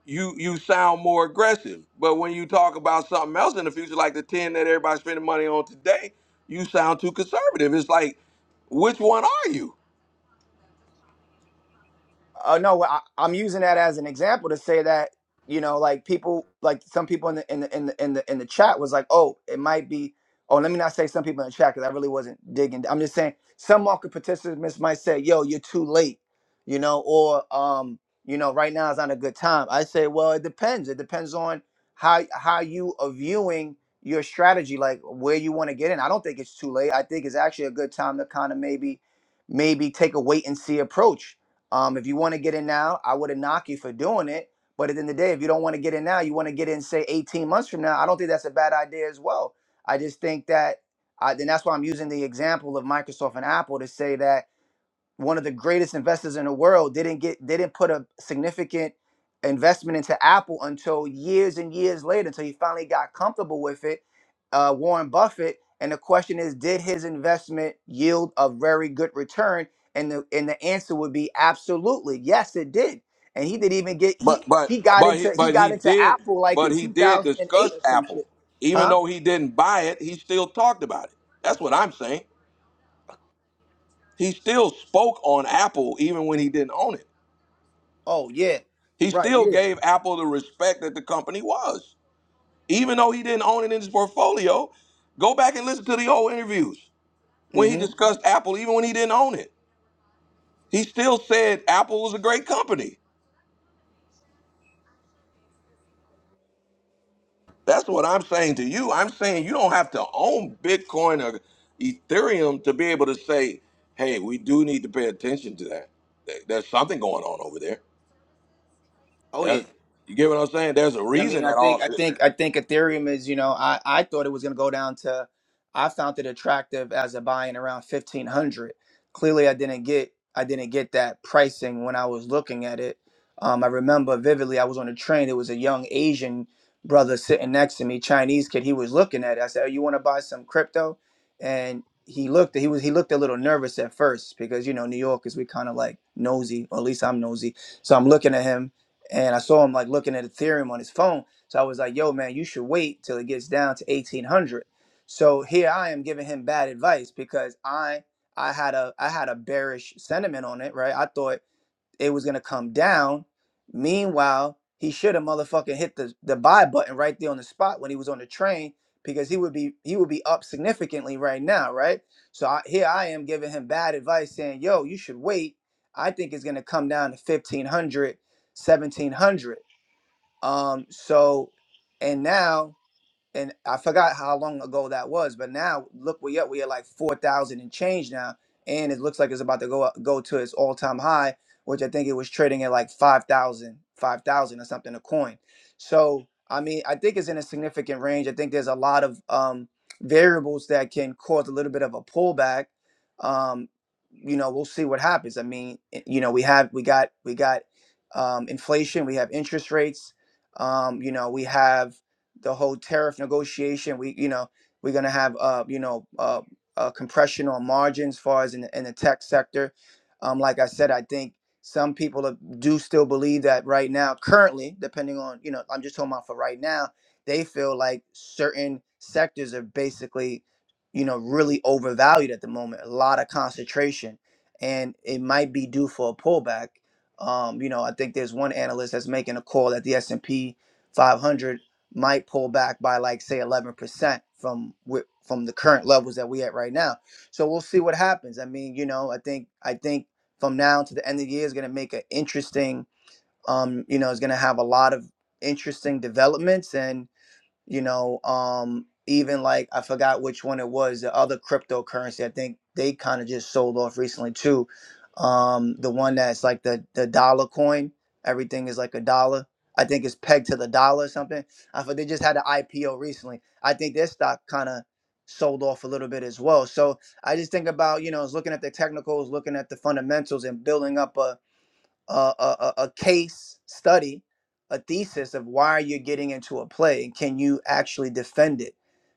S1: you you sound more aggressive but when you talk about something else in the future like the 10 that everybody's spending money on today you sound too conservative it's like which one are you
S12: uh, no, well, I, I'm using that as an example to say that you know, like people, like some people in the in the in the in the, in the chat was like, oh, it might be. Oh, let me not say some people in the chat because I really wasn't digging. I'm just saying some market participants might say, yo, you're too late, you know, or um, you know, right now is not a good time. I say, well, it depends. It depends on how how you are viewing your strategy, like where you want to get in. I don't think it's too late. I think it's actually a good time to kind of maybe maybe take a wait and see approach um, if you want to get in now, I wouldn't knock you for doing it. But at the end of the day, if you don't want to get in now, you want to get in, say, 18 months from now, I don't think that's a bad idea as well. I just think that, I, then that's why I'm using the example of Microsoft and Apple to say that one of the greatest investors in the world didn't get didn't put a significant investment into Apple until years and years later until he finally got comfortable with it uh, Warren Buffett and the question is did his investment yield a very good return and the and the answer would be absolutely yes it did and he didn't even get
S1: but
S12: he
S1: but
S12: he got
S1: but he
S12: into he
S1: but
S12: got
S1: he
S12: into
S1: did
S12: Apple like
S1: but
S12: in
S1: he did discuss
S12: 2008 or some
S1: apple
S12: shit
S1: even
S12: huh
S1: though he didn't buy it he still talked about it that's what i'm saying He still spoke on Apple even when he didn't own it.
S12: oh yeah
S1: He
S12: right
S1: still
S12: yeah
S1: gave Apple the respect that the company was. Even though he didn't own it in his portfolio, go back and listen to the old interviews when he
S12: mhm
S1: discussed Apple, even when he didn't own it. He still said Apple was a great company. That's what I'm saying to you. I'm saying you don't have to own Bitcoin or Ethereum to be able to say, hey, we do need to pay attention to that. There- There's something going on over there.
S12: oh yeah
S1: There- You get what I'm saying? There's a
S12: Yeah, I mean,
S1: reason
S12: I
S1: that
S12: think,
S1: all.
S12: I think, I think Ethereum is, you know, I, I thought it was going to go down to, I found it attractive as a buy in around 1500. Clearly I didn't get, I didn't get that pricing when I was looking at it. Um, I remember vividly, I was on a train. It was a young Asian brother sitting next to me, Chinese kid. He was looking at it. I said, oh, you want to buy some crypto? And he looked, he was, he looked a little nervous at first because, you know, New Yorkers, we kind of like nosy, or at least I'm nosy. So I'm looking at him and I saw him like looking at Ethereum on his phone. So I was like, "Yo, man, you should wait till it gets down to eighteen hundred. So here I am giving him bad advice because I I had a I had a bearish sentiment on it, right? I thought it was gonna come down. Meanwhile, he should have motherfucking hit the, the buy button right there on the spot when he was on the train because he would be he would be up significantly right now, right? So I, here I am giving him bad advice, saying, "Yo, you should wait. I think it's gonna come down to 1500, 1700." Um, so and now and I forgot how long ago that was, but now look we up. We are like four thousand and change now, and it looks like it's about to go up, go to its all time high, which I think it was trading at like 5,000, 5,000 or something a coin. So I mean, I think it's in a significant range. I think there's a lot of um, variables that can cause a little bit of a pullback. Um, you know, we'll see what happens. I mean, i- you know, we have we got we got um, inflation, we have interest rates. Um, you know, we have the whole tariff negotiation. We, you know, we're gonna have, uh, you know, uh, uh, compression on margins, as far as in the, in the tech sector. Um, like I said, I think some people are- do still believe that right now, currently, depending on, you know, I'm just talking about for right now, they feel like certain sectors are basically, you know, really overvalued at the moment. A lot of concentration, and it might be due for a pullback. Um, you know, I think there's one analyst that's making a call that the S and P 500 might pull back by like say 11% from wh- from the current levels that we at right now. So we'll see what happens. I mean, you know, I think I think from now to the end of the year is going to make an interesting um, you know, is going to have a lot of interesting developments and you know um even like i forgot which one it was the other cryptocurrency i think they kind of just sold off recently too um the one that's like the the dollar coin everything is like a dollar i think it's pegged to the dollar or something i thought they just had an ipo recently i think their stock kind of sold off a little bit as well so i just think about you know is looking at the technicals looking at the fundamentals and building up a a, a, a case study, a thesis of why you're getting into a play, and can you actually defend it?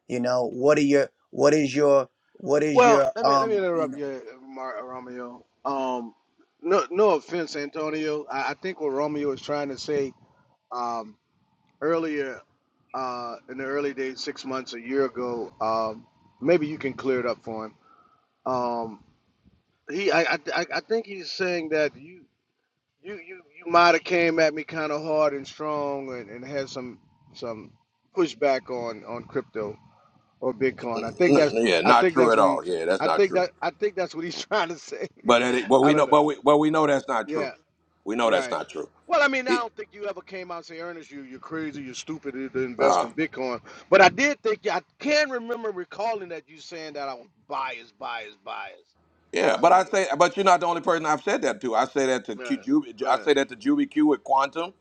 S12: You know, what are your what is your what is
S13: Well,
S12: your
S13: let me let me
S12: um you
S13: interrupt
S12: know
S13: you, Mar- Romeo. Um, no no offense, Antonio. I, I think what Romeo was trying to say um, earlier uh, in the early days, six months, a year ago, um, maybe you can clear it up for him. Um, he I, I I I think he's saying that you. You you you might have came at me kind of hard and strong and, and had some some pushback on on crypto or Bitcoin. I think that's
S1: N- Yeah,
S13: I
S1: not
S13: think
S1: true
S13: that's
S1: at
S13: what he
S1: all. Yeah, that's
S13: I
S1: not
S13: think
S1: true.
S13: that I think that's what he's trying to say.
S1: But it, but
S13: I
S1: we know,
S13: don't know.
S1: but we, but we know that's not true.
S13: Yeah,
S1: We know that's
S13: right.
S1: not true.
S13: Well, I mean, I
S1: It,
S13: don't think you ever came out and say, Ernest, you you're crazy, you're stupid to to invest
S1: uh,
S13: in Bitcoin. But I did think yeah, I can remember recalling that you saying that I was biased, biased, biased.
S1: yeah,
S13: I
S1: but I
S13: mean,
S1: say, but you're not the only person I've said that to. I say that to
S13: yeah,
S1: Q,
S13: right.
S1: Ju- I
S13: right.
S1: say that to Juby Q with Quantum.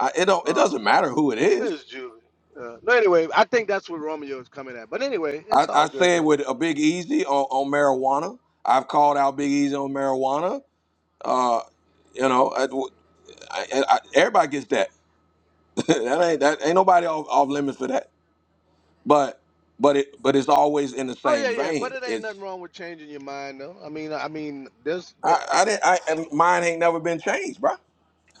S1: I, it don't. It
S13: Um,
S1: doesn't matter who it is.
S13: It's Julie. Uh, no, anyway, I think that's what Romeo is coming at. But anyway,
S1: I,
S13: it's all
S1: I
S13: good
S1: say it
S13: though.
S1: with a Big Easy on, on marijuana. I've called out Big Easy on marijuana. Uh, you know, I, I, I, everybody gets that. that ain't that ain't nobody off, off limits for that. but but it but it's always in the
S13: Oh yeah,
S1: same
S13: yeah. But
S1: vein.
S13: it ain't
S1: It's
S13: nothing wrong with changing your mind though. I mean, I mean, there's the,
S1: I I didn't I and mine ain't never been changed, bro.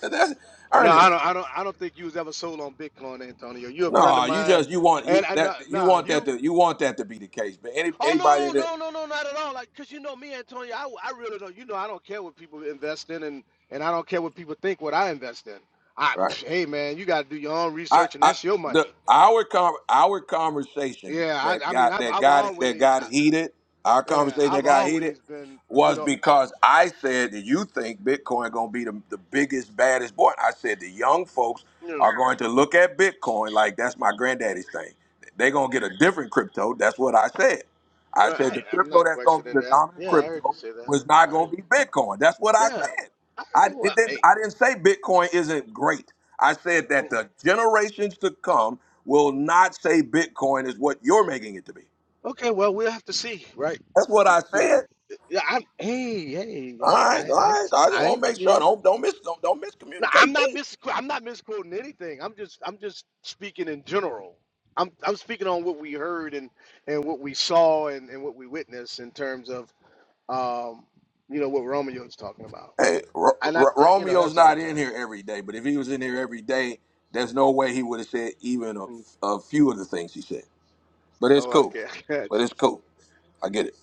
S1: That's
S13: no. I
S1: Ernest.
S13: don't. I don't. I don't think you was ever sold on Bitcoin, Antonio. You're a friend of
S1: No, you
S13: mine,
S1: just you want you
S13: and I nah,
S1: that you
S13: nah
S1: want that
S13: you.
S1: to you want that to be the case. But any
S13: Oh
S1: anybody
S13: no,
S1: that
S13: no, no, no, not at all. Like, cause you know me, Antonio. I, I really don't. You know, I don't care what people invest in, and and I don't care what people think what I invest in. I
S1: right
S13: hey man, you got to do your own
S1: I,
S13: research, and
S1: I
S13: that's your
S1: the
S13: money.
S1: our con- our conversation
S13: Yeah,
S1: that
S13: I, I mean,
S1: got
S13: I've
S1: that
S13: I've
S1: got that
S13: always I,
S1: got heated, our
S13: Yeah,
S1: conversation
S13: I've
S1: that got heated
S13: always been, you
S1: was
S13: know,
S1: because I said that you think Bitcoin gonna be the, the biggest, baddest boy. I said the young folks
S13: you
S1: are going to look at Bitcoin like that's my
S13: know,
S1: granddaddy's thing. They're gonna get a different crypto. That's what I said. I
S13: but
S1: said
S13: I,
S1: the
S13: I'm
S1: crypto
S13: not
S1: that's gonna be
S13: questioning
S1: the
S13: that.
S1: dominant
S13: Yeah, I heard you
S1: crypto
S13: say that.
S1: was not
S13: I heard
S1: gonna
S13: you.
S1: be Bitcoin. That's what I
S13: Yeah,
S1: said.
S13: I
S1: I
S13: well,
S1: it didn't
S13: hey,
S1: I didn't say Bitcoin isn't great. I said that
S13: mhm.
S1: the generations to come will not say Bitcoin is what you're making it to be.
S13: okay, well, we'll have to see, right?
S1: That's what I
S13: Yeah,
S1: said.
S13: yeah, I'm, hey, hey,
S1: All
S13: I, I,
S1: right, all
S13: I,
S1: right. I just
S13: I,
S1: want to make
S13: you
S1: sure
S13: know,
S1: don't don't miss don't, don't
S13: no, I'm
S1: miscommunicate
S13: not
S1: me.
S13: mis, I'm not misquoting anything. I'm just, I'm just speaking in general. I'm, I'm speaking on what we heard and and what we saw and and what we witnessed in terms of, um, you know, what Romeo is talking about.
S1: Hey, R-
S13: And I,
S1: R-
S13: that- you know,
S1: Romeo's
S13: that's all
S1: not
S13: I'm saying.
S1: in here every day, but if he was in here every day, there's no way he would have said even a,
S13: Mm.
S1: a few of the things he said. But it's
S13: Oh,
S1: cool.
S13: okay, I got
S1: But
S13: you.
S1: it's cool. I get it.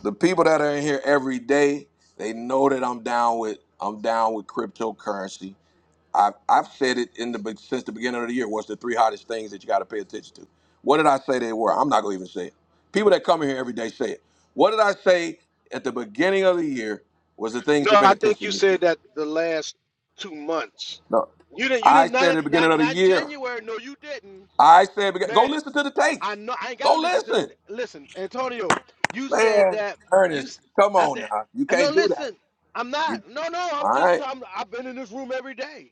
S1: The people that are in here every day, they know that I'm down with I'm down with cryptocurrency. I've, I've said it in the since the beginning of the year. What's the three hottest things that you got to pay attention to? What did I say they were? I'm not gonna even say it. People that come in here every day say it. What did I say at the beginning of the year was the things
S13: No,
S1: to pay
S13: I think you
S1: attention this
S13: said
S1: year?
S13: that the last two months.
S1: No,
S13: You didn't. You
S1: I
S13: didn't.
S1: said
S13: Not
S1: at the beginning
S13: not
S1: of the
S13: not
S1: year.
S13: January. No, you didn't,
S1: I said begin- go
S13: man.
S1: listen to the tapes.
S13: I know. I ain't
S1: Go
S13: gotta listen to
S1: listen,
S13: the. Listen, Antonio. You said
S1: man.
S13: that you.
S1: Ernest,
S13: s-
S1: come
S13: I
S1: on
S13: said.
S1: now. You
S13: I know.
S1: can't do that.
S13: Listen, I'm not.
S1: You
S13: No, no. I'm
S1: all
S13: just.
S1: right?
S13: I'm, I've been in this room every day,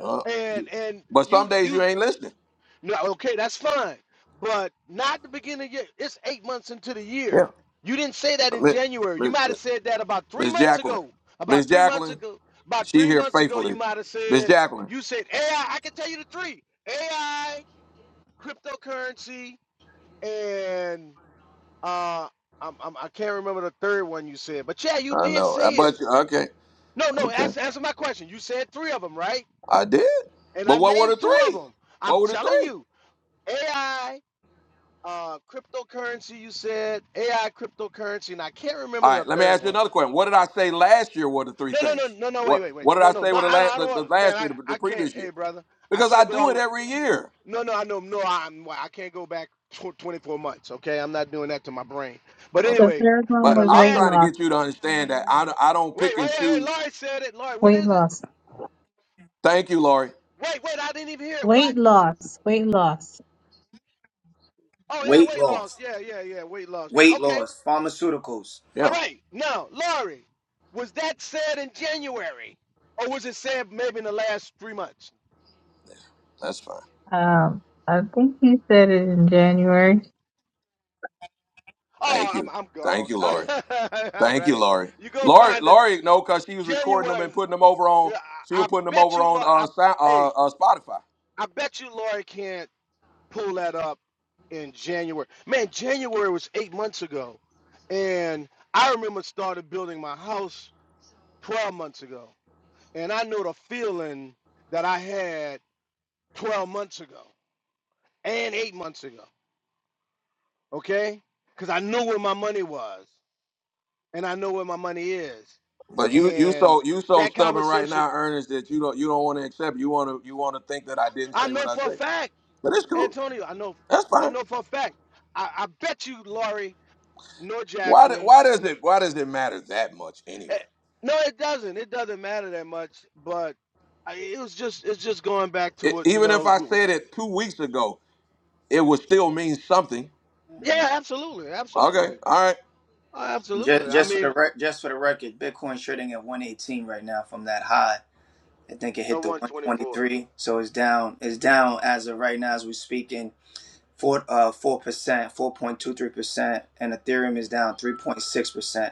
S1: Uh,
S13: and and
S1: but some
S13: you
S1: days you
S13: you
S1: ain't listening.
S13: No, okay, that's fine. But not the beginning of year. It's eight months into the
S1: Yeah,
S13: year. You didn't say that in January. You might have said that about three
S1: Miss
S13: months
S1: Jacqueline.
S13: ago. About
S1: Miss
S13: three months
S1: Jacqueline,
S13: ago. About
S1: She
S13: three
S1: here
S13: months ago, you
S1: faithfully.
S13: might have
S1: Miss
S13: said,
S1: Jacqueline.
S13: you said AI, I I can tell you the three. AI, cryptocurrency, and uh I'm, I'm I can't remember the third one you said. But yeah, you
S1: I
S13: did
S1: know. I
S13: say
S1: bet
S13: it.
S1: you. Okay.
S13: No, no,
S1: Okay.
S13: answer, answer my question. You said three of them, right?
S1: I did.
S13: And I
S1: But what were
S13: named
S1: the
S13: two of
S1: three?
S13: them. I'm
S1: What were the
S13: telling
S1: three?
S13: you, AI uh cryptocurrency you said ai cryptocurrency and i can't remember
S1: All
S13: the
S1: right. Let me
S13: third
S1: ask you
S13: one
S1: another question. What did I say last year were the three
S13: no no no
S1: things?
S13: no no wait
S1: What
S13: wait wait
S1: What did
S13: no
S1: I
S13: no
S1: say
S13: no
S1: were the
S13: i, don't-
S1: last,
S13: I don't
S1: the,
S13: want
S1: the
S13: man
S1: last year,
S13: i
S1: the,
S13: i
S1: the
S13: can't
S1: previous
S13: hey
S1: year?
S13: brother i
S1: Because I
S13: can't go all
S1: do
S13: the
S1: it
S13: way
S1: every year.
S13: no no i know no i'm i can't go back tw- 24 months okay i'm not doing that to my brain but
S1: Okay.
S14: The
S13: anyway
S14: third one
S13: for
S1: But
S13: the
S14: was
S1: I'm
S14: weight
S13: last
S1: trying to
S14: loss.
S1: get you to understand that I, don't- I don't
S13: wait
S1: pick
S13: wait
S1: and
S13: wait, wait
S1: choose.
S13: Lloyd said it Lloyd what
S14: Weight
S13: is it
S14: loss.
S1: Thank you, Lori.
S13: wait wait i didn't even hear it what
S14: Weight loss. Weight loss.
S13: oh
S12: weight
S13: yeah weight loss yeah yeah yeah weight loss yeah
S12: weight
S13: okay
S12: loss funnels?
S13: All
S1: Yeah,
S13: right. Now, Laurie, was that said in January, or was it said maybe in the last three months?
S1: that's fine.
S14: Um, I think you said it in January.
S1: Thank
S13: Oh, I'm
S1: you.
S13: I'm
S1: Thank
S13: gone.
S1: you, Lori.
S13: All
S1: Thank you,
S13: right.
S1: Laurie.
S13: You go
S1: Laurie,
S13: find the
S1: Laurie, no, because she was recording them
S13: January.
S1: and
S13: and,
S1: putting them over on.
S13: yeah,
S1: She
S13: I, I
S1: was putting them
S13: bet
S1: over
S13: you,
S1: on
S13: Lau- I
S1: uh, Sou- uh,
S13: hey,
S1: uh Spotify.
S13: I bet you, Laurie can't pull that up in January. Man, January was eight months ago, and I remember started building my house twelve months ago, and I know the feeling that I had twelve months ago. and eight months ago. Okay, because I know where my money was, and I know where my money is,
S1: But you, you
S13: and
S1: so you so
S13: that
S1: stubborn right
S13: conversation,
S1: now, Ernest, that you don't you don't want to accept. You want to you want to think that I didn't
S13: I
S1: say what
S13: know
S1: I
S13: for a
S1: say.
S13: fact,
S1: But it's cool.
S13: Antonio, I know,
S1: That's
S13: I
S1: fine.
S13: know for a fact. I, I bet you, Laurie, nor
S1: Why do-
S13: Jacqueline,
S1: why does
S13: no,
S1: it why does it matter that much
S13: eh,
S1: anyway?
S13: no, it doesn't. It doesn't matter that much, but I, it was just, it's just going back to
S1: It,
S13: what you
S1: even if
S13: know.
S1: I
S13: w-
S1: said it two weeks ago, it would still mean something.
S13: Yeah, absolutely,
S1: Okay,
S13: absolutely,
S1: all right.
S13: oh, absolutely.
S12: Just
S13: I
S12: just for
S13: mean,
S12: the rec- just for the record, Bitcoin trading at 118 right now from that high. I think it
S13: a
S12: hit the
S13: one twenty four.
S12: 123, so it's down. It's down as of right now as we're speaking. Four uh four percent, four point two three percent, and Ethereum is down three point six percent.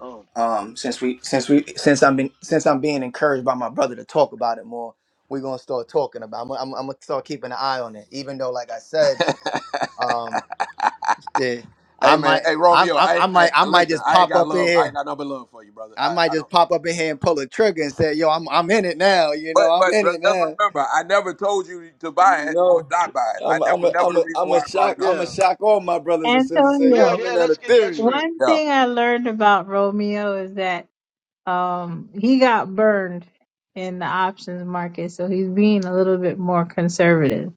S13: Um,
S12: um since we since we since i'm being since i'm being encouraged by my brother to talk about it more we're gonna start talking about i'm, I'm, I'm gonna start keeping an eye on it even though like i said um shit, i
S1: Hey man,
S12: might
S1: hey
S12: I'm,
S1: Romeo,
S12: I'm i
S1: I,
S12: might
S1: I
S12: i might
S1: listen.
S12: just
S1: I ain't
S12: pop
S1: got
S12: up in
S1: love. I ain't
S12: here
S1: got no but love for you, brother.
S12: i
S1: I,
S12: might
S1: I don't.
S12: just pop up in here and pull the trigger and say yo i'm, I'm in it now you
S1: But
S12: know i'm
S1: but
S12: in
S1: re-
S12: it
S1: just
S12: now
S1: remember, I never told you to buy
S12: you
S1: it or
S12: know
S1: not buy it. I
S12: i'm
S1: that
S12: i'm
S1: was
S12: a,
S1: never
S12: i'm
S1: the
S12: a,
S1: reason
S12: i'm
S1: why
S12: a
S1: I brought
S12: shock
S1: it up.
S12: i'm a
S13: yeah,
S12: shock all my brothers and sisters say yo
S13: yeah,
S14: Antonio,
S12: i'm in
S13: yeah.
S12: that
S13: Let's get that
S12: ethereum
S13: straight.
S14: one
S1: Yeah,
S14: thing I learned about Romeo is that Um, he got burned in the options market, so he's being a little bit more conservative.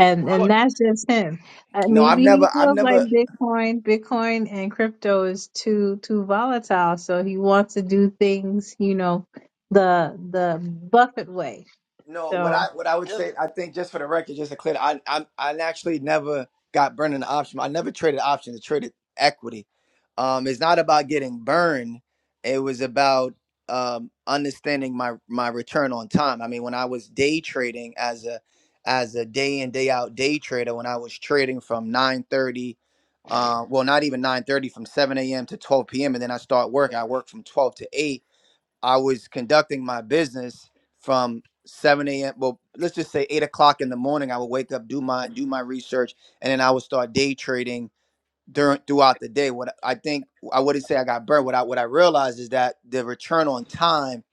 S14: And and
S13: What?
S14: that's just him. Uh,
S12: no i've
S14: maybe he
S12: never i've
S14: feels
S12: never
S14: like Bitcoin, Bitcoin and crypto is too too volatile, so he wants to do things, you know, the the Buffett way.
S12: No, what
S14: So
S12: I what I would say, I think just for the record, just to clear, I I I actually never got burned in the option. I never traded options. I traded equity. Um, it's not about getting burned. It was about um understanding my my return on time. I mean, when I was day trading as a as a day in day out day trader, when I was trading from nine thirty, uh, well, not even nine thirty, from seven a.m. to twelve p.m. and then I start work. I work from twelve to eight I was conducting my business from 7 a.m. Well, let's just say eight o'clock in the morning. I would wake up, do my do my research, and then I would start day trading during throughout the day. What I think I wouldn't say I got burned. What I what I realized is that the return on time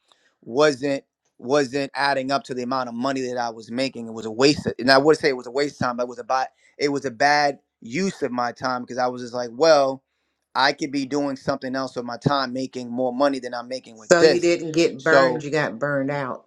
S12: wasn't wasn't adding up to the amount of money that I was making. It was a waste. Of, and I would say it was a waste of time. But it was a bad, it was a bad use of my time because I was just like, well, I could be doing something else with my time, making more money than I'm making with
S4: So you
S12: this.
S4: didn't get
S12: So
S4: burned; you got burned out.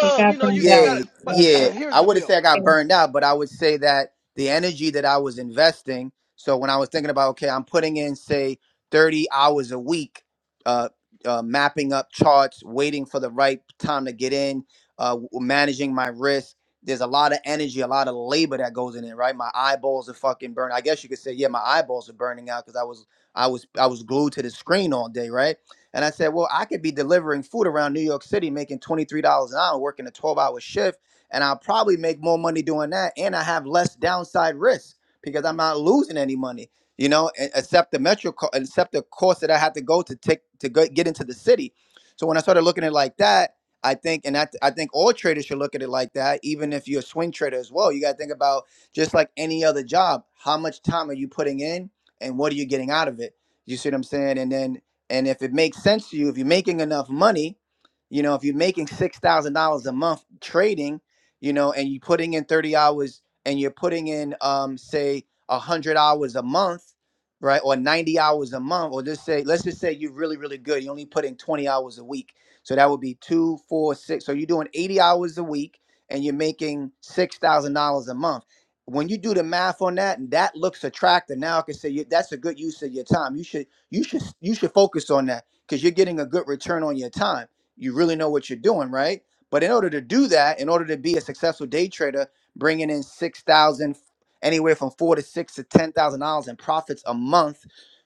S14: he
S13: you
S14: got
S13: know, you
S14: burned
S13: you
S14: out.
S13: got
S12: Yeah,
S13: it. But
S14: Yeah.
S12: yeah.
S13: here's
S12: I
S13: the
S12: wouldn't say
S13: deal.
S12: I
S14: Yeah.
S12: got burned out, but I would say that the energy that I was investing. So when I was thinking about, okay, I'm putting in say 30 hours a week, uh, uh, mapping up charts, waiting for the right time to get in, uh, w- managing my risk. There's a lot of energy, a lot of labor that goes in it, right? My eyeballs are fucking burned. I guess you could say, yeah, my eyeballs are burning out because I was, I was, I was glued to the screen all day, right? And I said, well, I could be delivering food around New York City, making $23 an hour, working a 12 hour shift. And I'll probably make more money doing that. And I have less downside risk because I'm not losing any money, you know, e- except the metro, co- except the course that I had to go to take to go, get into the city. So when I started looking at it like that, I think, and I, I think all traders should look at it like that, even if you're a swing trader as well. You got to think about just like any other job, how much time are you putting in and what are you getting out of it? You see what I'm saying? And then and if it makes sense to you, if you're making enough money, you know, if you're making six thousand dollars a month trading, you know, and you're putting in thirty hours and you're putting in um say a hundred hours a month, right, or ninety hours a month, or just say let's just say you're really, really good. You only put in twenty hours a week. So that would be two, four, six. So you're doing eighty hours a week and you're making six thousand dollars a month. When you do the math on that, that looks attractive. Now I can say you, that's a good use of your time. You should you should you should focus on that because you're getting a good return on your time you really know what you're doing right but in order to do that in order to be a successful day trader bringing in 6000 anywhere from 4 to 6 to 10000 dollars in profits a month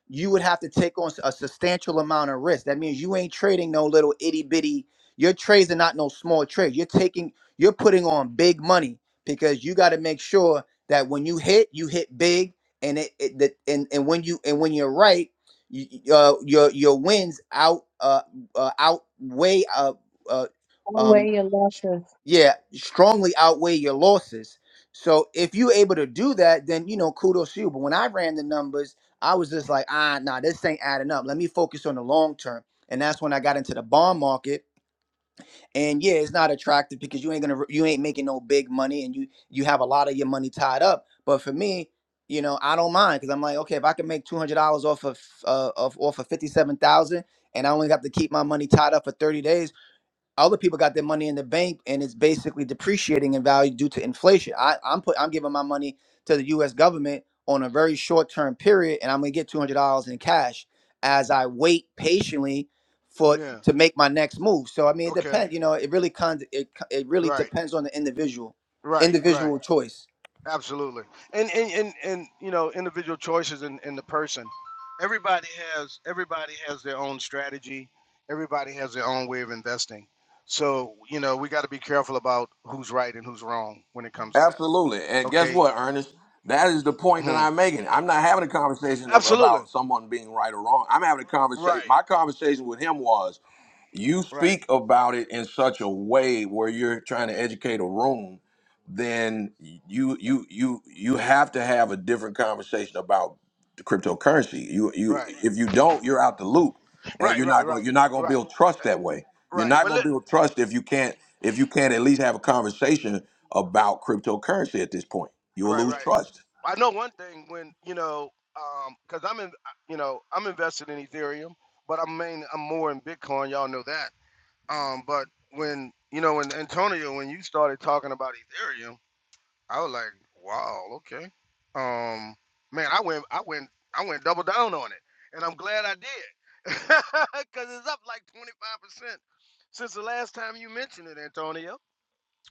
S12: you would have to take on a substantial amount of risk that means you ain't trading no little itty bitty your trades are not no small trades you're taking you're putting on big money because you got to make sure that when you hit you hit big and it, it that and, and when you and when you're right y- uh, your your wins out uh, uh outweigh uh, uh
S14: Don't
S12: um
S14: weigh your losses.
S12: yeah strongly outweigh your losses so if you're able to do that then you know kudos to you but when i ran the numbers i was just like ah nah this ain't adding up let me focus on the long term and that's when i got into the bond market and yeah it's not attractive because you ain't gonna you ain't making no big money and you you have a lot of your money tied up but for me you know i don't mind because i'm like okay if i can make $200 off of uh, of off of 57000 and i only have to keep my money tied up for 30 days other people got their money in the bank and it's basically depreciating in value due to inflation. I, I'm put I'm giving my money to the US government on a very short term period and I'm gonna get two hundred dollars in cash as I wait patiently for
S13: Yeah.
S12: to make my next move. So I mean it
S13: Okay.
S12: depends, you know, it really kind it, it really
S13: Right.
S12: depends on the individual,
S13: Right. Right.
S12: individual choice.
S13: Absolutely. And and and, and you know, individual choices in, in the person. Everybody has everybody has their own strategy. Everybody has their own way of investing. So you know, we got to be careful about who's right and who's wrong when it comes to that.
S1: absolutely. And guess
S13: Okay.
S1: what, Ernest? That is the point that
S13: Hmm.
S1: I'm making. I'm not having a conversation of,
S13: Absolutely.
S1: about someone being right or wrong. I'm having a
S13: Right.
S1: conversation. My conversation with him was you
S13: Right.
S1: speak about it in such a way where you're trying to educate a room then you you you you have to have a different conversation about the cryptocurrency. You you
S13: Right.
S1: if you don't, you're out the loop, and
S13: Right.
S1: you're
S13: Right.
S1: not
S13: Right.
S1: going you're not going to
S13: Right.
S1: build trust that way. You're
S13: Right.
S1: not
S13: But
S1: going
S13: let.
S1: to build trust if you can't if you can't at least have a conversation about cryptocurrency at this point. You'll
S13: Right,
S1: lose
S13: right.
S1: trust.
S13: I know one thing when you know, um, because I'm in, you know, I'm invested in Ethereum, but I'm main, I'm more in Bitcoin. Y'all know that. Um, but when you know, when Antonio, when you started talking about Ethereum, I was like, wow, okay. Um, man, I went, I went, I went double down on it, and I'm glad I did, because it's up like 25 percent since the last time you mentioned it, Antonio.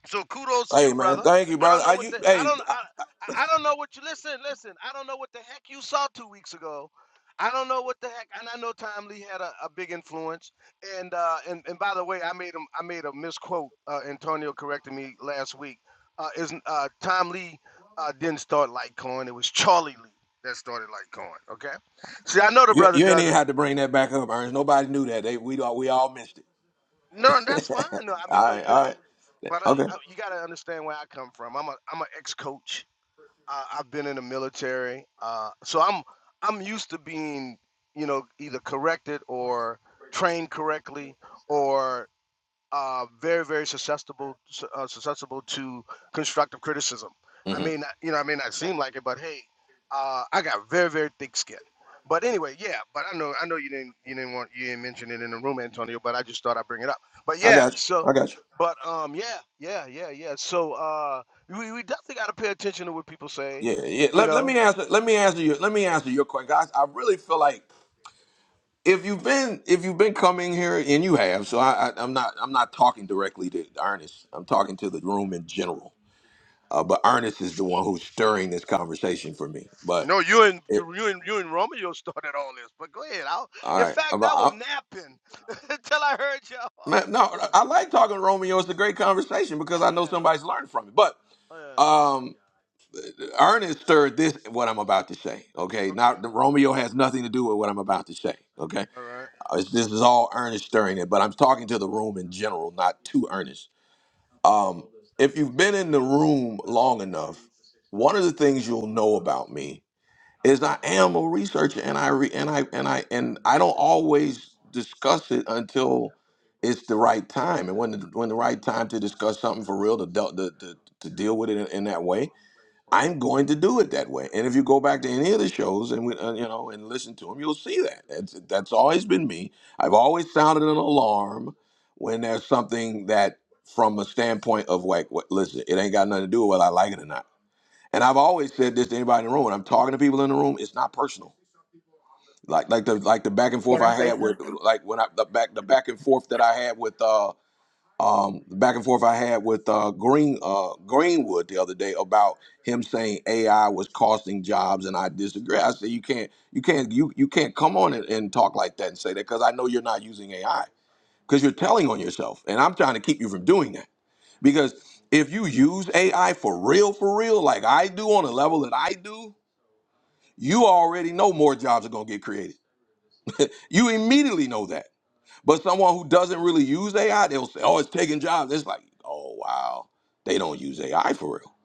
S13: So kudos to
S1: Hey
S13: you,
S1: man,
S13: brother.
S1: thank you,
S13: I
S1: brother.
S13: don't know
S1: Are
S13: what
S1: you
S13: the I
S1: hey
S13: don't
S1: I-
S13: I I don't know what you listen, listen. I don't know what the heck you saw two weeks ago. I don't know what the heck, and I know Tom Lee had a, a big influence. And uh, and and by the way, I made him I made a misquote. Uh, Antonio corrected me last week. Uh, is uh, Tom Lee uh, didn't start Litecoin? It was Charlie Lee that started Litecoin. Okay. See, I know the
S1: you,
S13: brother
S1: you ain't
S13: does
S1: even
S13: it.
S1: had to bring that back up, Ernest. Nobody knew that. They we all we all missed it.
S13: No, and that's fine. No, I mean,
S1: all
S13: but
S1: right,
S13: you know,
S1: all right,
S13: but uh,
S1: okay.
S13: uh, you got to understand where I come from. I'm a I'm an ex coach I, I've been in the military, uh, so I'm I'm used to being, you know, either corrected or trained correctly, or uh, very very susceptible su- uh, susceptible to constructive criticism. I
S1: hmm
S13: mean, you know, I may not seem like it, but hey, uh, I got very very thick skin. But anyway, yeah. But I know I know you didn't you didn't want you didn't mention it in the room, Antonio. But I just thought I'd bring it up. But
S1: I
S13: yeah,
S1: got you.
S13: so.
S1: I got you.
S13: But um, yeah, yeah, yeah, yeah. So uh, we, we definitely got to pay attention to what people say.
S1: Yeah, yeah.
S13: You
S1: Let, let me
S13: know,
S1: answer. Let me answer you. Let me answer your question, guys. I really feel like if you've been if you've been coming here and you have, so I, I, I'm not I'm not talking directly to Ernest. I'm talking to the room in general. Uh, but Ernest is the one who's stirring this conversation for me. But
S13: no, you and
S1: it,
S13: you and you and Romeo started all this, but go ahead. I'll, in
S1: all right,
S13: fact,
S1: I'm-
S13: I
S1: I,
S13: was napping until I heard y'all.
S1: man, no, I like talking to Romeo. It's a great conversation because
S13: Oh
S1: I know
S13: yeah.
S1: somebody's learned from it. But
S13: Oh yeah.
S1: um, Ernest stirred this what I'm about to say. Okay,
S13: Okay.
S1: not Romeo has nothing to do with what I'm about to say. okay?
S13: All right.
S1: I was- This is all earnest during it, but I'm talking to the room in general, not too earnest. Um, if you've been in the room long enough, one of the things you'll know about me is I am a researcher, and I re, and I and I and I don't always discuss it until it's the right time, and when the, when the right time to discuss something for real to, del- to, to to deal with it in, in that way I'm going to do it that way. And if you go back to any of the shows and we, uh, you know and listen to them, you'll see that. That's that's always been me. I've always sounded an alarm when there's something that, from a standpoint of like, what, listen, it ain't got nothing to do with whether I like it or not. And I've always said this to anybody in the room. When I'm talking to people in the room, it's not personal. Like like the like the back and forth
S4: Can I
S1: I
S4: say
S1: had
S4: something?
S1: with like when I the back the back and forth that I had with uh um, back and forth I had with uh, Green uh, Greenwood the other day about him saying AI was costing jobs, and I disagree. I said you can't, you can't, you you can't come on and, and talk like that and say that because I know you're not using AI because you're telling on yourself, and I'm trying to keep you from doing that because if you use AI for real, for real, like I do on a level that I do, you already know more jobs are gonna get created. You immediately know that. But someone who doesn't really use AI, they'll say, "Oh, it's taking jobs." It's like, "Oh, wow, they don't use AI for real,"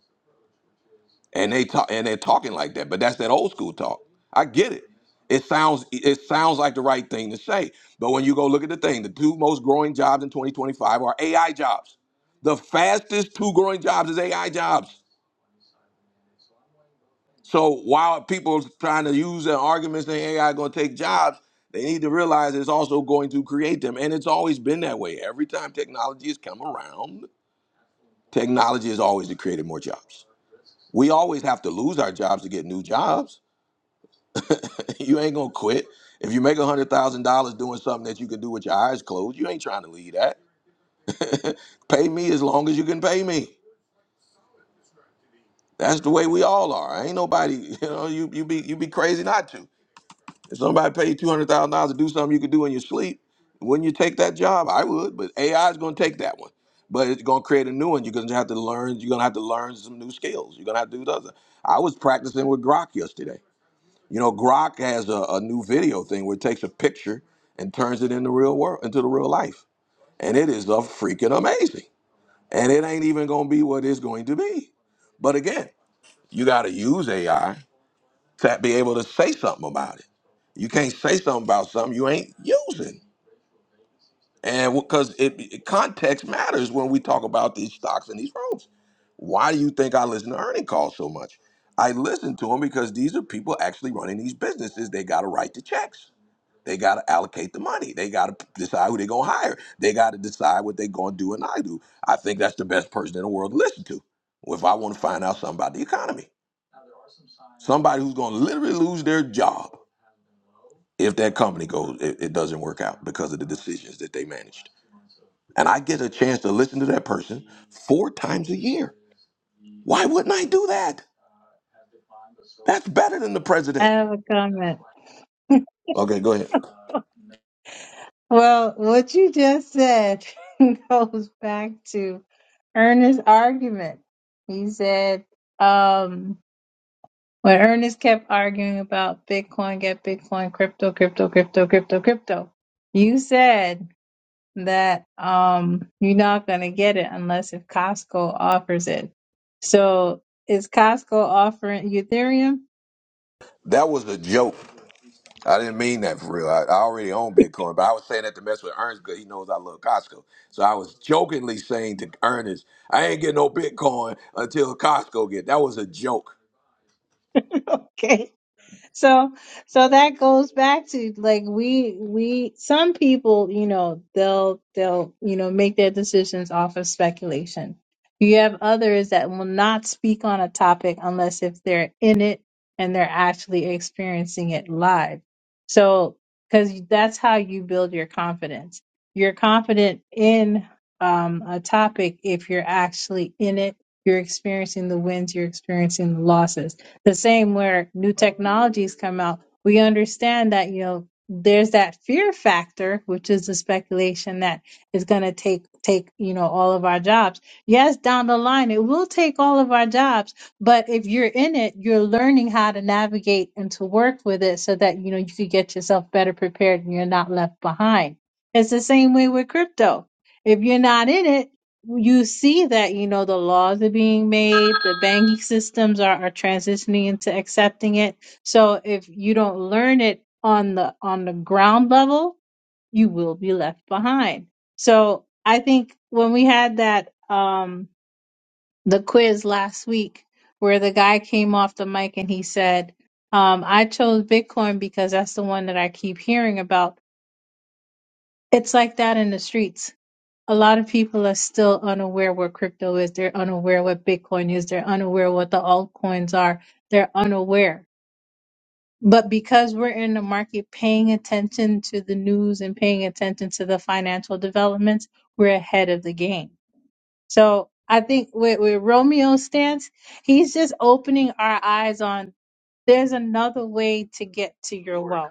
S1: and they talk and they're talking like that. But that's that old school talk. I get it. It sounds it sounds like the right thing to say, but when you go look at the thing, the two most growing jobs in 2025 are AI jobs. The fastest two growing jobs is AI jobs. So while people trying to use their arguments that AI going to take jobs, they need to realize it's also going to create them, and it's always been that way. Every time technology has come around, technology has always created more jobs. We always have to lose our jobs to get new jobs. you ain't gonna quit if you make one hundred thousand dollars doing something that you can do with your eyes closed. You ain't trying to leave that. pay me as long as you can pay me. That's the way we all are. Ain't nobody, you know, you you be you be crazy not to. If somebody paid you two hundred thousand dollars to do something you could do in your sleep, wouldn't you take that job? I would, but AI is going to take that one. But it's going to create a new one. You're going to have to learn. You're going to have to learn some new skills. You're going to have to do other. I was practicing with Grok yesterday. You know, Grok has a, a new video thing where it takes a picture and turns it into real world, into the real life, and it is a freaking amazing. And it ain't even going to be what it's going to be. But again, you got to use AI to be able to say something about it. You can't say something about something you ain't using. And because it, it- context matters when we talk about these stocks and these roles. Why do you think I listen to earning calls so much? I listen to them because these are people actually running these businesses. They got to write the checks. They got to allocate the money. They got to decide who they're going to hire. They got to decide what they're going to do and I do. I think that's the best person in the world to listen to if I want to find out something about the economy. Somebody who's going to literally lose their job if that company goes it, it doesn't work out because of the decisions that they managed and i get a chance to listen to that person four times a year why wouldn't i do that that's better than the
S14: I
S1: president
S14: have a comment.
S1: okay go ahead
S14: Well, what you just said goes back to Ernest's argument. He said, um, when Ernest kept arguing about Bitcoin, get Bitcoin, crypto, crypto, crypto, crypto, crypto, you said that um, you're not going to get it unless if Costco offers it. So is Costco offering Ethereum?
S1: that was a joke i didn't mean that for real i, I already own bitcoin but i was saying that to mess with ernest because he knows i love costco so i was jokingly saying to ernest i ain't getting no bitcoin until costco get that was a joke
S14: okay. so so that goes back to like we we some people you know they'll they'll you know make their decisions off of speculation you have others that will not speak on a topic unless if they're in it and they're actually experiencing it live so because that's how you build your confidence you're confident in um, a topic if you're actually in it you're experiencing the wins you're experiencing the losses the same where new technologies come out, we understand that, you know, there's that fear factor, which is the speculation that is going to take, take, you know, all of our jobs. Yes, down the line, it will take all of our jobs, but if you're in it, you're learning how to navigate and to work with it so that, you know, you could get yourself better prepared and you're not left behind. It's the same way with crypto. If you're not in it, you see that you know the laws are being made the banking systems are, are transitioning into accepting it so if you don't learn it on the on the ground level you will be left behind so i think when we had that um the quiz last week where the guy came off the mic and he said um i chose bitcoin because that's the one that i keep hearing about it's like that in the streets a lot of people are still unaware what crypto is. They're unaware what Bitcoin is. They're unaware what the altcoins are. They're unaware. But because we're in the market paying attention to the news and paying attention to the financial developments, we're ahead of the game. So I think with, with Romeo's stance, he's just opening our eyes on there's another way to get to your wealth.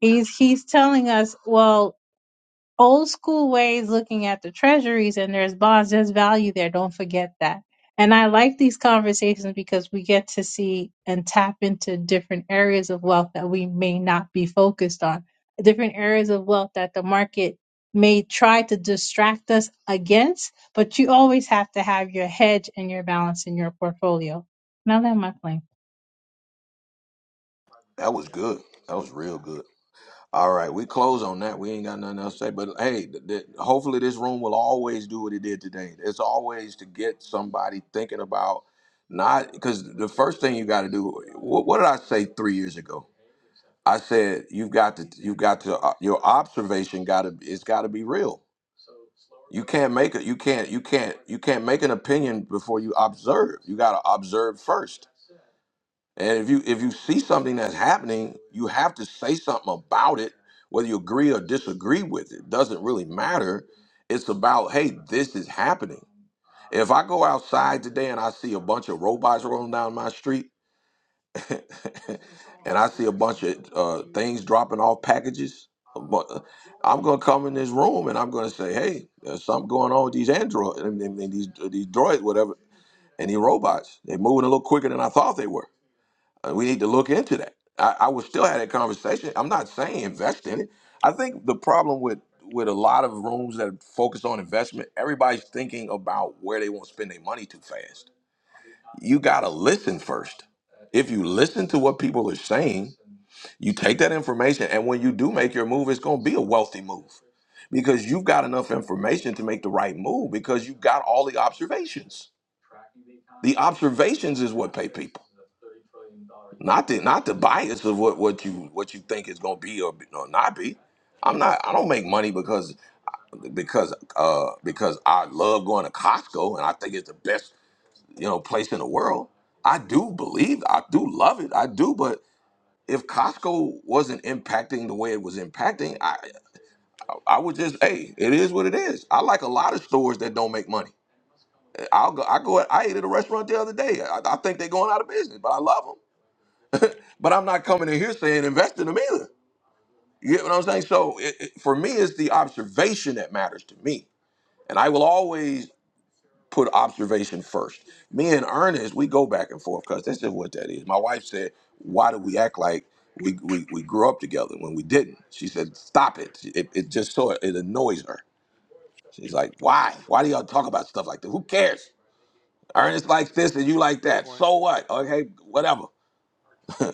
S14: He's he's telling us, well, old school ways looking at the treasuries and there's bonds, there's value there. Don't forget that. And I like these conversations because we get to see and tap into different areas of wealth that we may not be focused on, different areas of wealth that the market may try to distract us against, but you always have to have your hedge and your balance in your portfolio. Now that my plane.
S1: that was good that was real good All right, we close on that. We ain't got nothing else to say. But hey, th- th- hopefully this room will always do what it did today. It's always to get somebody thinking about not because the first thing you got to do. What, what did I say three years ago? I said you've got to you've got to uh, your observation got to it's got to be real. You can't make it. You can't you can't you can't make an opinion before you observe. You got to observe first. And if you if you see something that's happening, you have to say something about it, whether you agree or disagree with it. Doesn't really matter. It's about, hey, this is happening. If I go outside today and I see a bunch of robots rolling down my street, and I see a bunch of uh, things dropping off packages, but uh, I'm gonna come in this room and I'm gonna say, hey, there's something going on with these androids and, and- and these these droids, whatever, and these robots. They're moving a little quicker than I thought they were uh, We need to look into that. I, I would still have that conversation. I'm not saying invest in it. I think the problem with with a lot of rooms that focus on investment, everybody's thinking about where they want to spend their money too fast. You gotta listen first. If you listen to what people are saying, you take that information, and when you do make your move, it's gonna be a wealthy move because you've got enough information to make the right move because you've got all the observations. The observations is what pay people. Not the not the bias of what, what you what you think is gonna be or, be- or not be. I'm not. I don't make money because because uh because I love going to Costco and I think it's the best you know place in the world. I do believe I do love it. I do, but if Costco wasn't impacting the way it was impacting, I I would just hey, it is what it is. I like a lot of stores that don't make money. I'll go. I go. I ate at a restaurant the other day. I, I think they're going out of business, but I love them. But I'm not coming in here saying invest in them either. You get what I'm saying? So it, it- for me, it's the observation that matters to me, and I will always put observation first. Me and Ernest, we go back and forth because that's just what that is. My wife said, "Why do we act like we we, we grew up together when we didn't?" She said, "Stop it! It, it just so it annoys her." She's like, "Why? Why do y'all talk about stuff like that? Who cares?" Ernest likes this and you like
S13: Good
S1: that.
S13: point.
S1: So what? Okay, whatever.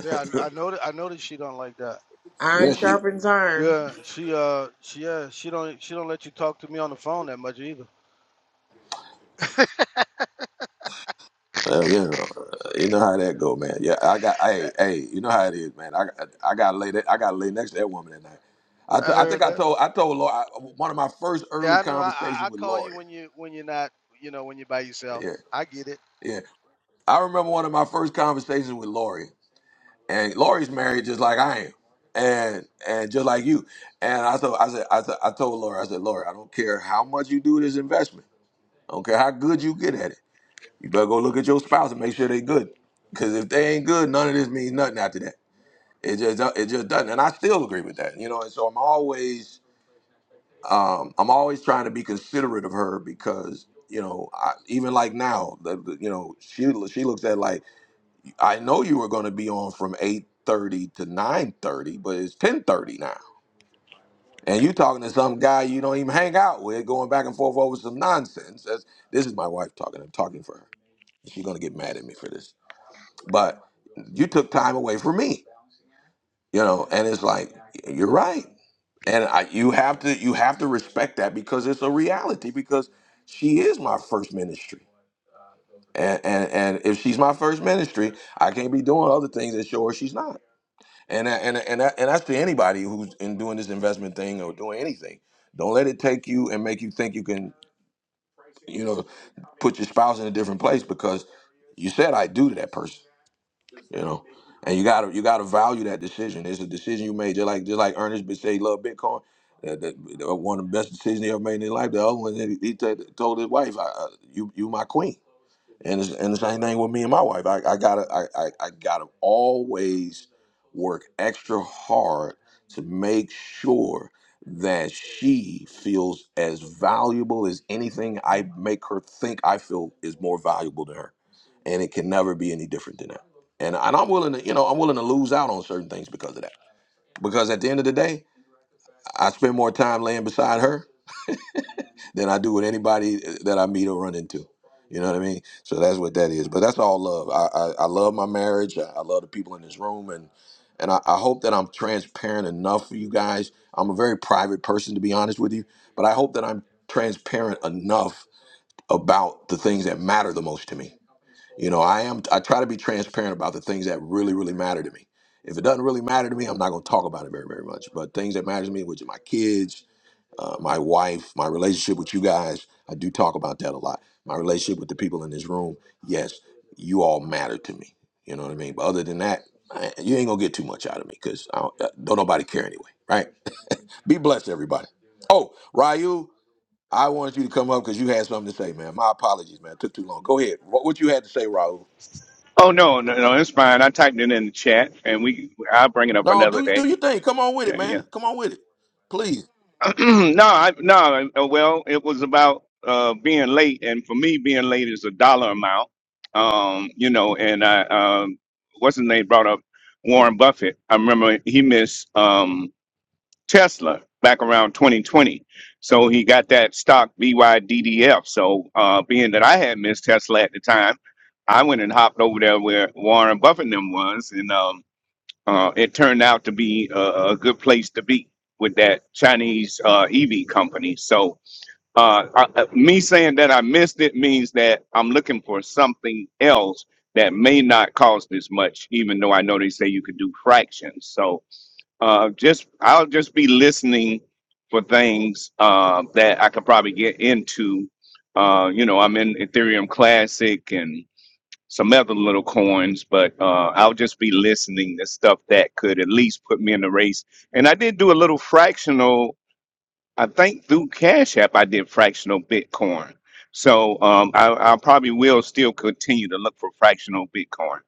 S13: Yeah, I, I noticed. I noticed she don't like that.
S4: Iron
S1: Yeah, she
S4: sharpens iron.
S13: Yeah, she uh, she yeah, she don't she don't let you talk to me on the phone that much either.
S1: Uh, yeah, uh, you know how that go, man. Yeah, I got.
S13: Yeah,
S1: Hey, hey, you know how it is, man. I I got to lay that. I got to lay next to that woman at night. I
S13: I
S1: t- I
S13: heard
S1: think I
S13: that.
S1: told I told Lori I, one of my first early
S13: Yeah, I know. I, I
S1: conversations
S13: I
S1: with
S13: call you
S1: Lori.
S13: when you when you're not you know when you're by yourself.
S1: Yeah,
S13: I get it.
S1: yeah. I remember one of my first conversations with Lori, and Lori's married just like I am, and and just like you. And I told I said I, said, I told Lori I said Lori I don't care how much you do this investment. I don't care how good you get at it. You better go look at your spouse and make sure they good. Because if they ain't good, none of this means nothing after that. It just it just doesn't, and I still agree with that. You know, and so I'm always um, I'm always trying to be considerate of her because you know I, even like now, the, the- you know she she looks at like I know you were going to be on from eight thirty to nine thirty, but it's ten thirty now, and you talking to some guy you don't even hang out with, going back and forth over some nonsense. That's, this is my wife talking. I'm talking for her. She's gonna get mad at me for this, but you took time away from me you know and it's like you're right and I, you have to you have to respect that because it's a reality because she is my first ministry and and, and if she's my first ministry i can't be doing other things that show her she's not and that- and and that- and that's to anybody who's in doing this investment thing or doing anything don't let it take you and make you think you can you know put your spouse in a different place because you said i do to that person You know, and you gotta you gotta value that decision. It's a decision you made. Just like just like Ernest but say he love Bitcoin. That, that- that one of the best decisions he ever made in his life. The other one, he, he t- told his wife, I, I- "You you my queen." And it's, and the same thing with me and my wife. I, I gotta I, I, I gotta always work extra hard to make sure that she feels as valuable as anything I make her think I feel is more valuable to her. And it can never be any different than that. And and I'm willing to, you know, I'm willing to lose out on certain things because of that. Because at the end of the day, I spend more time laying beside her than I do with anybody that I meet or run into. You know what I mean? So that's what that is. But that's all love. I I, I love my marriage. I, I love the people in this room, and and I, I hope that I'm transparent enough for you guys. I'm a very private person, to be honest with you, but I hope that I'm transparent enough about the things that matter the most to me. You know, I am. I try to be transparent about the things that really, really matter to me. If it doesn't really matter to me, I'm not going to talk about it very, very much. But things that matter to me, which are my kids, uh, my wife, my relationship with you guys. I do talk about that a lot. My relationship with the people in this room. Yes, you all matter to me. You know what I mean? But other than that, I, you ain't gonna get too much out of me because I don't, uh, don't nobody care anyway, right? Be blessed, everybody. Oh, Ryu, I wanted you to come up because you had something to say, man. My apologies, man. It took too long. Go ahead. What, what you had to say, Raul?
S15: Oh no, no, no, it's fine. I typed it in the chat, and we I'll bring it up
S1: No,
S15: another
S1: do
S15: day.
S1: do your thing. Come on with it,
S15: Yeah, yeah.
S1: man. Come on with it, please.
S15: no, I, no. uh, Well, it was about uh, being late, and for me, being late is a dollar amount. Um, you know, and I um, what's his name brought up Warren Buffett. I remember he missed um, Tesla back around 2020, so he got that stock BYDDF. So uh, being that I had missed Tesla at the time. I went and hopped over there where Warren Buffett and them was, and um, Uh, it turned out to be a, a good place to be with that Chinese uh, EV company. So, uh, I, I- me saying that I missed it means that I'm looking for something else that may not cost as much, even though I know they say you could do fractions. So, uh, just I'll just be listening for things uh, that I could probably get into. Uh, you know, I'm in Ethereum Classic and some other little coins, but uh, I'll just be listening to stuff that could at least put me in the race. And I did do a little fractional. I think through Cash App, I did fractional Bitcoin. So um, I, I probably will still continue to look for fractional Bitcoin.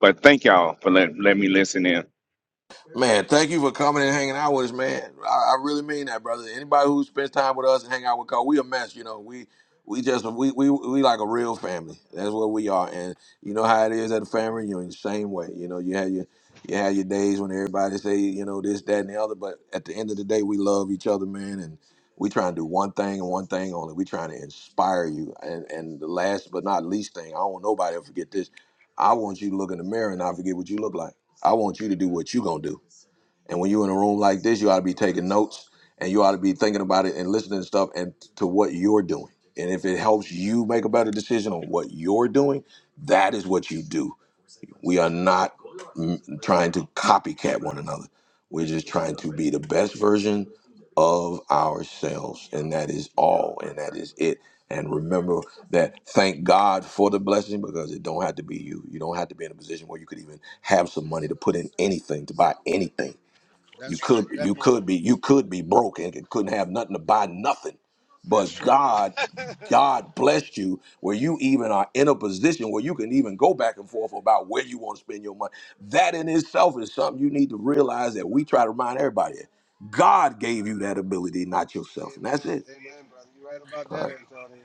S15: But thank y'all for let, let me listen in.
S1: Man, thank you for coming and hanging out with us, man. I, I really mean that, brother. Anybody who spends time with us and hang out with Cole, we a mess, you know. We we just we we we like a real family. That's what we are. And you know how it is at a family reunion, same way. You know, you have your you have your days when everybody say, you know, this, that, and the other, but at the end of the day we love each other, man, and we trying to do one thing and one thing only. We trying to inspire you. And and the last but not least thing, I don't want nobody to forget this. I want you to look in the mirror and not forget what you look like. I want you to do what you gonna do. And when you're in a room like this, you ought to be taking notes and you ought to be thinking about it and listening to stuff and to what you're doing. And if it helps you make a better decision on what you're doing, that is what you do. We are not mm, trying to copycat one another. We're just trying to be the best version of ourselves. And that is all. And that is it. And remember that thank God for the blessing because it don't have to be you. You don't have to be in a position where you could even have some money to put in anything, to buy anything you
S13: That's right.
S1: could
S13: That
S1: you
S13: part.
S1: could be you could be broke and couldn't have nothing to buy nothing. But
S13: That's true.
S1: God,
S13: Amen.
S1: God blessed you where you even are in a position where you can even go back and forth about where you want to spend your money. That in itself is something you need to realize that we try to remind everybody. of. God gave you that ability, not yourself. And that's it.
S13: Amen, brother. You're right about
S1: All
S13: that,
S1: right.
S13: Antonio.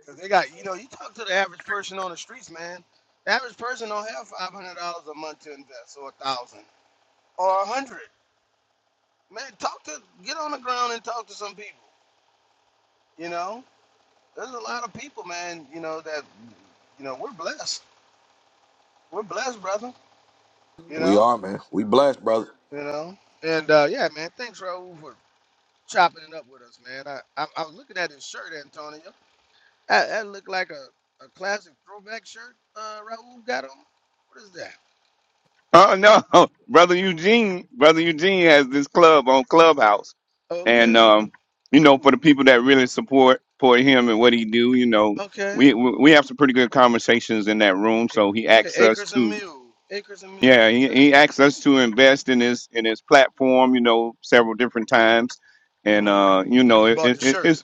S13: Because they got, you know, you talk to the average person on the streets, man. The average person don't have $500 a month to invest or a 1000 or a hundred. Man, talk to get on the ground and talk to some people. You know, there's a lot of people, man. You know that, you know, we're blessed. We're blessed, brother. You
S1: We
S13: know,
S1: are, man. We blessed, brother.
S13: you know. And uh, yeah, man. Thanks, Raul, for chopping it up with us, man. I I, I was looking at his shirt, Antonio. That, that looked like a, a classic throwback shirt. Uh, Raul got on. What is that?
S15: Oh no, brother Eugene, brother Eugene has this club on Clubhouse,
S13: Okay,
S15: and um, you know, for the people that really support support him and what he do, you know,
S13: okay,
S15: we we we have some pretty good conversations in that room. So
S13: Acre.
S15: he
S13: okay.
S15: asks us
S13: Acres and
S15: to,
S13: Mule. Acres and Mule.
S15: yeah, he,
S13: Okay.
S15: he asks us to invest in his in his platform, you know, several different times, and
S13: Mhm.
S15: uh, you know,
S13: You
S15: it,
S13: bought the
S15: it,
S13: shirt.
S15: it's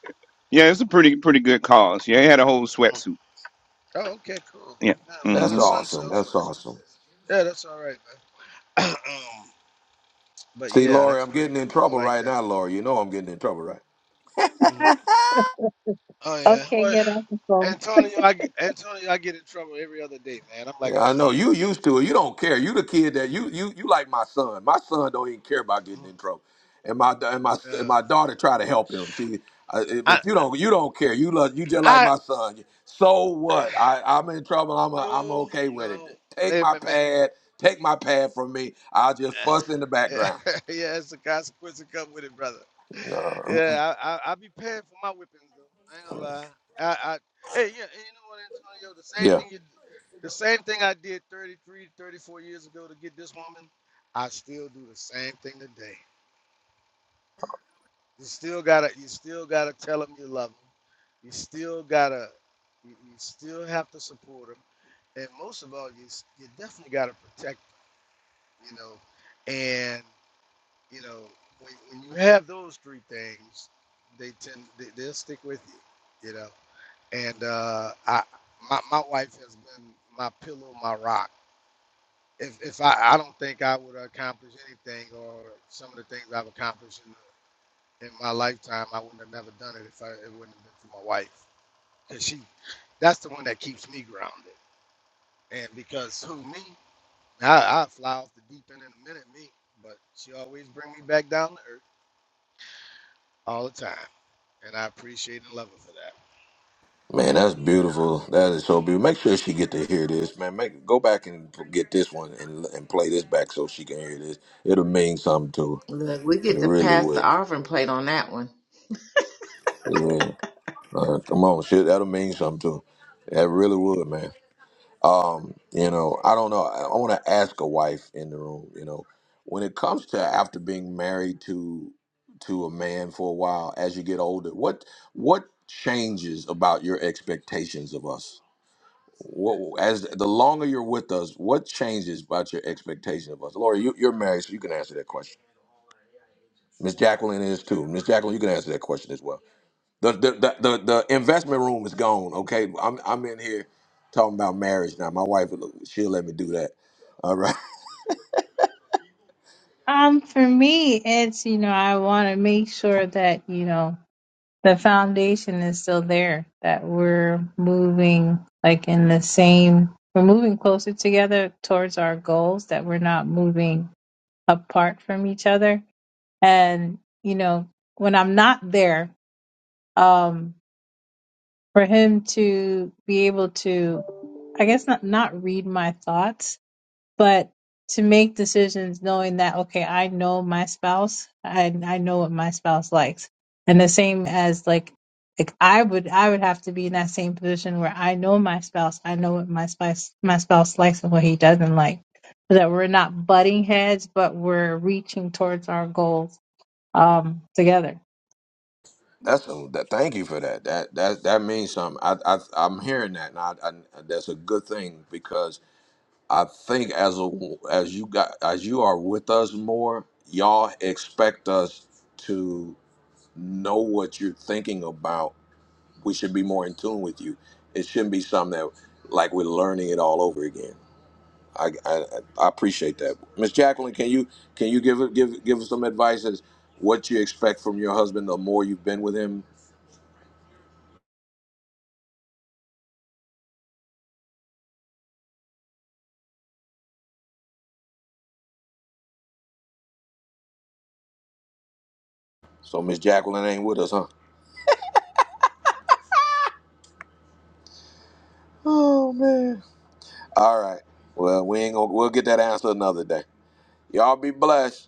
S15: yeah, it's a pretty pretty good cause. Yeah, he had a whole
S13: Mm-hmm.
S15: sweatsuit.
S13: Oh, okay, cool.
S15: Yeah.
S13: Yeah,
S15: Mm-hmm.
S13: my
S1: That's
S13: son
S1: awesome.
S13: sells
S1: That's
S13: sweatshirts.
S1: awesome.
S13: Yeah, that's all right, man. um, but
S1: See,
S13: yeah,
S1: Lori,
S13: that's
S1: I'm
S13: pretty
S1: getting in
S13: cool. I
S1: trouble
S13: like
S1: right
S13: that.
S1: now, Lori. You know I'm getting in trouble, right?
S13: hmm Oh yeah.
S14: Okay,
S13: Well,
S14: get off the phone.
S13: Antonio, I get- Antonio, I get in trouble every other day, man. I'm like
S1: Yeah,
S13: a
S1: I know
S13: kid.
S1: you used to it. You don't care. You the kid that you you you like my son. My son don't even care about getting
S13: Mm.
S1: in trouble, and my and my and
S13: Uh,
S1: my daughter try to help him. She, uh, it-
S13: I
S1: but you don't you don't care. You love you just like
S13: I
S1: my son. So what? I I'm in trouble. I'm a, I'm
S13: no
S1: okay with it.
S13: no.
S1: Take
S13: Hey,
S1: my
S13: man, man,
S1: pad. Take my pad from me. I'll just fuss in the
S13: yeah,
S1: background.
S13: it's a consequence that come with it, brother.
S1: No. mm-mm.
S13: Yeah, I, I I be paying for my whippings though. I ain't gonna lie. I, I hey yeah, and you know what, Antonio? The same
S1: Yeah.
S13: thing you, the same thing I did 33, 34 years ago to get this woman. I still do the same thing today. You still gotta, you still gotta tell them you love them. You still gotta, you, you still have to support them, and most of all, you s- you definitely gotta protect them. You know, and You know, when, when you have those three things, they tend they, they'll stick with you. You know, and uh, I my my wife has been my pillow, my rock. If if I I don't think I would accomplish anything or some of the things I've accomplished in, in my lifetime, I wouldn't have never done it if I it wouldn't have been for my wife. Cause she, that's the one that keeps me grounded. And because who me? I I fly off the deep end in a minute, me. But she always bring me back down to earth all the time. and I appreciate and love her for that.
S1: Man, that's beautiful. That is so beautiful. Make sure she get to hear this, man. Make go back and get this one and and play this back so she can hear this. It'll mean something to
S4: Look, we
S1: her. It
S4: get to
S1: really
S4: pass the
S1: will.
S4: offering plate on that one.
S1: Yeah. Uh, come on, shit. That'll mean something to her. That really would, man. Um, you know, I don't know. I, I want to ask a wife in the room. You know, when it comes to after being married to to a man for a while, as you get older, what what changes about your expectations of us? what as the longer you're with us, what changes about your expectation of us? Lori, you, you're married, so you can answer that question. Miss Jacqueline is too. Miss Jacqueline, you can answer that question as well. The the, the the the investment room is gone. Okay, I'm I'm in here talking about marriage now. My wife, she'll let me do that. All right,
S14: Um, for me, it's, you know, I want to make sure that, you know, the foundation is still there that we're moving like in the same we're moving closer together towards our goals that we're not moving apart from each other and you know when i'm not there um for him to be able to i guess not not read my thoughts but to make decisions knowing that okay i know my spouse i i know what my spouse likes and the same as like like i would i would have to be in that same position where i know my spouse i know what my spouse my spouse likes and what he doesn't like so that we're not butting heads but we're reaching towards our goals um together
S1: that's a, that. Thank you for that. That that that means something. I, I I'm hearing that, and I, I, that's a good thing because I think as a as you got as you are with us more, y'all expect us to know what you're thinking about. We should be more in tune with you. It shouldn't be something that like we're learning it all over again. I I, I appreciate that, Miss Jacqueline. Can you can you give give give us some advice as what you expect from your husband the more you've been with him? So Miss Jacqueline ain't with us, huh? Oh man. All right. Well, we ain't gonna we'll get that answer another day. Y'all be blessed.